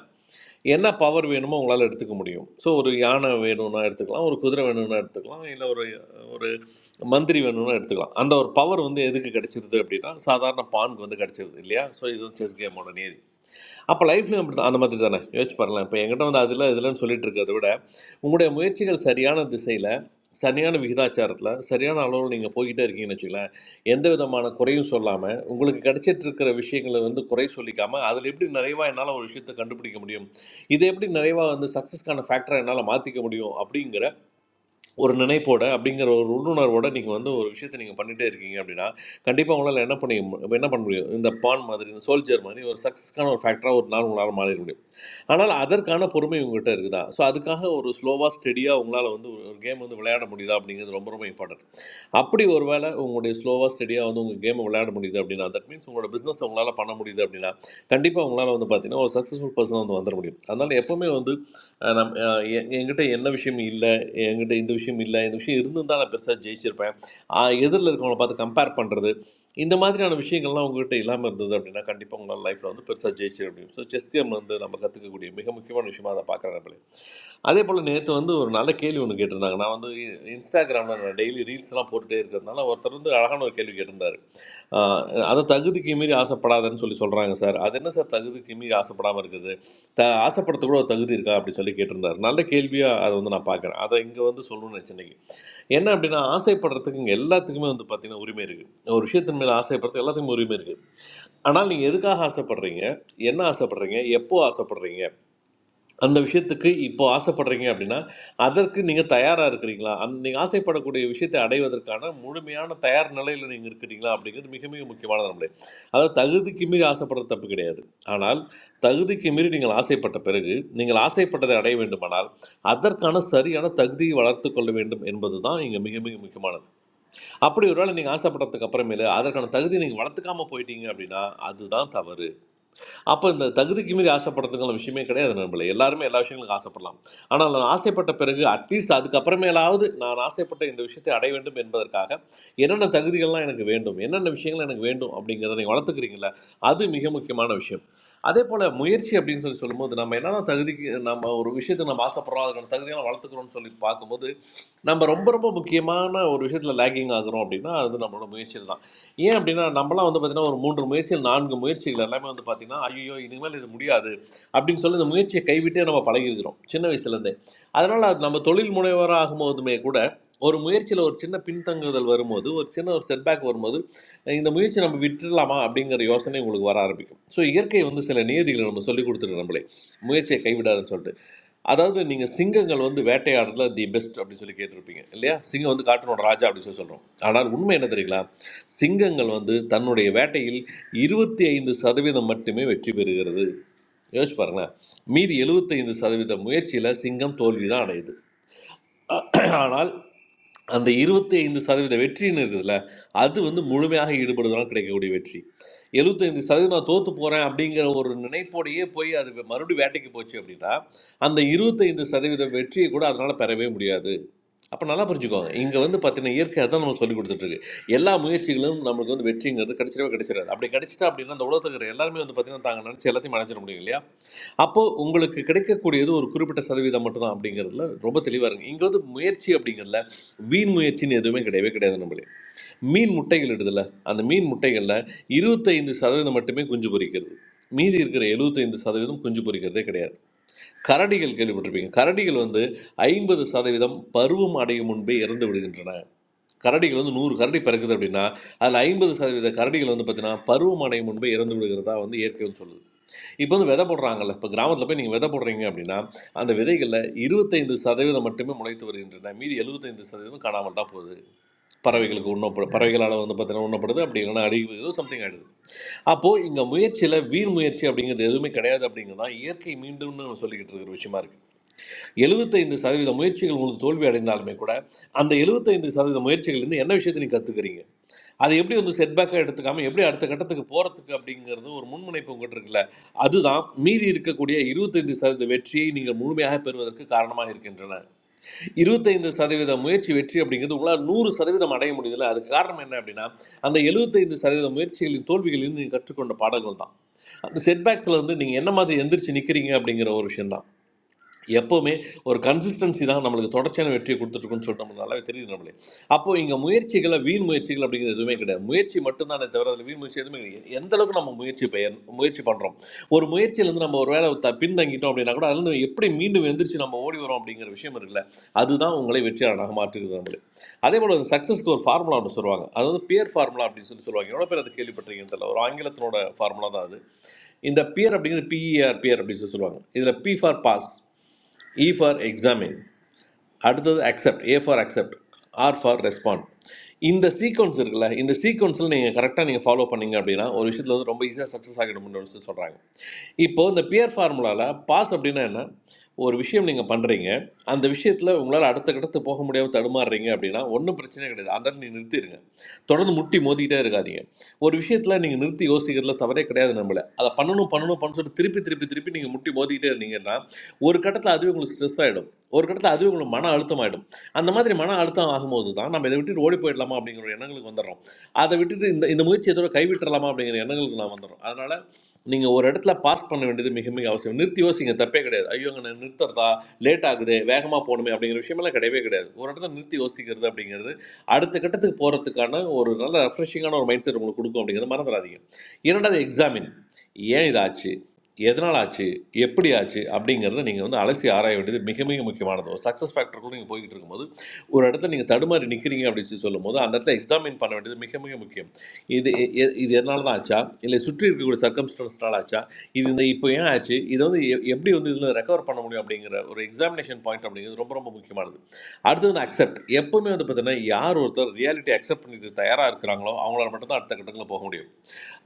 Speaker 2: என்ன பவர் வேணுமோ உங்களால் எடுத்துக்க முடியும் ஸோ ஒரு யானை வேணும்னா எடுத்துக்கலாம் ஒரு குதிரை வேணும்னா எடுத்துக்கலாம் இல்லை ஒரு ஒரு மந்திரி வேணும்னா எடுத்துக்கலாம் அந்த ஒரு பவர் வந்து எதுக்கு கிடைச்சிருது அப்படின்னா சாதாரண பானுக்கு வந்து கிடைச்சிருது இல்லையா ஸோ இதுவும் செஸ் கேமோட நியதி அப்போ லைஃப்லையும் அப்படி தான் அந்த மாதிரி தானே யோசிச்சு பாருங்களேன் இப்போ என்கிட்ட வந்து அதில் இதுலன்னு சொல்லிட்டு இருக்கிறத விட உங்களுடைய முயற்சிகள் சரியான திசையில் சரியான விகிதாச்சாரத்தில் சரியான அளவில் நீங்கள் போய்கிட்டே இருக்கீங்கன்னு வச்சுக்கலாம் எந்த விதமான குறையும் சொல்லாமல் உங்களுக்கு கிடைச்சிட்டு இருக்கிற விஷயங்களை வந்து குறை சொல்லிக்காம அதில் எப்படி நிறைவாக என்னால் ஒரு விஷயத்தை கண்டுபிடிக்க முடியும் இதை எப்படி நிறைவாக வந்து சக்ஸஸ்க்கான ஃபேக்டராக என்னால் மாற்றிக்க முடியும் அப்படிங்கிற ஒரு நினைப்போட அப்படிங்கிற ஒரு உள்ளுணர்வோட நீங்கள் வந்து ஒரு விஷயத்தை நீங்கள் பண்ணிகிட்டே இருக்கீங்க அப்படின்னா கண்டிப்பாக உங்களால் என்ன பண்ணி என்ன பண்ண முடியும் இந்த பான் மாதிரி இந்த சோல்ஜர் மாதிரி ஒரு சக்ஸஸ்க்கான ஒரு ஃபேக்டராக ஒரு நாள் உங்களால் மாறிட முடியும் ஆனால் அதற்கான பொறுமை உங்ககிட்ட இருக்குதா ஸோ அதுக்காக ஒரு ஸ்லோவாக ஸ்டெடியாக உங்களால் வந்து ஒரு கேம் வந்து விளையாட முடியுதா அப்படிங்கிறது ரொம்ப ரொம்ப இம்பார்ட்டன்ட் அப்படி ஒரு வேளை உங்களுடைய ஸ்லோவாக ஸ்டெடியாக வந்து உங்கள் கேமை விளையாட முடியுது அப்படின்னா தட் மீன்ஸ் உங்களோட பிஸ்னஸ் உங்களால் பண்ண முடியுது அப்படின்னா கண்டிப்பாக உங்களால் வந்து பார்த்தீங்கன்னா ஒரு சக்ஸஸ்ஃபுல் பர்சன் வந்து வந்துட முடியும் அதனால் எப்போவுமே வந்து அஹ், நம் அஹ், எ- என்கிட்ட என்ன விஷயம் இல்லை என்கிட்ட இந்த விஷயம் இல்லை இந்த விஷயம் இருந்திருந்தா நான் பெருசாக ஜெயிச்சிருப்பேன் எதிரில் இருக்கவங்கள பார்த்து கம்பேர் பண்ணுறது இந்த மாதிரியான விஷயங்கள்லாம் உங்ககிட்ட இல்லாமல் இருந்தது அப்படின்னா கண்டிப்பாக உங்களால் லைஃப்பில் வந்து பெருசாக ஜெயிச்சிட முடியும் ஸோ செஸ் கேம் வந்து நம்ம கற்றுக்கக்கூடிய மிக முக்கியமான விஷயமா அதை பார்க்குறேன் நம்மளே அதே போல் நேற்று வந்து ஒரு நல்ல கேள்வி ஒன்று கேட்டிருந்தாங்க நான் வந்து இன்ஸ்டாகிராமில் நான் டெய்லி ரீல்ஸ்லாம் போட்டுகிட்டே இருக்கிறதுனால ஒருத்தர் வந்து அழகான ஒரு கேள்வி கேட்டிருந்தார் ஆஹ் அதை தகுதிக்கு மீறி ஆசைப்படாதன்னு சொல்லி சொல்கிறாங்க சார் அது என்ன சார் தகுதிக்கு மீறி ஆசைப்படாமல் இருக்குது த ஆசைப்படுறது கூட ஒரு தகுதி இருக்கா அப்படி சொல்லி கேட்டிருந்தாரு நல்ல கேள்வியாக அதை வந்து நான் பார்க்குறேன் அதை இங்கே வந்து சொல்லணும்னு நினச்சினைக்கு என்ன அப்படின்னா ஆசைப்படுறதுக்கு இங்கே எல்லாத்துக்குமே வந்து பார்த்தீங்கன்னா உரிமை இருக்குது ஒரு விஷயத்தின் மேலே ஆசைப்படுறது எல்லாத்துக்குமே உரிமை இருக்குது ஆனால் நீங்கள் எதுக்காக ஆசைப்படுறீங்க என்ன ஆசைப்படுறீங்க எப்போ ஆசைப்படுறீங்க அந்த விஷயத்துக்கு இப்போ ஆசைப்படுறீங்க அப்படின்னா அதற்கு நீங்கள் தயாராக இருக்கிறீங்களா அந் நீங்கள் ஆசைப்படக்கூடிய விஷயத்தை அடைவதற்கான முழுமையான தயார் நிலையில் நீங்கள் இருக்கிறீங்களா அப்படிங்கிறது மிக மிக முக்கியமான நம்மளே அதாவது தகுதிக்கு மீறி ஆசைப்படுறது தப்பு கிடையாது ஆனால் தகுதிக்கு மீறி நீங்கள் ஆசைப்பட்ட பிறகு நீங்கள் ஆசைப்பட்டதை அடைய வேண்டுமானால் அதற்கான சரியான தகுதியை வளர்த்து கொள்ள வேண்டும் என்பது தான் இங்கே மிக மிக முக்கியமானது அப்படி ஒருவேளை நீங்கள் ஆசைப்பட்டதுக்கு அப்புறமேலு அதற்கான தகுதியை நீங்கள் வளர்த்துக்காம போயிட்டீங்க அப்படின்னா அதுதான் தவறு அப்போ இந்த தகுதிக்கு மீறி ஆசைப்படுறதுக்கான விஷயமே கிடையாது நம்மள எல்லாருமே எல்லா விஷயங்களுக்கும் ஆசைப்படலாம் ஆனால் நான் ஆசைப்பட்ட பிறகு அட்லீஸ்ட் அதுக்கப்புறமேலாவது நான் ஆசைப்பட்ட இந்த விஷயத்தை அடைய வேண்டும் என்பதற்காக என்னென்ன தகுதிகள்லாம் எனக்கு வேண்டும் என்னென்ன விஷயங்கள் எனக்கு வேண்டும் அப்படிங்கிறத நீங்கள் வளர்த்துக்கிறீங்களே அது மிக முக்கியமான விஷயம் அதே போல் முயற்சி அப்படின்னு சொல்லி சொல்லும்போது நம்ம என்னதான் தகுதிக்கு நம்ம ஒரு விஷயத்தை நம்ம ஆசைப்படுறோம் அதுக்கான தகுதியெல்லாம் வளர்த்துக்கிறோம்னு சொல்லி பார்க்கும்போது நம்ம ரொம்ப ரொம்ப முக்கியமான ஒரு விஷயத்தில் லேகிங் ஆகுறோம் அப்படின்னா அது நம்மளோட முயற்சியில் தான் ஏன் அப்படின்னா நம்மளாம் வந்து பார்த்தீங்கன்னா ஒரு மூன்று முயற்சிகள் நான்கு முயற்சிகள் எல்லாமே வந்து பார்த்தீங்கன்னா ஐயோ இனிமேல் இது முடியாது அப்படின்னு சொல்லி இந்த முயற்சியை கைவிட்டே நம்ம பழகிருக்கிறோம் சின்ன வயசுலேருந்தே அதனால் அது நம்ம தொழில் முனைவராக ஆகும்போதுமே கூட ஒரு முயற்சியில் ஒரு சின்ன பின்தங்குதல் வரும்போது ஒரு சின்ன ஒரு செட்பேக் வரும்போது இந்த முயற்சி நம்ம விட்டுடலாமா அப்படிங்கிற யோசனை உங்களுக்கு வர ஆரம்பிக்கும் ஸோ இயற்கை வந்து சில நியதிகளை நம்ம சொல்லி கொடுத்துருக்கு நம்மளே முயற்சியை கைவிடாதுன்னு சொல்லிட்டு அதாவது நீங்கள் சிங்கங்கள் வந்து வேட்டையாடுறதுல தி பெஸ்ட் அப்படின்னு சொல்லி கேட்டிருப்பீங்க இல்லையா சிங்கம் வந்து காட்டினோட ராஜா அப்படின்னு சொல்லி சொல்கிறோம் ஆனால் உண்மை என்ன தெரியுங்களா சிங்கங்கள் வந்து தன்னுடைய வேட்டையில் இருபத்தி ஐந்து சதவீதம் மட்டுமே வெற்றி பெறுகிறது யோசிச்சு பாருங்களேன் மீதி எழுபத்தைந்து சதவீத முயற்சியில் சிங்கம் தோல்வி தான் அடையுது ஆனால் அந்த 25% சதவீத வெற்றின்னு இருக்குதுல்ல அது வந்து முழுமையாக ஈடுபடுதலால் கிடைக்கக்கூடிய வெற்றி 75% சதவீதம் நான் தோத்து போகிறேன் அப்படிங்கிற ஒரு நினைப்போடையே போய் அது மறுபடியும் வேட்டைக்கு போச்சு அப்படின்னா அந்த 25% சதவீத வெற்றியை கூட அதனால் பெறவே முடியாது அப்போ நல்லா புரிஞ்சுக்கோங்க இங்கே வந்து பார்த்தீங்கன்னா இயற்கை அதான் நம்ம சொல்லி கொடுத்துட்ருக்கு எல்லா முயற்சிகளும் நமக்கு வந்து வெற்றிங்கிறது கிடைச்சிடவே கிடைச்சிடாது அப்படி கிடைச்சிட்டா அப்படின்னா அந்த உலகத்துக்கு இருக்கிற எல்லாருமே வந்து பார்த்தீங்கன்னா தாங்க நினச்சி எல்லாத்தையும் அடைஞ்சிட முடியும் இல்லையா அப்போது உங்களுக்கு கிடைக்கக்கூடியது ஒரு குறிப்பிட்ட சதவீதம் மட்டும்தான் அப்படிங்கிறதுல ரொம்ப தெளிவாக இருங்க இங்கே வந்து முயற்சி அப்படிங்கிறதுல வீண் முயற்சின்னு எதுவுமே கிடையவே கிடையாது நம்மளே மீன் முட்டைகள் இடுதில்ல அந்த மீன் முட்டைகளில் இருபத்தைந்து சதவீதம் மட்டுமே குஞ்சு பொரிக்கிறது மீதி இருக்கிற எழுபத்தைந்து சதவீதம் குஞ்சு பொரிக்கிறதே கிடையாது கரடிகள் கேள்விப்பட்டிருப்பீங்க கரடிகள் வந்து ஐம்பது சதவீதம் பருவம் அடையும் முன்பே இறந்து விடுகின்றன கரடிகள் வந்து நூறு கரடி பிறக்குது அப்படின்னா அதில் ஐம்பது சதவீத கரடிகள் வந்து பார்த்தீங்கன்னா பருவம் அடையும் முன்பே இறந்து விடுகிறதா வந்து இயற்கை வந்து சொல்லுது இப்போ வந்து விதை போடுறாங்கல்ல இப்போ கிராமத்தில் போய் நீங்கள் விதை போடுறீங்க அப்படின்னா அந்த விதைகளில் இருபத்தைந்து சதவீதம் மட்டுமே முளைத்து வருகின்றன மீதி எழுபத்தைந்து சதவீதம் காணாமல் தான் போகுது பறவைகளுக்கு உண்ணப்படு பறவைகளால் வந்து பார்த்தீங்கன்னா உண்ணப்படுது அப்படி இல்லைன்னா அழிவு சம்திங் ஆகிடுது அப்போது இங்கே முயற்சியில் வீண் முயற்சி அப்படிங்கிறது எதுவுமே கிடையாது அப்படிங்கிறது தான் இயற்கை மீண்டும்னு நம்ம சொல்லிக்கிட்டு இருக்கிற விஷயமா இருக்குது எழுபத்தைந்து சதவீத முயற்சிகள் உங்களுக்கு தோல்வி அடைந்தாலுமே கூட அந்த எழுபத்தைந்து சதவீத முயற்சிகள்லேருந்து என்ன விஷயத்தை நீங்கள் கற்றுக்கிறீங்க அது எப்படி வந்து செட்பேக்காக எடுத்துக்காம எப்படி அடுத்த கட்டத்துக்கு போகிறதுக்கு அப்படிங்கிறது ஒரு முன்முனைப்பு உங்கள்கிட்ட இருக்குல்ல அதுதான் மீதி இருக்கக்கூடிய 25% சதவீத வெற்றியை நீங்கள் முழுமையாக பெறுவதற்கு காரணமாக இருக்கின்றன 25% சதவீத முயற்சி வெற்றி அப்படிங்கிறது உங்களால் நூறு சதவீதம் அடைய முடியல அதுக்கு காரணம் என்ன அப்படின்னா அந்த 75% சதவீத முயற்சிகளின் தோல்விகளிலிருந்து நீங்கள் கற்றுக்கொண்ட பாடங்கள் தான் அந்த செட்பேக்ஸில் வந்து நீங்கள் என்ன மாதிரி எந்திரிச்சு நிற்கிறீங்க அப்படிங்கிற ஒரு விஷயம் தான் எப்போவுமே ஒரு கன்சிஸ்டன்சி தான் நம்மளுக்கு தொடர்ச்சியான வெற்றியை கொடுத்துட்ருக்குன்னு சொல்லிட்டு நம்மளுக்கு நல்லாவே தெரியுது நம்மளே அப்போது இங்கே முயற்சிகளை வீண் முயற்சிகள் அப்படிங்கிறது எதுவுமே கிடையாது முயற்சி மட்டும்தானே தவிர அதில் வீண் முயற்சி எதுவுமே கிடையாது எந்த அளவுக்கு நம்ம முயற்சி பெயர் முயற்சி பண்ணுறோம் ஒரு முயற்சியிலேருந்து நம்ம ஒரு வேலை த பின்தங்கிட்டோம் அப்படின்னா கூட அதுலேருந்து எப்படி மீண்டும் எந்திரிச்சு நம்ம ஓடி வரோம் அப்படிங்கிற விஷயம் இருக்குல்ல அதுதான் உங்களை வெற்றியாளராக மாற்றுகிறது நம்மளே அதே போல் அந்த சக்ஸஸ்க்கு ஒரு ஃபார்முலா ஒன்று சொல்லுவாங்க அது வந்து பியர் ஃபார்முலா அப்படின்னு சொல்லி சொல்லுவாங்க எவ்வளோ பேர் அது கேள்விப்பட்டிருக்கீங்கன்னு தெரியல ஒரு ஆங்கிலத்தினோட ஃபார்முலா தான் அது இந்த பியர் அப்படிங்கிறது பிஇஆர் பியர் அப்படின்னு சொல்லி சொல்லுவாங்க இதில் B for pass E for examine அடுத்தது accept A for accept R for respond இந்த சீக்வன்ஸ் இருக்குல்ல இந்த சீக்வன்ஸில் நீங்கள் கரெக்டாக நீங்கள் ஃபாலோ பண்ணீங்க அப்படின்னா ஒரு விஷயத்தில் வந்து ரொம்ப ஈஸியாக சக்ஸஸ் ஆகிடும்னு சொல்கிறாங்க இப்போ இந்த பியர் ஃபார்முலாவில் பாஸ் அப்படின்னா என்ன ஒரு விஷயம் நீங்கள் பண்ணுறீங்க அந்த விஷயத்தில் உங்களால் அடுத்த கட்டத்து போக முடியாமல் தடுமாறுறீங்க அப்படின்னா ஒன்றும் பிரச்சனை கிடையாது அதை நீ நிறுத்திடுங்க தொடர்ந்து முட்டி மோதிக்கிட்டே இருக்காதீங்க ஒரு விஷயத்தில் நீங்கள் நிறுத்தி யோசிக்கிறதுல தவறே கிடையாது நம்மள அதை பண்ணணும் பண்ணணும் பண்ணணும் சொல்லிட்டு திருப்பி திருப்பி திருப்பி நீங்கள் முட்டி மோதிக்கிட்டே இருந்தீங்கன்னா ஒரு கட்டத்தில் அதுவே உங்களுக்கு ஸ்ட்ரெஸ் ஆகிடும் ஒரு கட்டத்தில் அதுவே உங்களுக்கு மன அழுத்தம் ஆகிடும் அந்த மாதிரி மன அழுத்தம் ஆகும்போது தான் நம்ம இதை விட்டுட்டு ஓடி போயிடலாமா அப்படிங்கிற ஒரு எண்ணங்களுக்கு வந்துடுறோம் அதை விட்டுட்டு இந்த இந்த முயற்சி இதோட கைவிட்டுறலாமா அப்படிங்கிற எண்ணங்களுக்கு நான் வந்துடும் அதனால நீங்கள் ஒரு இடத்துல பாஸ் பண்ண வேண்டியது மிக மிக அவசியம் நிறுத்தி யோசிங்க தப்பே கிடையாது ஐயோ அங்கே நிறுத்துறதா லேட் ஆகுது வேகமாக போகணுமே அப்படிங்கிற விஷயமெல்லாம் கிடையவே கிடையாது ஒரு இடத்துல நிறுத்தி யோசிக்கிறது அப்படிங்கிறது அடுத்த கட்டத்துக்கு போகிறதுக்கான ஒரு நல்ல ரெஃப்ரெஷிங்கான ஒரு மைண்ட் செட் உங்களுக்கு கொடுக்கும் அப்படிங்கிறத மறந்துடாதீங்க இரண்டாவது எக்ஸாமின் ஏன் இதாச்சு எதனால் ஆச்சு எப்படி ஆச்சு அப்படிங்கிறத நீங்கள் வந்து அலசி ஆராய வேண்டியது மிக மிக முக்கியமானது ஒரு சக்ஸஸ் ஃபேக்டருக்குள்ள நீங்கள் போய்கிட்டு இருக்கும்போது ஒரு இடத்துல நீங்கள் தடுமாறி நிற்கிறீங்க அப்படின்னு சொல்லி சொல்லும்போது அந்த இடத்துல எக்ஸாமின் பண்ண வேண்டியது மிக மிக முக்கியம் இது எ- எ- இது எதனால தான் ஆச்சா இல்லை சுற்றி இருக்கக்கூடிய சர்க்கம்ஸ்டன்ஸ்னால ஆச்சா இது இந்த இப்போ ஏன் ஆச்சு இதை வந்து எ- எப்படி வந்து இதில் ரெக்கவர் பண்ண முடியும் அப்படிங்கிற ஒரு எக்ஸாமினேஷன் பாயிண்ட் அப்படிங்கிறது ரொம்ப ரொம்ப முக்கியமானது அடுத்து வந்து அக்செப்ட் எப்பவுமே வந்து பார்த்தீங்கன்னா யார் ஒருத்தர் ரியாலிட்டி அக்செப்ட் பண்ணிட்டு தயாராக இருக்கிறாங்களோ அவங்களால மட்டும் தான் அடுத்த கட்டங்களில் போக முடியும்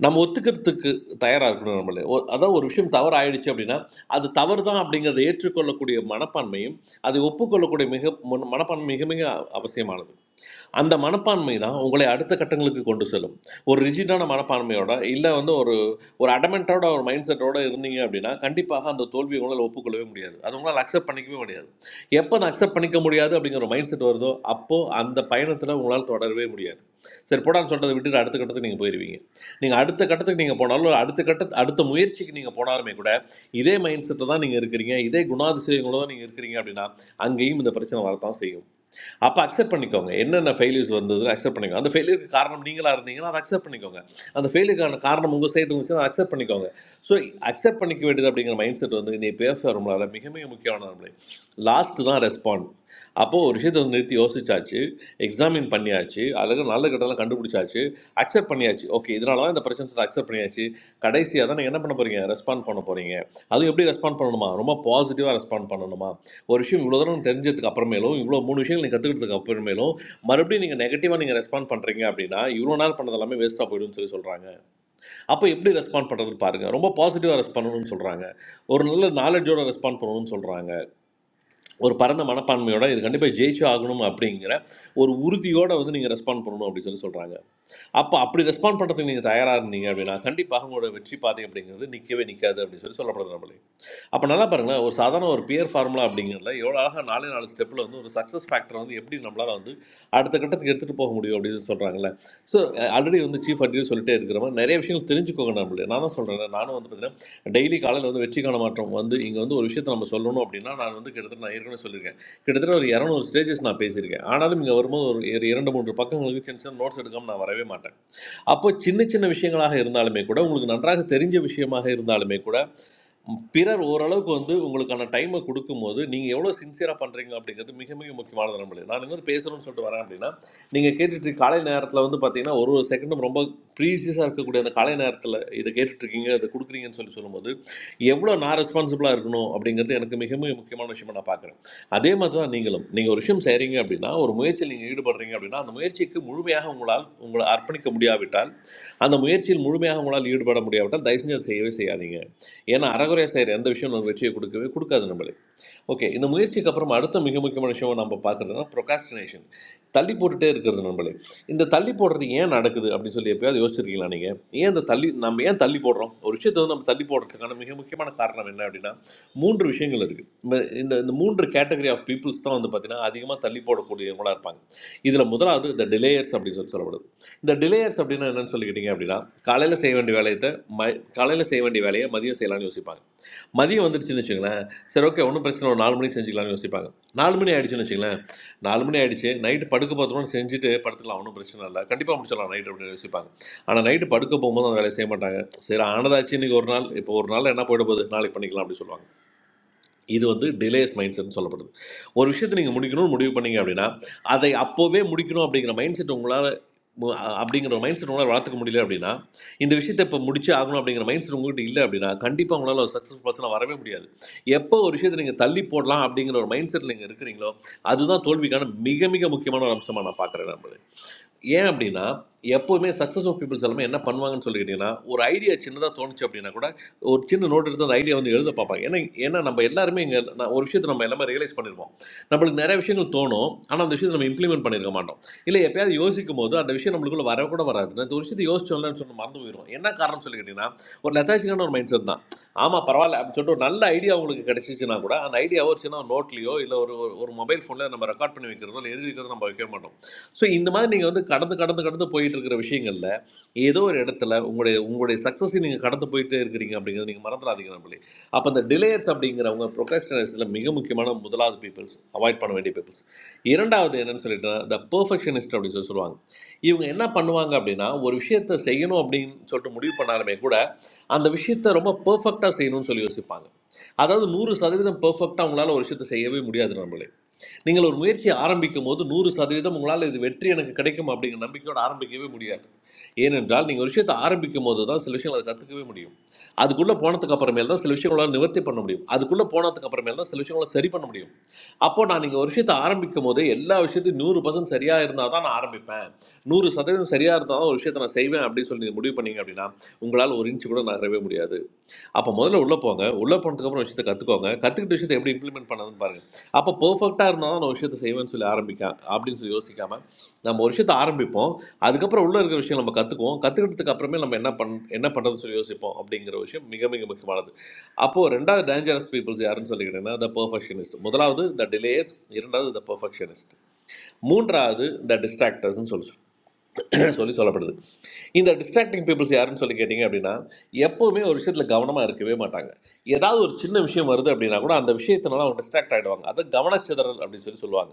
Speaker 2: நம்ம ஒத்துக்கிறதுக்கு தயாராக இருக்கணும் நம்மளே ஒ- அதாவது ஒரு விஷயம் தவறு ஆயிடுச்சு அப்படின்னா அது தவறு தான் அப்படிங்கிறத ஏற்றுக்கொள்ளக்கூடிய மனப்பான்மையும் அதை ஒப்புக்கொள்ளக்கூடிய மிக மன- மனப்பான்மை மிக மிக அவசியமானது அந்த மனப்பான்மை தான் உங்களை அடுத்த கட்டங்களுக்கு கொண்டு செல்லும் ஒரு ரிஜிடான மனப்பான்மையோட இல்லை வந்து ஒரு ஒரு அடமெண்ட்டோட ஒரு மைண்ட் செட்டோட இருந்தீங்க அப்படின்னா கண்டிப்பாக அந்த தோல்வியை உங்களால் ஒப்புக்கொள்ளவே முடியாது அது உங்களால் அக்செப்ட் பண்ணிக்கவே முடியாது எப்போ நான் அக்செப்ட் பண்ணிக்க முடியாது அப்படிங்கிற ஒரு மைண்ட் செட் வருதோ அப்போது அந்த பயணத்தில் உங்களால் தொடரவே முடியாது சரி போடான்னு சொல்றதை விட்டுட்டு அடுத்த கட்டத்துக்கு நீங்கள் போயிடுவீங்க நீங்கள் அடுத்த கட்டத்துக்கு நீங்கள் போனாலும் அடுத்த கட்ட அடுத்த முயற்சிக்கு நீங்கள் போனாலுமே கூட இதே மைண்ட் செட்டில் தான் நீங்கள் இருக்கிறீங்க இதே குணாதிசயங்களோட தான் நீங்கள் இருக்கிறீங்க அப்படின்னா அங்கேயும் இந்த பிரச்சனை வரத்தான் செய்யும் அப்போ அக்செப்ட் பண்ணிக்கோங்க என்னென்ன ஃபெயிலியர்ஸ் வந்ததுன்னு அக்செப்ட் பண்ணிக்கோங்க அந்த ஃபெயிலியருக்கு காரணம் நீங்களா இருந்தீங்கன்னா அதை அக்செப்ட் பண்ணிக்கோங்க அந்த ஃபெயிலுக்கான காரணம் உங்கள் சைடு இருந்துச்சுன்னா அதை அக்செப்ட் பண்ணிக்கோங்க ஸோ அக்செப்ட் பண்ணிக்க வேண்டியது அப்படிங்கிற மைண்ட் செட் வந்து இந்த பேச நம்மளால் மிக மிக முக்கியமான நம்மளே லாஸ்ட் தான் ரெஸ்பாண்ட் அப்போது ஒரு விஷயத்தை வந்து நிறுத்தி யோசிச்சாச்சு எக்ஸாமின் பண்ணியாச்சு அழகு நல்ல கட்டெல்லாம் கண்டுபிடிச்சாச்சு அக்செப்ட் பண்ணியாச்சு ஓகே இதனால தான் இந்த பிரச்சனை அக்செப்ட் பண்ணியாச்சு கடைசியாக தான் நீங்கள் என்ன பண்ண போகிறீங்க ரெஸ்பாண்ட் பண்ண போகிறீங்க அதுவும் எப்படி ரெஸ்பாண்ட் பண்ணணுமா ரொம்ப பாசிட்டிவாக ரெஸ்பாண்ட் பண்ணணுமா ஒரு விஷயம் இவ்வளோ தூரம் தெரிஞ்சதுக்கு அப்புறமேலும் இவ்வளோ மூணு விஷயங்கள் நீங்கள் கற்றுக்கிட்டதுக்கு அப்புறமேலும் மறுபடியும் நீங்கள் நெகட்டிவாக நீங்கள் ரெஸ்பாண்ட் பண்ணுறீங்க அப்படின்னா இவ்வளோ நேரம் பண்ணது எல்லாமே வேஸ்ட்டாக போயிடும்னு சொல்லி சொல்கிறாங்க அப்போ எப்படி ரெஸ்பாண்ட் பண்ணுறதுன்னு பாருங்கள் ரொம்ப பாசிட்டிவாக ரெஸ்பாண்ட் பண்ணணும்னு சொல்கிறாங்க ஒரு நல்ல நாலேஜோட ரெஸ்பாண்ட் பண்ணணும்னு சொல்கிறாங்க ஒரு பரந்த மனப்பான்மையோட இது கண்டிப்பாக ஜெயிச்சு ஆகணும் அப்படிங்கிற ஒரு உறுதியோட வந்து நீங்கள் ரெஸ்பாண்ட் பண்ணணும் அப்படின்னு சொல்லி சொல்கிறாங்க அப்போ அப்படி ரெஸ்பாண்ட் பண்ணுறதுக்கு நீங்கள் தயாராக இருந்தீங்க அப்படின்னா கண்டிப்பாக உங்களோட வெற்றி பாதை அப்படிங்கிறது நிற்கவே நிற்காது அப்படின்னு சொல்லி சொல்லப்படுது நம்மளுக்கு அப்போ நல்லா பாருங்களேன் ஒரு சாதாரண ஒரு பியர் ஃபார்முலா அப்படிங்கிறதுல எவ்வளோ அழகாக நாலே நாலு ஸ்டெப்பில் வந்து ஒரு சக்ஸஸ் ஃபேக்டரை வந்து எப்படி நம்மளால் வந்து அடுத்த கட்டத்துக்கு எடுத்துகிட்டு போக முடியும் அப்படின்னு சொல்கிறாங்கல்ல ஸோ ஆல்ரெடி வந்து சீஃப் அட்வைஸ் சொல்லிட்டே இருக்கிற மாதிரி நிறைய விஷயங்கள் தெரிஞ்சுக்கோங்க நம்மளே நான் தான் சொல்கிறேன் நானும் வந்து பார்த்தீங்கன்னா டெய்லி காலையில் வந்து வெற்றிக்கான மாற்றம் வந்து இங்கே வந்து ஒரு விஷயத்தை நம்ம சொல்லணும் அப்படின்னா நான் வந்து கிட்டத்தட்ட நான் ஏற்கனவே சொல்லியிருக்கேன் கிட்டத்தட்ட ஒரு இரநூறு ஸ்டேஜஸ் நான் பேசியிருக்கேன் ஆனாலும் இங்கே வரும்போது ஒரு இர- இரண்டு மூன்று பக்கங்களுக்கு சின்ன சின்ன நோட்ஸ் எடுக்காமல் நான் வரவே மாட்டேன் அப்போ சின்ன சின்ன விஷயங்களாக இருந்தாலுமே கூட உங்களுக்கு நன்றாக தெரிஞ்ச விஷயமாக இருந்தாலுமே கூட பிறர் ஓரளவுக்கு வந்து உங்களுக்கான டைமை கொடுக்கும்போது நீங்கள் எவ்வளோ சின்சியராக பண்ணுறீங்க அப்படிங்கிறது மிக மிக முக்கியமானது நம்மளே நான் இன்னொரு பேசணும்னு சொல்லிட்டு வரேன் அப்படின்னா நீங்கள் கேட்டுட்டு காலை நேரத்தில் வந்து பார்த்தீங்கன்னா ஒரு ஒரு செகண்டும் ரொம்ப ப்ரீசியஸாக இருக்கக்கூடிய அந்த காலை நேரத்தில் இதை கேட்டுட்ருக்கீங்க இதை கொடுக்குறீங்கன்னு சொல்லி சொல்லும்போது எவ்வளோ நான் ரெஸ்பான்சிபிளாக இருக்கணும் அப்படிங்கிறது எனக்கு மிக மிக முக்கியமான விஷயமா நான் பார்க்குறேன் அதே மாதிரி தான் நீங்களும் நீங்கள் ஒரு விஷயம் செய்கிறீங்க அப்படின்னா ஒரு முயற்சியில் நீங்கள் ஈடுபடுறீங்க அப்படின்னா அந்த முயற்சிக்கு முழுமையாக உங்களால் உங்களை அர்ப்பணிக்க முடியாவிட்டால் அந்த முயற்சியில் முழுமையாக உங்களால் ஈடுபட முடியாவிட்டால் தயவு செஞ்சு அதை செய்யவே செய்யாதீங்க ஏன்னா அறகுறையாக செய்கிற எந்த விஷயம் நமக்கு வெற்றியை கொடுக்கவே கொடுக்காது நம்மளுக்கு ஓகே இந்த முயற்சிக்கு அப்புறம் அடுத்த மிக முக்கியமான விஷயம் நம்ம பார்க்குறதுனா ப்ரொகாஸ்டினேஷன் தள்ளி போட்டுட்டே இருக்கிறது நம்மளே இந்த தள்ளி போடுறது ஏன் நடக்குது அப்படின்னு சொல்லி எப்பயாவது யோசிச்சிருக்கீங்களா நீங்கள் ஏன் இந்த தள்ளி நம்ம ஏன் தள்ளி போடுறோம் ஒரு விஷயத்தை வந்து நம்ம தள்ளி போடுறதுக்கான மிக முக்கியமான காரணம் என்ன அப்படின்னா மூன்று விஷயங்கள் இருக்குது இந்த இந்த மூன்று கேட்டகரி ஆஃப் பீப்புள்ஸ் தான் வந்து பார்த்திங்கன்னா அதிகமாக தள்ளி போடக்கூடியவங்களா இருப்பாங்க இதில் முதலாவது இந்த டிலேயர்ஸ் அப்படின்னு சொல்லி சொல்லப்படுது இந்த டிலேயர்ஸ் அப்படின்னா என்னன்னு சொல்லிக்கிட்டீங்க அப்படின்னா காலையில் செய்ய வேண்டிய வேலையத்தை ம காலையில் செய்ய வேண்டிய வேலையை மதியம் செய்யலாம்னு யோசிப்பாங்க மதியம் வந்துருச்சுன்னு வச்சுங்களேன் சரி ஓகே ஒன்றும் பிரச்சனை ஒரு நாலு மணிக்கு செஞ்சுக்கலாம்னு யோசிப்பாங்க நாலு மணி ஆயிடுச்சுன்னு வச்சுங்களேன் நாலு மணி ஆயிடுச்சு நைட்டு படுக்க போகிறோம் செஞ்சுட்டு படுத்துக்கலாம் ஒன்றும் பிரச்சனை இல்லை கண்டிப்பாக முடிச்சிடலாம் நைட் அப்படின்னு யோசிப்பாங்க ஆனால் நைட்டு படுக்க போகும்போது அந்த வேலையை செய்ய மாட்டாங்க சரி ஆனதாச்சு இன்னைக்கு ஒரு நாள் இப்போ ஒரு நாள் என்ன போயிட போகுது நாளைக்கு பண்ணிக்கலாம் அப்படின்னு சொல்லுவாங்க இது வந்து டிலேஸ் மைண்ட் செட்னு சொல்லப்படுது ஒரு விஷயத்தை நீங்கள் முடிக்கணும்னு முடிவு பண்ணீங்க அப்படின்னா அதை அப்போவே முடிக்கணும் அப்படிங்கிற மைண்ட் செட் உங்களால் அப்படிங்கிற மைண்ட் செட் உங்களால் வளர்த்துக்க முடியல அப்படின்னா இந்த விஷயத்தை இப்போ முடிச்சு ஆகணும் அப்படிங்கிற மைண்ட் செட் உங்கள்கிட்ட இல்லை அப்படின்னா கண்டிப்பாக உங்களால் ஒரு சக்ஸஸ் பர்சனாக வரவே முடியாது எப்போ ஒரு விஷயத்தை நீங்கள் தள்ளி போடலாம் அப்படிங்கிற ஒரு மைண்ட் செட்டில் நீங்கள் இருக்கிறீங்களோ அதுதான் தோல்விக்கான மிக மிக முக்கியமான ஒரு அம்சமாக நான் பார்க்குறேன் நம்ம ஏன் அப்படின்னா எப்போவுமே சக்ஸஸ்ஃபுல் பீப்புள்ஸ் எல்லாமே என்ன பண்ணுவாங்கன்னு சொல்லிக்கிட்டீங்கன்னா ஒரு ஐடியா சின்னதாக தோணுச்சு அப்படின்னா கூட ஒரு சின்ன நோட் எடுத்து அந்த ஐடியா வந்து எழுத பார்ப்பாங்க ஏன்னா ஏன்னா நம்ம எல்லாருமே இங்கே நான் ஒரு விஷயத்தை நம்ம எல்லாமே ரியலைஸ் பண்ணிருப்போம் நம்மளுக்கு நிறைய விஷயங்கள் தோணும் ஆனால் அந்த விஷயத்தை நம்ம இம்ப்ளிமெண்ட் பண்ணியிருக்க மாட்டோம் இல்லை எப்பயாவது யோசிக்கும் போது அந்த விஷயம் நம்மளுக்குள்ள வர கூட வராது நான் இந்த ஒரு விஷயத்தை யோசிச்சோம்லன்னு சொல்லி மறந்து போயிடும் என்ன காரணம் சொல்லிக்கிட்டீங்கன்னா ஒரு லெத்தாச்சிக்கான ஒரு மைண்ட் செட் தான் ஆமாம் பரவாயில்ல அப்படின்னு சொல்லிட்டு ஒரு நல்ல ஐடியா உங்களுக்கு கிடைச்சிச்சுன்னா கூட அந்த ஐடியா ஒரு சின்ன நோட்லையோ இல்லை ஒரு ஒரு மொபைல் ஃபோனில் நம்ம ரெக்கார்ட் பண்ணி வைக்கிறதோ இல்லை எழுதி வைக்கிறதோ நம்ம வைக்க மாட்டோம் ஸோ இந்த மாதிரி நீங்கள் வந்து கடந்து கடந்து கடந்து போயிட்டு இருக்கிற விஷயங்கள்ல ஏதோ ஒரு இடத்துல உங்களுடைய உங்களுடைய சக்ஸஸை நீங்கள் கடந்து போயிட்டே இருக்கிறீங்க அப்படிங்கிறது நீங்கள் மறந்துடாதீங்க நம்மளே அப்போ அந்த டிலேயர்ஸ் அப்படிங்கிறவங்க ப்ரொகாஸ்டினேஷனில் மிக முக்கியமான முதலாவது பீப்புள்ஸ் அவாய்ட் பண்ண வேண்டிய பீப்புள்ஸ் இரண்டாவது என்னன்னு சொல்லிட்டு த பெர்ஃபெக்ஷனிஸ்ட் அப்படின்னு சொல்லி சொல்லுவாங்க இவங்க என்ன பண்ணுவாங்க அப்படின்னா ஒரு விஷயத்தை செய்யணும் அப்படின்னு சொல்லிட்டு முடிவு பண்ணாலுமே கூட அந்த விஷயத்தை ரொம்ப பெர்ஃபெக்டாக செய்யணும்னு சொல்லி யோசிப்பாங்க அதாவது நூறு சதவீதம் பெர்ஃபெக்டாக அவங்களால ஒரு விஷயத்தை செய்யவே முடியாது நம்மளே நீங்கள் ஒரு முயற்சியை ஆரம்பிக்கும் போது நூறு சதவீதம் உங்களால் இது வெற்றி எனக்கு கிடைக்கும் அப்படிங்கிற நம்பிக்கையோடு ஆரம்பிக்கவே முடியாது ஏனென்றால் நீங்கள் ஒரு விஷயத்தை ஆரம்பிக்கும் போது தான் சில விஷயங்கள் அதை கற்றுக்கவே முடியும் அதுக்குள்ளே போனதுக்கு அப்புறமேல் தான் சில விஷயங்களால் நிவர்த்தி பண்ண முடியும் அதுக்குள்ளே போனதுக்கு அப்புறமேல் தான் சில விஷயங்களை சரி பண்ண முடியும் அப்போ நான் நீங்கள் ஒரு விஷயத்தை ஆரம்பிக்கும் போது எல்லா விஷயத்தையும் நூறு பர்சன்ட் சரியாக இருந்தால் தான் நான் ஆரம்பிப்பேன் நூறு சதவீதம் சரியாக இருந்தால் தான் ஒரு விஷயத்தை நான் செய்வேன் அப்படின்னு சொல்லி நீங்கள் முடிவு பண்ணீங்க அப்படின்னா உங்களால் ஒரு இன்ச்சு கூட நகரவே முடியாது அப்போ முதல்ல உள்ளே போங்க உள்ளே போனதுக்கப்புறம் விஷயத்தை கற்றுக்கோங்க கற்றுக்கிட்ட விஷயத்தை எப்படி இம்ப்ளிமெண்ட் பண்ணதுன்னு பாருங்க அப்போ பர்ஃபெக்டாக இருந்தால் தான் நான் விஷயத்தை செய்வேன்னு சொல்லி ஆரம்பிக்க அப்படின்னு சொல்லி யோசிக்காமல் நம்ம ஒரு விஷயத்தை ஆரம்பிப்போம் அதுக்கப்புறம் உள்ளே இருக்கிற விஷயம் நம்ம கற்றுக்குவோம் கற்றுக்கிட்டதுக்கு அப்புறமே நம்ம என்ன பண் என்ன பண்ணுறதுன்னு சொல்லி யோசிப்போம் அப்படிங்கிற விஷயம் மிக மிக முக்கியமானது அப்போது ரெண்டாவது டேஞ்சரஸ் பீப்புள்ஸ் யாருன்னு சொல்லிக்கிட்டேன்னா த பர்ஃபெக்ஷனிஸ்ட் முதலாவது த டிலேயர்ஸ் இரண்டாவது த பர்ஃபெக்ஷனிஸ்ட் மூன்றாவது த டிஸ்ட்ராக்டர்ஸ்னு சொல்லி சொல்லி சொல்லப்படுது இந்த டிஸ்ட்ராக்டிங் பீப்புள்ஸ் யாருன்னு சொல்லி கேட்டிங்க அப்படின்னா எப்போவுமே ஒரு விஷயத்தில் கவனமாக இருக்கவே மாட்டாங்க ஏதாவது ஒரு சின்ன விஷயம் வருது அப்படின்னா கூட அந்த விஷயத்தினால அவங்க டிஸ்ட்ராக்ட் ஆகிடுவாங்க அதை கவனச்சிதறல் அப்படின்னு சொல்லி சொல்லுவாங்க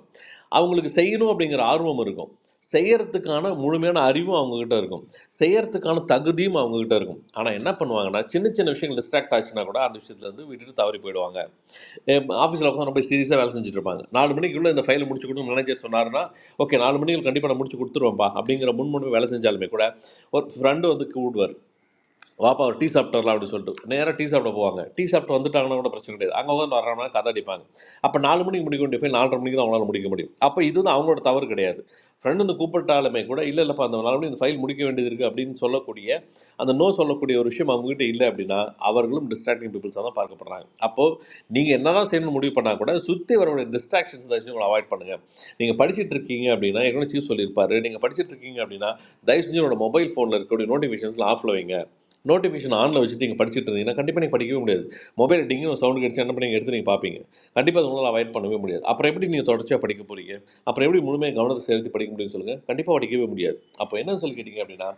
Speaker 2: அவங்களுக்கு செய்யணும் அப்படிங்கிற ஆர்வம் இருக்கும் செய்யறதுக்கான முழுமையான அறிவும் அவங்கக்கிட்ட இருக்கும் செய்யறதுக்கான தகுதியும் அவங்கக்கிட்ட இருக்கும் ஆனால் என்ன பண்ணுவாங்கன்னா சின்ன சின்ன விஷயங்கள் டிஸ்ட்ராக்ட் ஆச்சுன்னா கூட அந்த விஷயத்துலேருந்து விட்டுட்டு தவறி போயிடுவாங்க ஆஃபீஸில் உட்காந்து ரொம்ப சீரியஸாக வேலை செஞ்சுட்டு இருப்பாங்க நாலு மணிக்குள்ளே இந்த ஃபைலை முடிச்சு கொடுத்து மேனேஜர் சொன்னாருன்னா ஓகே நாலு மணிக்கு கண்டிப்பாக நான் முடிச்சு கொடுத்துருவேன்ப்பா அப்படிங்கிற முன்மொழிவு வேலை செஞ்சாலுமே கூட ஒரு ஃப்ரெண்டு வந்து கூடுவார் வாப்பா ஒரு டீ சாப்பிட்டுறலாம் அப்படின்னு சொல்லிட்டு நேராக டீ சாப்பிட போவாங்க டீ சாப்பிட்டு வந்துட்டாங்கன்னா கூட பிரச்சனை கிடையாது அங்கே உட்காந்து வர மணி கதை அடிப்பாங்க அப்போ நாலு மணிக்கு முடிக்க வேண்டிய ஃபைல் நாலரை மணிக்கு தான் அவங்களால முடிக்க முடியும் அப்போ இது வந்து அவங்களோட தவறு கிடையாது ஃப்ரெண்டு வந்து கூப்பிட்டாலுமே கூட இல்லை இல்லைப்பா அந்த நாலு மணி இந்த ஃபைல் முடிக்க வேண்டியது இருக்குது அப்படின்னு சொல்லக்கூடிய அந்த நோ சொல்லக்கூடிய ஒரு விஷயம் அவங்ககிட்ட இல்லை அப்படின்னா அவர்களும் டிஸ்ட்ராக்டிங் பீப்புள்ஸாக தான் பார்க்கப்படுறாங்க அப்போது நீங்கள் என்ன தான் செய்யணும்னு முடிவு பண்ணால் கூட சுற்றி வரக்கூடிய டிஸ்ட்ராக்ஷன்ஸ் ஏதாச்சும் உங்களை அவாய்ட் பண்ணுங்கள் நீங்கள் படிச்சிட்டு இருக்கீங்க அப்படின்னா ஏற்கனவே சீஃப் சொல்லியிருப்பாரு நீங்கள் படிச்சிட்டு இருக்கீங்க அப்படின்னா தயவு செஞ்சு உங்களோட மொபைல் ஃபோனில் இருக்கக்கூடிய நோட்டிஃபிகேஷன்ஸ்லாம் ஆஃப் வைங்க நோட்டிஃபிகேஷன் ஆனில் வச்சுட்டு நீங்கள் படிச்சுட்டு இருந்தீங்கன்னா கண்டிப்பாக நீங்கள் படிக்கவே முடியாது மொபைல் டிங்கின்னு ஒரு சவுண்ட் கிடச்சி என்ன பண்ணி நீங்கள் எடுத்து நீங்கள் பார்ப்பீங்க கண்டிப்பாக அதை உங்களால் அவாய்ட் பண்ணவே முடியாது அப்புறம் எப்படி நீங்கள் தொடர்ச்சியாக படிக்க போகிறீங்க அப்புறம் எப்படி முழுமையாக கவனத்தை செலுத்தி படிக்க முடியும்னு சொல்லுங்கள் கண்டிப்பாக படிக்கவே முடியாது அப்போ என்ன சொல்லி கேட்டிங்க அப்படின்னா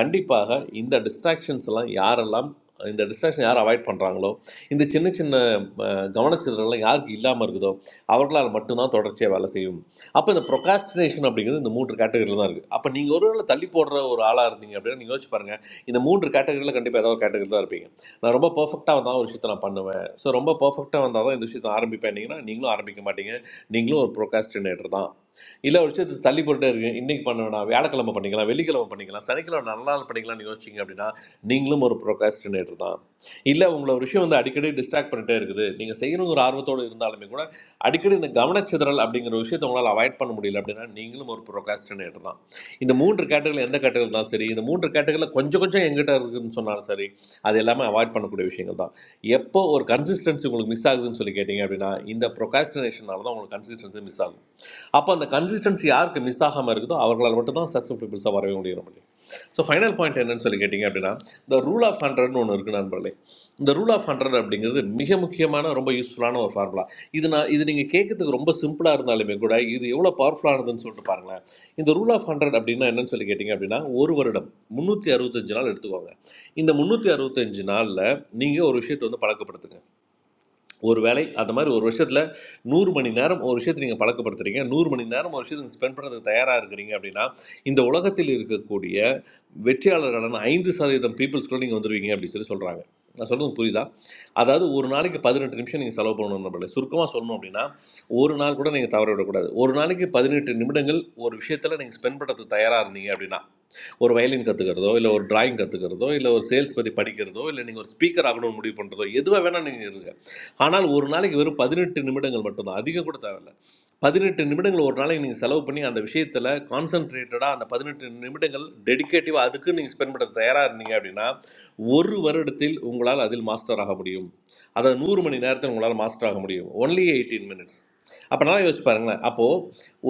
Speaker 2: கண்டிப்பாக இந்த டிஸ்ட்ராக்ஷன்ஸ் எல்லாம் யாரெல்லாம் இந்த டிஸ்ட்ராக்ஷன் யார் அவாய்ட் பண்ணுறாங்களோ இந்த சின்ன சின்ன கவனச்சிதறலாம் யாருக்கு இல்லாமல் இருக்குதோ அவர்களால் மட்டும்தான் தொடர்ச்சியாக வேலை செய்யும் அப்போ இந்த procrastination அப்படிங்கிறது இந்த மூன்று கேட்டகரியில் தான் இருக்குது அப்போ நீங்கள் ஒரு வேளை தள்ளி போடுற ஒரு ஆளாக இருந்தீங்க அப்படின்னா நீங்கள் யோசிச்சு பாருங்கள் இந்த மூன்று கேட்டகரியில் கண்டிப்பாக ஏதாவது ஒரு கேட்டகரி தான் இருப்பீங்க நான் ரொம்ப பர்ஃபெக்டாக வந்தால் ஒரு விஷயத்தை நான் பண்ணுவேன் ஸோ ரொம்ப பர்ஃபெக்டாக வந்தால் தான் இந்த விஷயத்தை ஆரம்பிப்பேன்னீங்கன்னா நீங்களும் ஆரம்பிக்க மாட்டீங்க நீங்களும் ஒரு ப்ரொகாஸ்டினேட்டர் தான் இல்லை ஒரு விஷயத்தை தள்ளி போட்டுட்டே இருக்கு இன்னைக்கு பண்ண வேணாம் வியாழக்கிழமை பண்ணிக்கலாம் வெள்ளிக்கிழமை பண்ணிக்கலாம் சனிக்கிழமை நல்ல நாள் பண்ணிக்கலாம்னு யோசிச்சிங்க அப்படின்னா நீங்களும் ஒரு ப்ரொகாஸ்டினேட்டர் தான் இல்லை உங்களை ஒரு விஷயம் வந்து அடிக்கடி டிஸ்ட்ராக்ட் பண்ணிட்டே இருக்குது நீங்கள் செய்யணுங்கிற ஆர்வத்தோடு இருந்தாலுமே கூட அடிக்கடி இந்த கவனச்சிதறல் அப்படிங்கிற விஷயத்தை உங்களால் அவாய்ட் பண்ண முடியல அப்படின்னா நீங்களும் ஒரு ப்ரொகாஸ்டினேட்டர் தான் இந்த மூன்று கேட்டகரியில் எந்த கேட்டகரி இருந்தாலும் சரி இந்த மூன்று கேட்டகரியில் கொஞ்சம் கொஞ்சம் எங்கிட்ட இருக்குன்னு சொன்னாலும் சரி அது எல்லாமே அவாய்ட் பண்ணக்கூடிய விஷயங்கள் தான் எப்போ ஒரு கன்சிஸ்டன்சி உங்களுக்கு மிஸ் ஆகுதுன்னு சொல்லி கேட்டிங்க அப்படின்னா இந்த ப்ரொகாஸ்டினேஷனால தான் உங்களுக்கு கன்சிஸ்டன்சி மிஸ் ஆகும் அப்போ அந்த கன்சிஸ்டன்சி யாருக்கு மிஸ் ஆகாமல் இருக்குதோ அவர்களால் மட்டும் தான் சக்ஸஸ்ஃபுல் பீப்புள்ஸாக வரவே முடியும் ஸோ ஃபைனல் பாயிண்ட் என்னன்னு சொல்லி கேட்டிங்க அப்படின்னா இந்த ரூல் ஆஃப் ஹண்ட்ரட்னு ஒன்று இருக்கு நண்பர்களே இந்த ரூல் ஆஃப் ஹண்ட்ரட் அப்படிங்கிறது மிக முக்கியமான ரொம்ப யூஸ்ஃபுல்லான ஒரு ஃபார்முலா இது நான் இது நீங்கள் கேட்கறதுக்கு ரொம்ப சிம்பிளாக இருந்தாலுமே கூட இது எவ்வளோ பவர்ஃபுல்லானதுன்னு சொல்லிட்டு பாருங்களேன் இந்த ரூல் ஆஃப் ஹண்ட்ரட் அப்படின்னா என்னன்னு சொல்லி கேட்டிங்க அப்படின்னா ஒரு வருடம் முந்நூற்றி அறுபத்தஞ்சு நாள் எடுத்துக்கோங்க இந்த முந்நூற்றி அறுபத்தஞ்சு நாளில் நீங்கள் ஒரு விஷயத்தை வந்து பழக்கப்படுத்துங்க ஒரு வேளை அந்த மாதிரி ஒரு விஷயத்தில் நூறு மணி நேரம் ஒரு விஷயத்தை நீங்கள் பழக்கப்படுத்துறீங்க நூறு மணி நேரம் ஒரு விஷயத்தை நீங்கள் ஸ்பெண்ட் பண்ணுறதுக்கு தயாராக இருக்கிறீங்க அப்படின்னா இந்த உலகத்தில் இருக்கக்கூடிய வெற்றியாளர்களான ஐந்து சதவீதம் பீப்புள்ஸ்குள்ள நீங்கள் வந்துடுவீங்க அப்படின்னு சொல்லி சொல்கிறாங்க நான் சொல்கிறது புரியுதா அதாவது ஒரு நாளைக்கு பதினெட்டு நிமிஷம் நீங்கள் செலவு பண்ணணும் நம்மள சுருக்கமாக சொல்லணும் அப்படின்னா ஒரு நாள் கூட நீங்கள் தவற விடக்கூடாது ஒரு நாளைக்கு பதினெட்டு நிமிடங்கள் ஒரு விஷயத்தில் நீங்கள் ஸ்பெண்ட் பண்ணுறதுக்கு தயாராக இருந்தீங்க அப்படின்னா ஒரு வயலின் கற்றுக்கிறதோ இல்லை ஒரு டிராயிங் கற்றுக்கிறதோ இல்லை ஒரு சேல்ஸ் பற்றி படிக்கிறதோ இல்லை நீங்கள் ஒரு ஸ்பீக்கர் ஆகணும்னு முடிவு பண்ணுறதோ எதுவாக வேணால் நீங்கள் இருங்க ஆனால் ஒரு நாளைக்கு வெறும் பதினெட்டு நிமிடங்கள் மட்டும்தான் அதிகம் கூட தேவையில்ல பதினெட்டு நிமிடங்கள் ஒரு நாளைக்கு நீங்கள் செலவு பண்ணி அந்த விஷயத்தில் கான்சென்ட்ரேட்டடாக அந்த பதினெட்டு நிமிடங்கள் டெடிகேட்டிவாக அதுக்கு நீங்கள் ஸ்பெண்ட் பண்ண தயாராக இருந்தீங்க அப்படின்னா ஒரு வருடத்தில் உங்களால் அதில் மாஸ்டர் ஆக முடியும் அதை நூறு மணி நேரத்தில் உங்களால் மாஸ்டர் ஆக முடியும் ஒன்லி எயிட்டீன் மினிட்ஸ் அப்போனா யோசிச்சு பாருங்களேன் அப்போ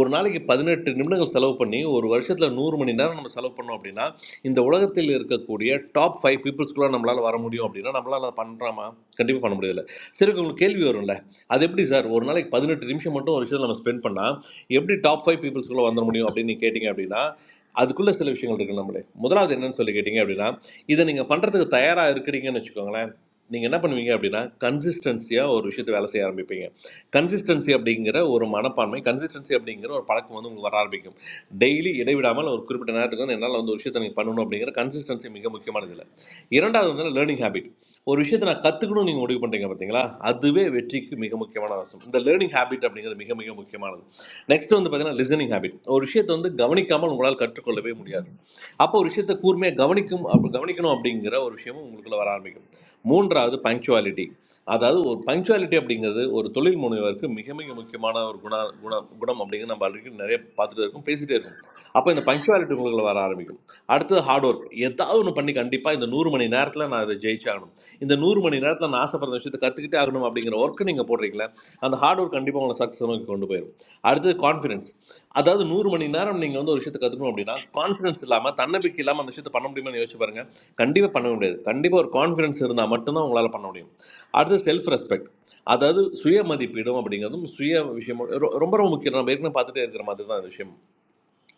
Speaker 2: ஒரு நாளைக்கு பதினெட்டு நிமிடங்கள் செலவு பண்ணி ஒரு வருஷத்தில் நூறு மணி நேரம் நம்ம செலவு பண்ணோம் அப்படின்னா இந்த உலகத்தில் இருக்கக்கூடிய டாப் ஃபைவ் பீப்புள்ஸ்குள்ளே நம்மளால் வர முடியும் அப்படின்னா நம்மளால் அதை பண்ணுறாமா கண்டிப்பாக பண்ண முடியல சரி உங்களுக்கு கேள்வி வரும்ல அது எப்படி சார் ஒரு நாளைக்கு பதினெட்டு நிமிஷம் மட்டும் ஒரு விஷயத்தில் நம்ம ஸ்பெண்ட் பண்ணால் எப்படி டாப் ஃபைவ் பீப்புள்ஸ்குள்ளே வந்துட முடியும் அப்படின்னு நீங்க கேட்டிங்க அப்படின்னா அதுக்குள்ளே சில விஷயங்கள் இருக்குது நம்மளே முதலாவது என்னன்னு சொல்லி கேட்டிங்க அப்படின்னா இதை நீங்கள் பண்ணுறதுக்கு தயாராக இருக்கிறீங்கன்னு வச்சுக்கோங்களேன் நீங்கள் என்ன பண்ணுவீங்க அப்படின்னா கன்சிஸ்டன்சியாக ஒரு விஷயத்தை வேலை செய்ய ஆரம்பிப்பீங்க கன்சிஸ்டன்சி அப்படிங்கிற ஒரு மனப்பான்மை கன்சிஸ்டன்சி அப்படிங்கிற ஒரு பழக்கம் வந்து உங்களுக்கு வர ஆரம்பிக்கும் டெய்லி இடைவிடாமல் ஒரு குறிப்பிட்ட நேரத்துக்கு வந்து என்னால் வந்து ஒரு விஷயத்தை நீங்கள் பண்ணணும் அப்படிங்கிற கன்சிஸ்டன்சி மிக முக்கியமானது இல்லை இரண்டாவது வந்து லேர்னிங் ஹேபிட் ஒரு விஷயத்தை நான் கற்றுக்கணும்னு நீங்கள் முடிவு பண்ணுறீங்க பார்த்தீங்களா அதுவே வெற்றிக்கு மிக முக்கியமான அம்சம் இந்த லேர்னிங் ஹேபிட் அப்படிங்கிறது மிக மிக முக்கியமானது நெக்ஸ்ட் வந்து பார்த்தீங்கன்னா லிசனிங் ஹேபிட் ஒரு விஷயத்தை வந்து கவனிக்காமல் உங்களால் கற்றுக்கொள்ளவே முடியாது அப்போ ஒரு விஷயத்தை கூர்மையாக கவனிக்கும் அப்ப கவனிக்கணும் அப்படிங்கிற ஒரு விஷயமும் உங்களுக்குள்ள வர ஆரம்பிக்கும் மூன்றாவது பங்க்சுவாலிட்டி அதாவது ஒரு பங்க்சுவாலிட்டி அப்படிங்கிறது ஒரு தொழில் முனைவருக்கு மிக மிக முக்கியமான ஒரு குண குண குணம் அப்படிங்கிறது நம்ம ஆல்ரெடி நிறைய பார்த்துட்டு இருக்கோம் பேசிகிட்டே இருக்கோம் அப்போ இந்த பங்க்சுவாலிட்டி உங்களுக்குள்ள வர ஆரம்பிக்கும் அடுத்தது ஹார்ட் ஒர்க் ஏதாவது ஒன்று பண்ணி கண்டிப்பாக இந்த நூறு மணி நேரத்தில் நான் இதை ஜெயிச்சாகணும் இந்த நூறு மணி நேரத்தில் நான் ஆசைப்படுற விஷயத்தை கற்றுக்கிட்டே ஆகணும் அப்படிங்கிற ஒர்க்கு நீங்கள் போடுறீங்களே அந்த ஹார்ட் ஒர்க் கண்டிப்பாக உங்களை சக்ஸஸ் நோக்கி கொண்டு போயிடும் அடுத்தது கான்ஃபிடன்ஸ் அதாவது நூறு மணி நேரம் நீங்கள் வந்து ஒரு விஷயத்தை கற்றுக்கணும் அப்படின்னா கான்ஃபிடன்ஸ் இல்லாமல் தன்னம்பிக்கை இல்லாமல் அந்த விஷயத்தை பண்ண முடியுமான்னு யோசிச்சு பாருங்க கண்டிப்பாக பண்ண முடியாது கண்டிப்பாக ஒரு கான்ஃபிடன்ஸ் இருந்தால் மட்டும்தான் உங்களால் பண்ண முடியும் அடுத்து செல்ஃப் ரெஸ்பெக்ட் அதாவது சுய மதிப்பீடும் அப்படிங்கிறதும் சுய விஷயம் ரொம்ப ரொம்ப முக்கியம் நம்ம ஏற்கனவே பார்த்துட்டே இருக்கிற மாதிரி தான் விஷயம்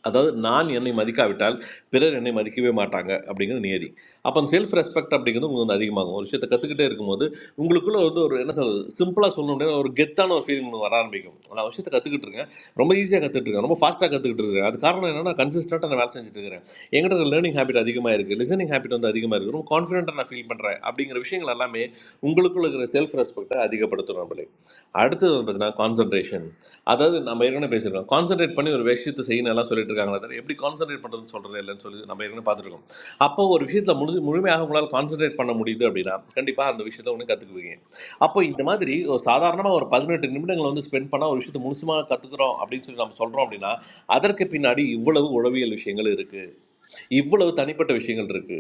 Speaker 2: அதாவது நான் என்னை மதிக்காவிட்டால் பிறர் என்னை மதிக்கவே மாட்டாங்க அப்படிங்கிறது நியதி அப்போ அந்த செல்ஃப் ரெஸ்பெக்ட் அப்படிங்கிறது உங்களுக்கு வந்து அதிகமாகும் ஒரு விஷயத்தை கற்றுக்கிட்டே இருக்கும்போது உங்களுக்குள்ள வந்து ஒரு என்ன சொல்றது சிம்பிளாக சொல்ல முடியாது ஒரு கெத்தான ஒரு ஃபீலிங் வர ஆரம்பிக்கும் நான் ஒரு விஷயத்தை கற்றுக்கிட்டு இருக்கேன் ரொம்ப ஈஸியாக கற்றுட்டு இருக்கேன் ரொம்ப ஃபாஸ்ட்டாக கற்றுக்கிட்டு இருக்கேன் அது காரணம் என்னன்னா கன்சிஸ்டண்ட்டாக நான் வேலை செஞ்சுட்டு இருக்கிறேன் எங்கிட்ட லேர்னிங் ஹேபிட் அதிகமாக இருக்குது லிசனிங் ஹேபிட் வந்து அதிகமாக இருக்குது ரொம்ப கான்ஃபிடென்ட்டாக நான் ஃபீல் பண்ணுறேன் அப்படிங்கிற விஷயங்கள் எல்லாமே உங்களுக்குள்ள இருக்கிற செல்ஃப் ரெஸ்பெக்ட்டை அதிகப்படுத்தும் நம்மளே அடுத்தது வந்து பார்த்தீங்கன்னா கான்சன்ட்ரேஷன் அதாவது நம்ம ஏற்கனவே பேசியிருக்கோம் கான்சென்ட்ரேட் பண்ணி ஒரு விஷயத்தை செய்யணும் எல்லாம் சொல்லிட்டு இருக்காங்களே தவிர எப்படி கான்சென்ட்ரேட் பண்ணுறதுன்னு சொல்கிறதே இல்லைன்னு சொல்லி நம்ம ஏற்கனவே பார்த்துருக்கோம் அப்போ ஒரு விஷயத்தில் முழு முழுமையாக உங்களால் கான்சென்ட்ரேட் பண்ண முடியுது அப்படின்னா கண்டிப்பாக அந்த விஷயத்தை ஒன்று கற்றுக்குவீங்க அப்போ இந்த மாதிரி ஒரு சாதாரணமாக ஒரு பதினெட்டு நிமிடங்கள் வந்து ஸ்பெண்ட் பண்ணால் ஒரு விஷயத்தை முழுசுமாக கற்றுக்குறோம் அப்படின்னு சொல்லி நம்ம சொல்கிறோம் அப்படின்னா அதற்கு பின்னாடி இவ்வளவு உளவியல் விஷயங்கள் இருக்குது இவ்வளவு தனிப்பட்ட விஷயங்கள் இருக்குது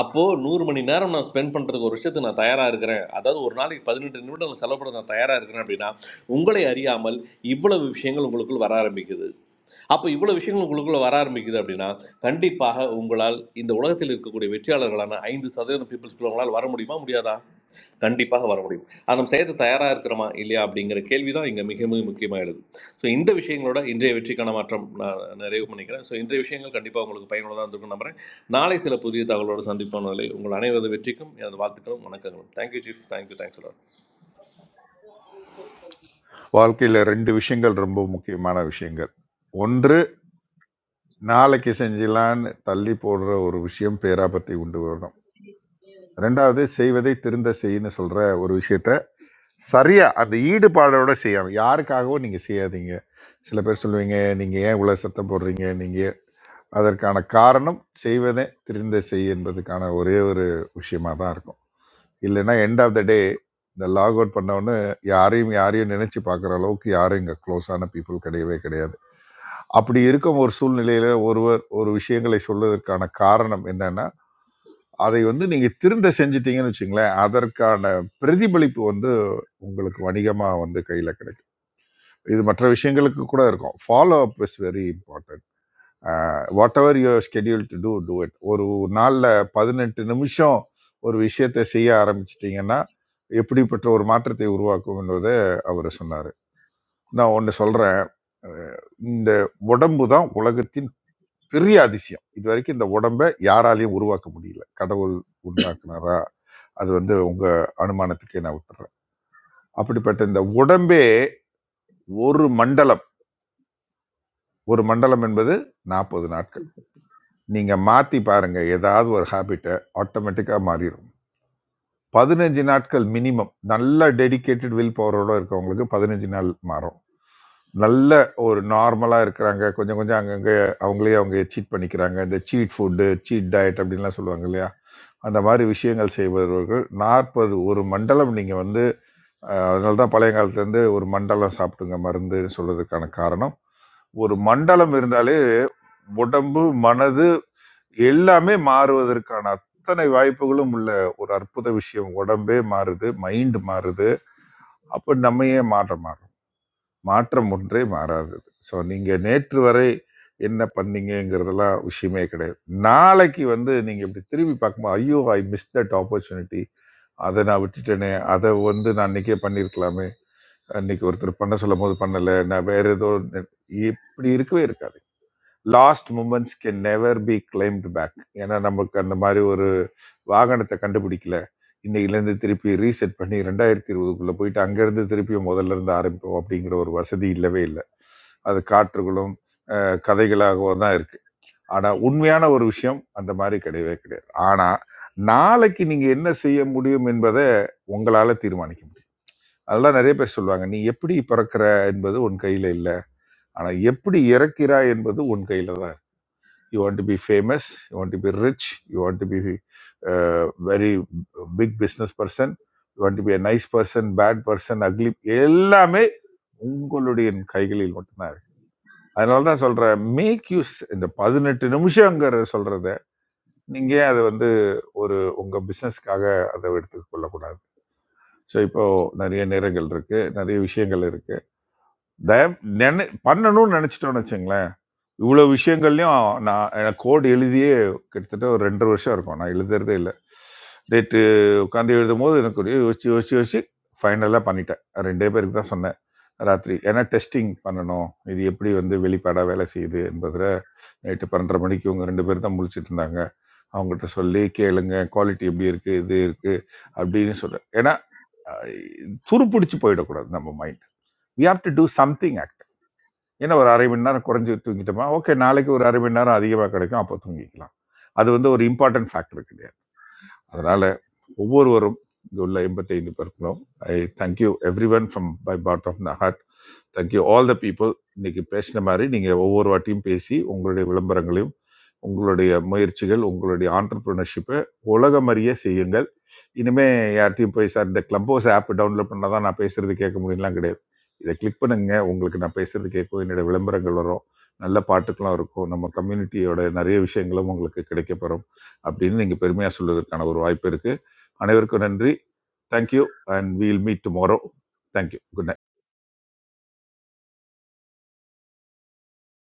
Speaker 2: அப்போது நூறு மணி நேரம் நான் ஸ்பெண்ட் பண்ணுறதுக்கு ஒரு விஷயத்துக்கு நான் தயாராக இருக்கிறேன் அதாவது ஒரு நாளைக்கு பதினெட்டு நிமிடங்கள் செலவுப்பட நான் தயாராக இருக்கிறேன் அப்படின்னா உங்களை அறியாமல் இவ்வளவு விஷயங்கள் உங்களுக்குள் வர ஆரம்பிக்குது அப்போ இவ்வளவு விஷயங்கள் உங்களுக்குள்ள வர ஆரம்பிக்குது அப்படின்னா கண்டிப்பாக உங்களால் இந்த உலகத்தில் இருக்கக்கூடிய வெற்றியாளர்களான ஐந்து சதவீதம் பீப்புள்ஸ்க்குள்ள உங்களால் வர முடியுமா முடியாதா கண்டிப்பாக வர முடியும் அதை நம்ம செய்யறது தயாராக இருக்கிறோமா இல்லையா அப்படிங்கிற கேள்வி தான் இங்கே மிக மிக முக்கியமாக எழுது ஸோ இந்த விஷயங்களோட இன்றைய வெற்றிக்கான மாற்றம் நான் நிறைவு பண்ணிக்கிறேன் ஸோ இன்றைய விஷயங்கள் கண்டிப்பாக உங்களுக்கு பயனுள்ளதாக இருந்திருக்கும் நம்புறேன் நாளை சில புதிய தகவலோடு சந்திப்பான உங்களை உங்கள் அனைவரது வெற்றிக்கும் எனது வாழ்த்துக்களும் வணக்கங்களும் தேங்க்யூ சீஃப் தேங்க்யூ தேங்க்ஸ்
Speaker 6: வாழ்க்கையில் ரெண்டு விஷயங்கள் ரொம்ப முக்கியமான விஷயங்கள் ஒன்று நாளைக்கு செஞ்சலான்னு தள்ளி போடுற ஒரு விஷயம் பேராபத்தை உண்டு வரணும் ரெண்டாவது செய்வதை திருந்த செய்யன்னு சொல்கிற ஒரு விஷயத்த சரியா அந்த ஈடுபாடோட செய்யாமல் யாருக்காகவும் நீங்கள் செய்யாதீங்க சில பேர் சொல்லுவீங்க நீங்கள் ஏன் இவ்வளோ சத்தம் போடுறீங்க நீங்கள் அதற்கான காரணம் செய்வதை திருந்த செய் என்பதுக்கான ஒரே ஒரு விஷயமா தான் இருக்கும் இல்லைன்னா எண்ட் ஆஃப் த டே இந்த லாக் அவுட் பண்ணவொன்னு யாரையும் யாரையும் நினைச்சு பார்க்குற அளவுக்கு யாரும் இங்கே க்ளோஸான பீப்புள் கிடையவே கிடையாது அப்படி இருக்கும் ஒரு சூழ்நிலையில ஒருவர் ஒரு விஷயங்களை சொல்வதற்கான காரணம் என்னன்னா அதை வந்து நீங்க திருந்த செஞ்சிட்டீங்கன்னு வச்சுங்களேன் அதற்கான பிரதிபலிப்பு வந்து உங்களுக்கு வணிகமா வந்து கையில கிடைக்கும் இது மற்ற விஷயங்களுக்கு கூட இருக்கும் follow up is very important whatever you schedule to do do it ஒரு நாளில் பதினெட்டு நிமிஷம் ஒரு விஷயத்தை செய்ய ஆரம்பிச்சிட்டிங்கன்னா எப்படிப்பட்ட ஒரு மாற்றத்தை உருவாக்கும் என்பதை அவர் சொன்னார் நான் ஒன்று சொல்கிறேன் இந்த உடம்பு தான் உலகத்தின் பெரிய அதிசயம் இது வரைக்கும் இந்த உடம்பை யாராலையும் உருவாக்க முடியல கடவுள் உண்டாக்குனாரா அது வந்து உங்கள் அனுமானத்துக்கே நான் விட்டுறேன் அப்படிப்பட்ட இந்த உடம்பே ஒரு மண்டலம் ஒரு மண்டலம் என்பது நாற்பது நாட்கள் நீங்கள் மாற்றி பாருங்கள் ஏதாவது ஒரு ஹாபிட்டை ஆட்டோமேட்டிக்காக மாறிடும் பதினஞ்சு நாட்கள் மினிமம் நல்ல டெடிகேட்டட் வில் பவரோட இருக்கவங்களுக்கு பதினஞ்சு நாள் மாறும் நல்ல ஒரு நார்மலாக இருக்கிறாங்க கொஞ்சம் கொஞ்சம் அங்கங்கே அவங்களே அவங்க சீட் பண்ணிக்கிறாங்க இந்த சீட் ஃபுட்டு சீட் டயட் அப்படின்லாம் சொல்லுவாங்க இல்லையா அந்த மாதிரி விஷயங்கள் செய்பவர்கள் நாற்பது ஒரு மண்டலம் நீங்கள் வந்து அஹ், அதனால தான் பழைய காலத்துலேருந்து ஒரு மண்டலம் சாப்பிடுங்க மருந்துன்னு சொல்றதுக்கான காரணம் ஒரு மண்டலம் இருந்தாலே உடம்பு மனது எல்லாமே மாறுவதற்கான அத்தனை வாய்ப்புகளும் உள்ள ஒரு அற்புத விஷயம் உடம்பே மாறுது மைண்ட் மாறுது அப்போ நம்ம ஏன் மாற்றம் மாறும் மாற்றம் ஒன்றே மாறாதது ஸோ நீங்கள் நேற்று வரை என்ன பண்ணீங்கங்கிறதெல்லாம் விஷயமே கிடையாது நாளைக்கு வந்து நீங்கள் இப்படி திரும்பி பார்க்கும்போது ஐயோ ஐ மிஸ் தட் ஆப்பர்ச்சுனிட்டி அதை நான் விட்டுட்டேனே அதை வந்து நான் அன்னைக்கே பண்ணியிருக்கலாமே அன்னைக்கு ஒருத்தர் பண்ண சொல்லும் போது பண்ணலை நான் வேற ஏதோ இப்படி இருக்கவே இருக்காது lost moments can never be claimed back ஏன்னா நமக்கு அந்த மாதிரி ஒரு வாகனத்தை கண்டுபிடிக்கல இன்னைக்குலேருந்து திருப்பி ரீசெட் பண்ணி ரெண்டாயிரத்தி இருபதுக்குள்ளே போயிட்டு அங்கேருந்து திருப்பி முதல்ல இருந்து ஆரம்பிப்போம் அப்படிங்கிற ஒரு வசதி இல்லவே இல்லை அது காற்றுகளும் அஹ், கதைகளாகவும் தான் இருக்குது ஆனால் உண்மையான ஒரு விஷயம் அந்த மாதிரி கிடையவே கிடையாது ஆனால் நாளைக்கு நீங்கள் என்ன செய்ய முடியும் என்பதை உங்களால் தீர்மானிக்க முடியும் அதெல்லாம் நிறைய பேர் சொல்லுவாங்க நீ எப்படி பிறக்கிற என்பது உன் கையில் இல்லை ஆனால் எப்படி இறக்கிறாய் என்பது உன் கையில் தான். you want to be famous, you want to be rich, you want to be a uh, very big business person, you want to be a nice person, bad person, ugly, எல்லாமே உங்களுடைய கைகளில் மட்டும்தான் இருக்கு அதனால தான் சொல்கிறேன் மேக் யூஸ் இந்த பதினெட்டு நிமிஷங்கிற சொல்கிறத நீங்கள் அதை வந்து ஒரு உங்கள் பிஸ்னஸ்க்காக அதை எடுத்துக் கொள்ளக்கூடாது ஸோ இப்போ நிறைய நேரங்கள் இருக்கு நிறைய விஷயங்கள் இருக்கு தயம் நினை பண்ணணும்னு நினச்சிட்டோம்னு வச்சுங்களேன் இவ்வளோ விஷயங்கள்லையும் நான் எனக்கு கோட் எழுதியே கிட்டத்தட்ட ஒரு ரெண்டரை வருஷம் இருக்கும் நான் எழுதுறதே இல்லை டேட்டு உட்காந்து எழுதும் போது எனக்கு ஒரு யோசிச்சு யோசிச்சு யோசிச்சு ஃபைனலாக பண்ணிட்டேன் ரெண்டே பேருக்கு தான் சொன்னேன் ராத்திரி ஏன்னா டெஸ்டிங் பண்ணணும் இது எப்படி வந்து வெளிப்பாடாக வேலை செய்யுது என்பதில் நைட்டு பன்னெண்டரை மணிக்கு இவங்க ரெண்டு பேரும் தான் முழிச்சிட்டு இருந்தாங்க அவங்ககிட்ட சொல்லி கேளுங்க குவாலிட்டி எப்படி இருக்குது இது இருக்குது அப்படின்னு சொல்கிறேன் ஏன்னா துருப்பிடிச்சு போயிடக்கூடாது நம்ம mind we have to do something என்ன ஒரு அரை மணி நேரம் குறைஞ்சி தூங்கிட்டோமா ஓகே நாளைக்கு ஒரு அரை மணி நேரம் அதிகமாக கிடைக்கும் அப்போ தூங்கிக்கலாம் அது வந்து ஒரு இம்பார்ட்டன்ட் ஃபேக்டர் கிடையாது அதனால ஒவ்வொருவரும் இங்கே உள்ள எண்பத்தைந்து பேருக்கும் I thank you everyone from by part of the heart thank you all the people இன்னைக்கு பேசின மாதிரி நீங்கள் ஒவ்வொரு வாட்டியும் பேசி உங்களுடைய விளம்பரங்களையும் உங்களுடைய முயற்சிகள் உங்களுடைய ஆண்டர்பிரினர்ஷிப்பை உலகமறிய செய்யுங்கள் இனிமே யார்கிட்டயும் போய் சார் இந்த கிளப் ஹவுஸ் ஆப் டவுன்லோட் பண்ணால் தான் நான் பேசுறது கேட்க முடியும்லாம் கிடையாது இதை கிளிக் பண்ணுங்க உங்களுக்கு நான் பேசுறது கேட்கும் என்னோட விளம்பரங்கள் வரும் நல்ல பாட்டுக்கெல்லாம் இருக்கும் நம்ம கம்யூனிட்டியோட நிறைய விஷயங்களும் உங்களுக்கு கிடைக்கப்பெறும் அப்படின்னு நீங்கள் பெருமையாக சொல்வதற்கான ஒரு வாய்ப்பு இருக்குது அனைவருக்கும் நன்றி thank you and we'll meet tomorrow thank you good night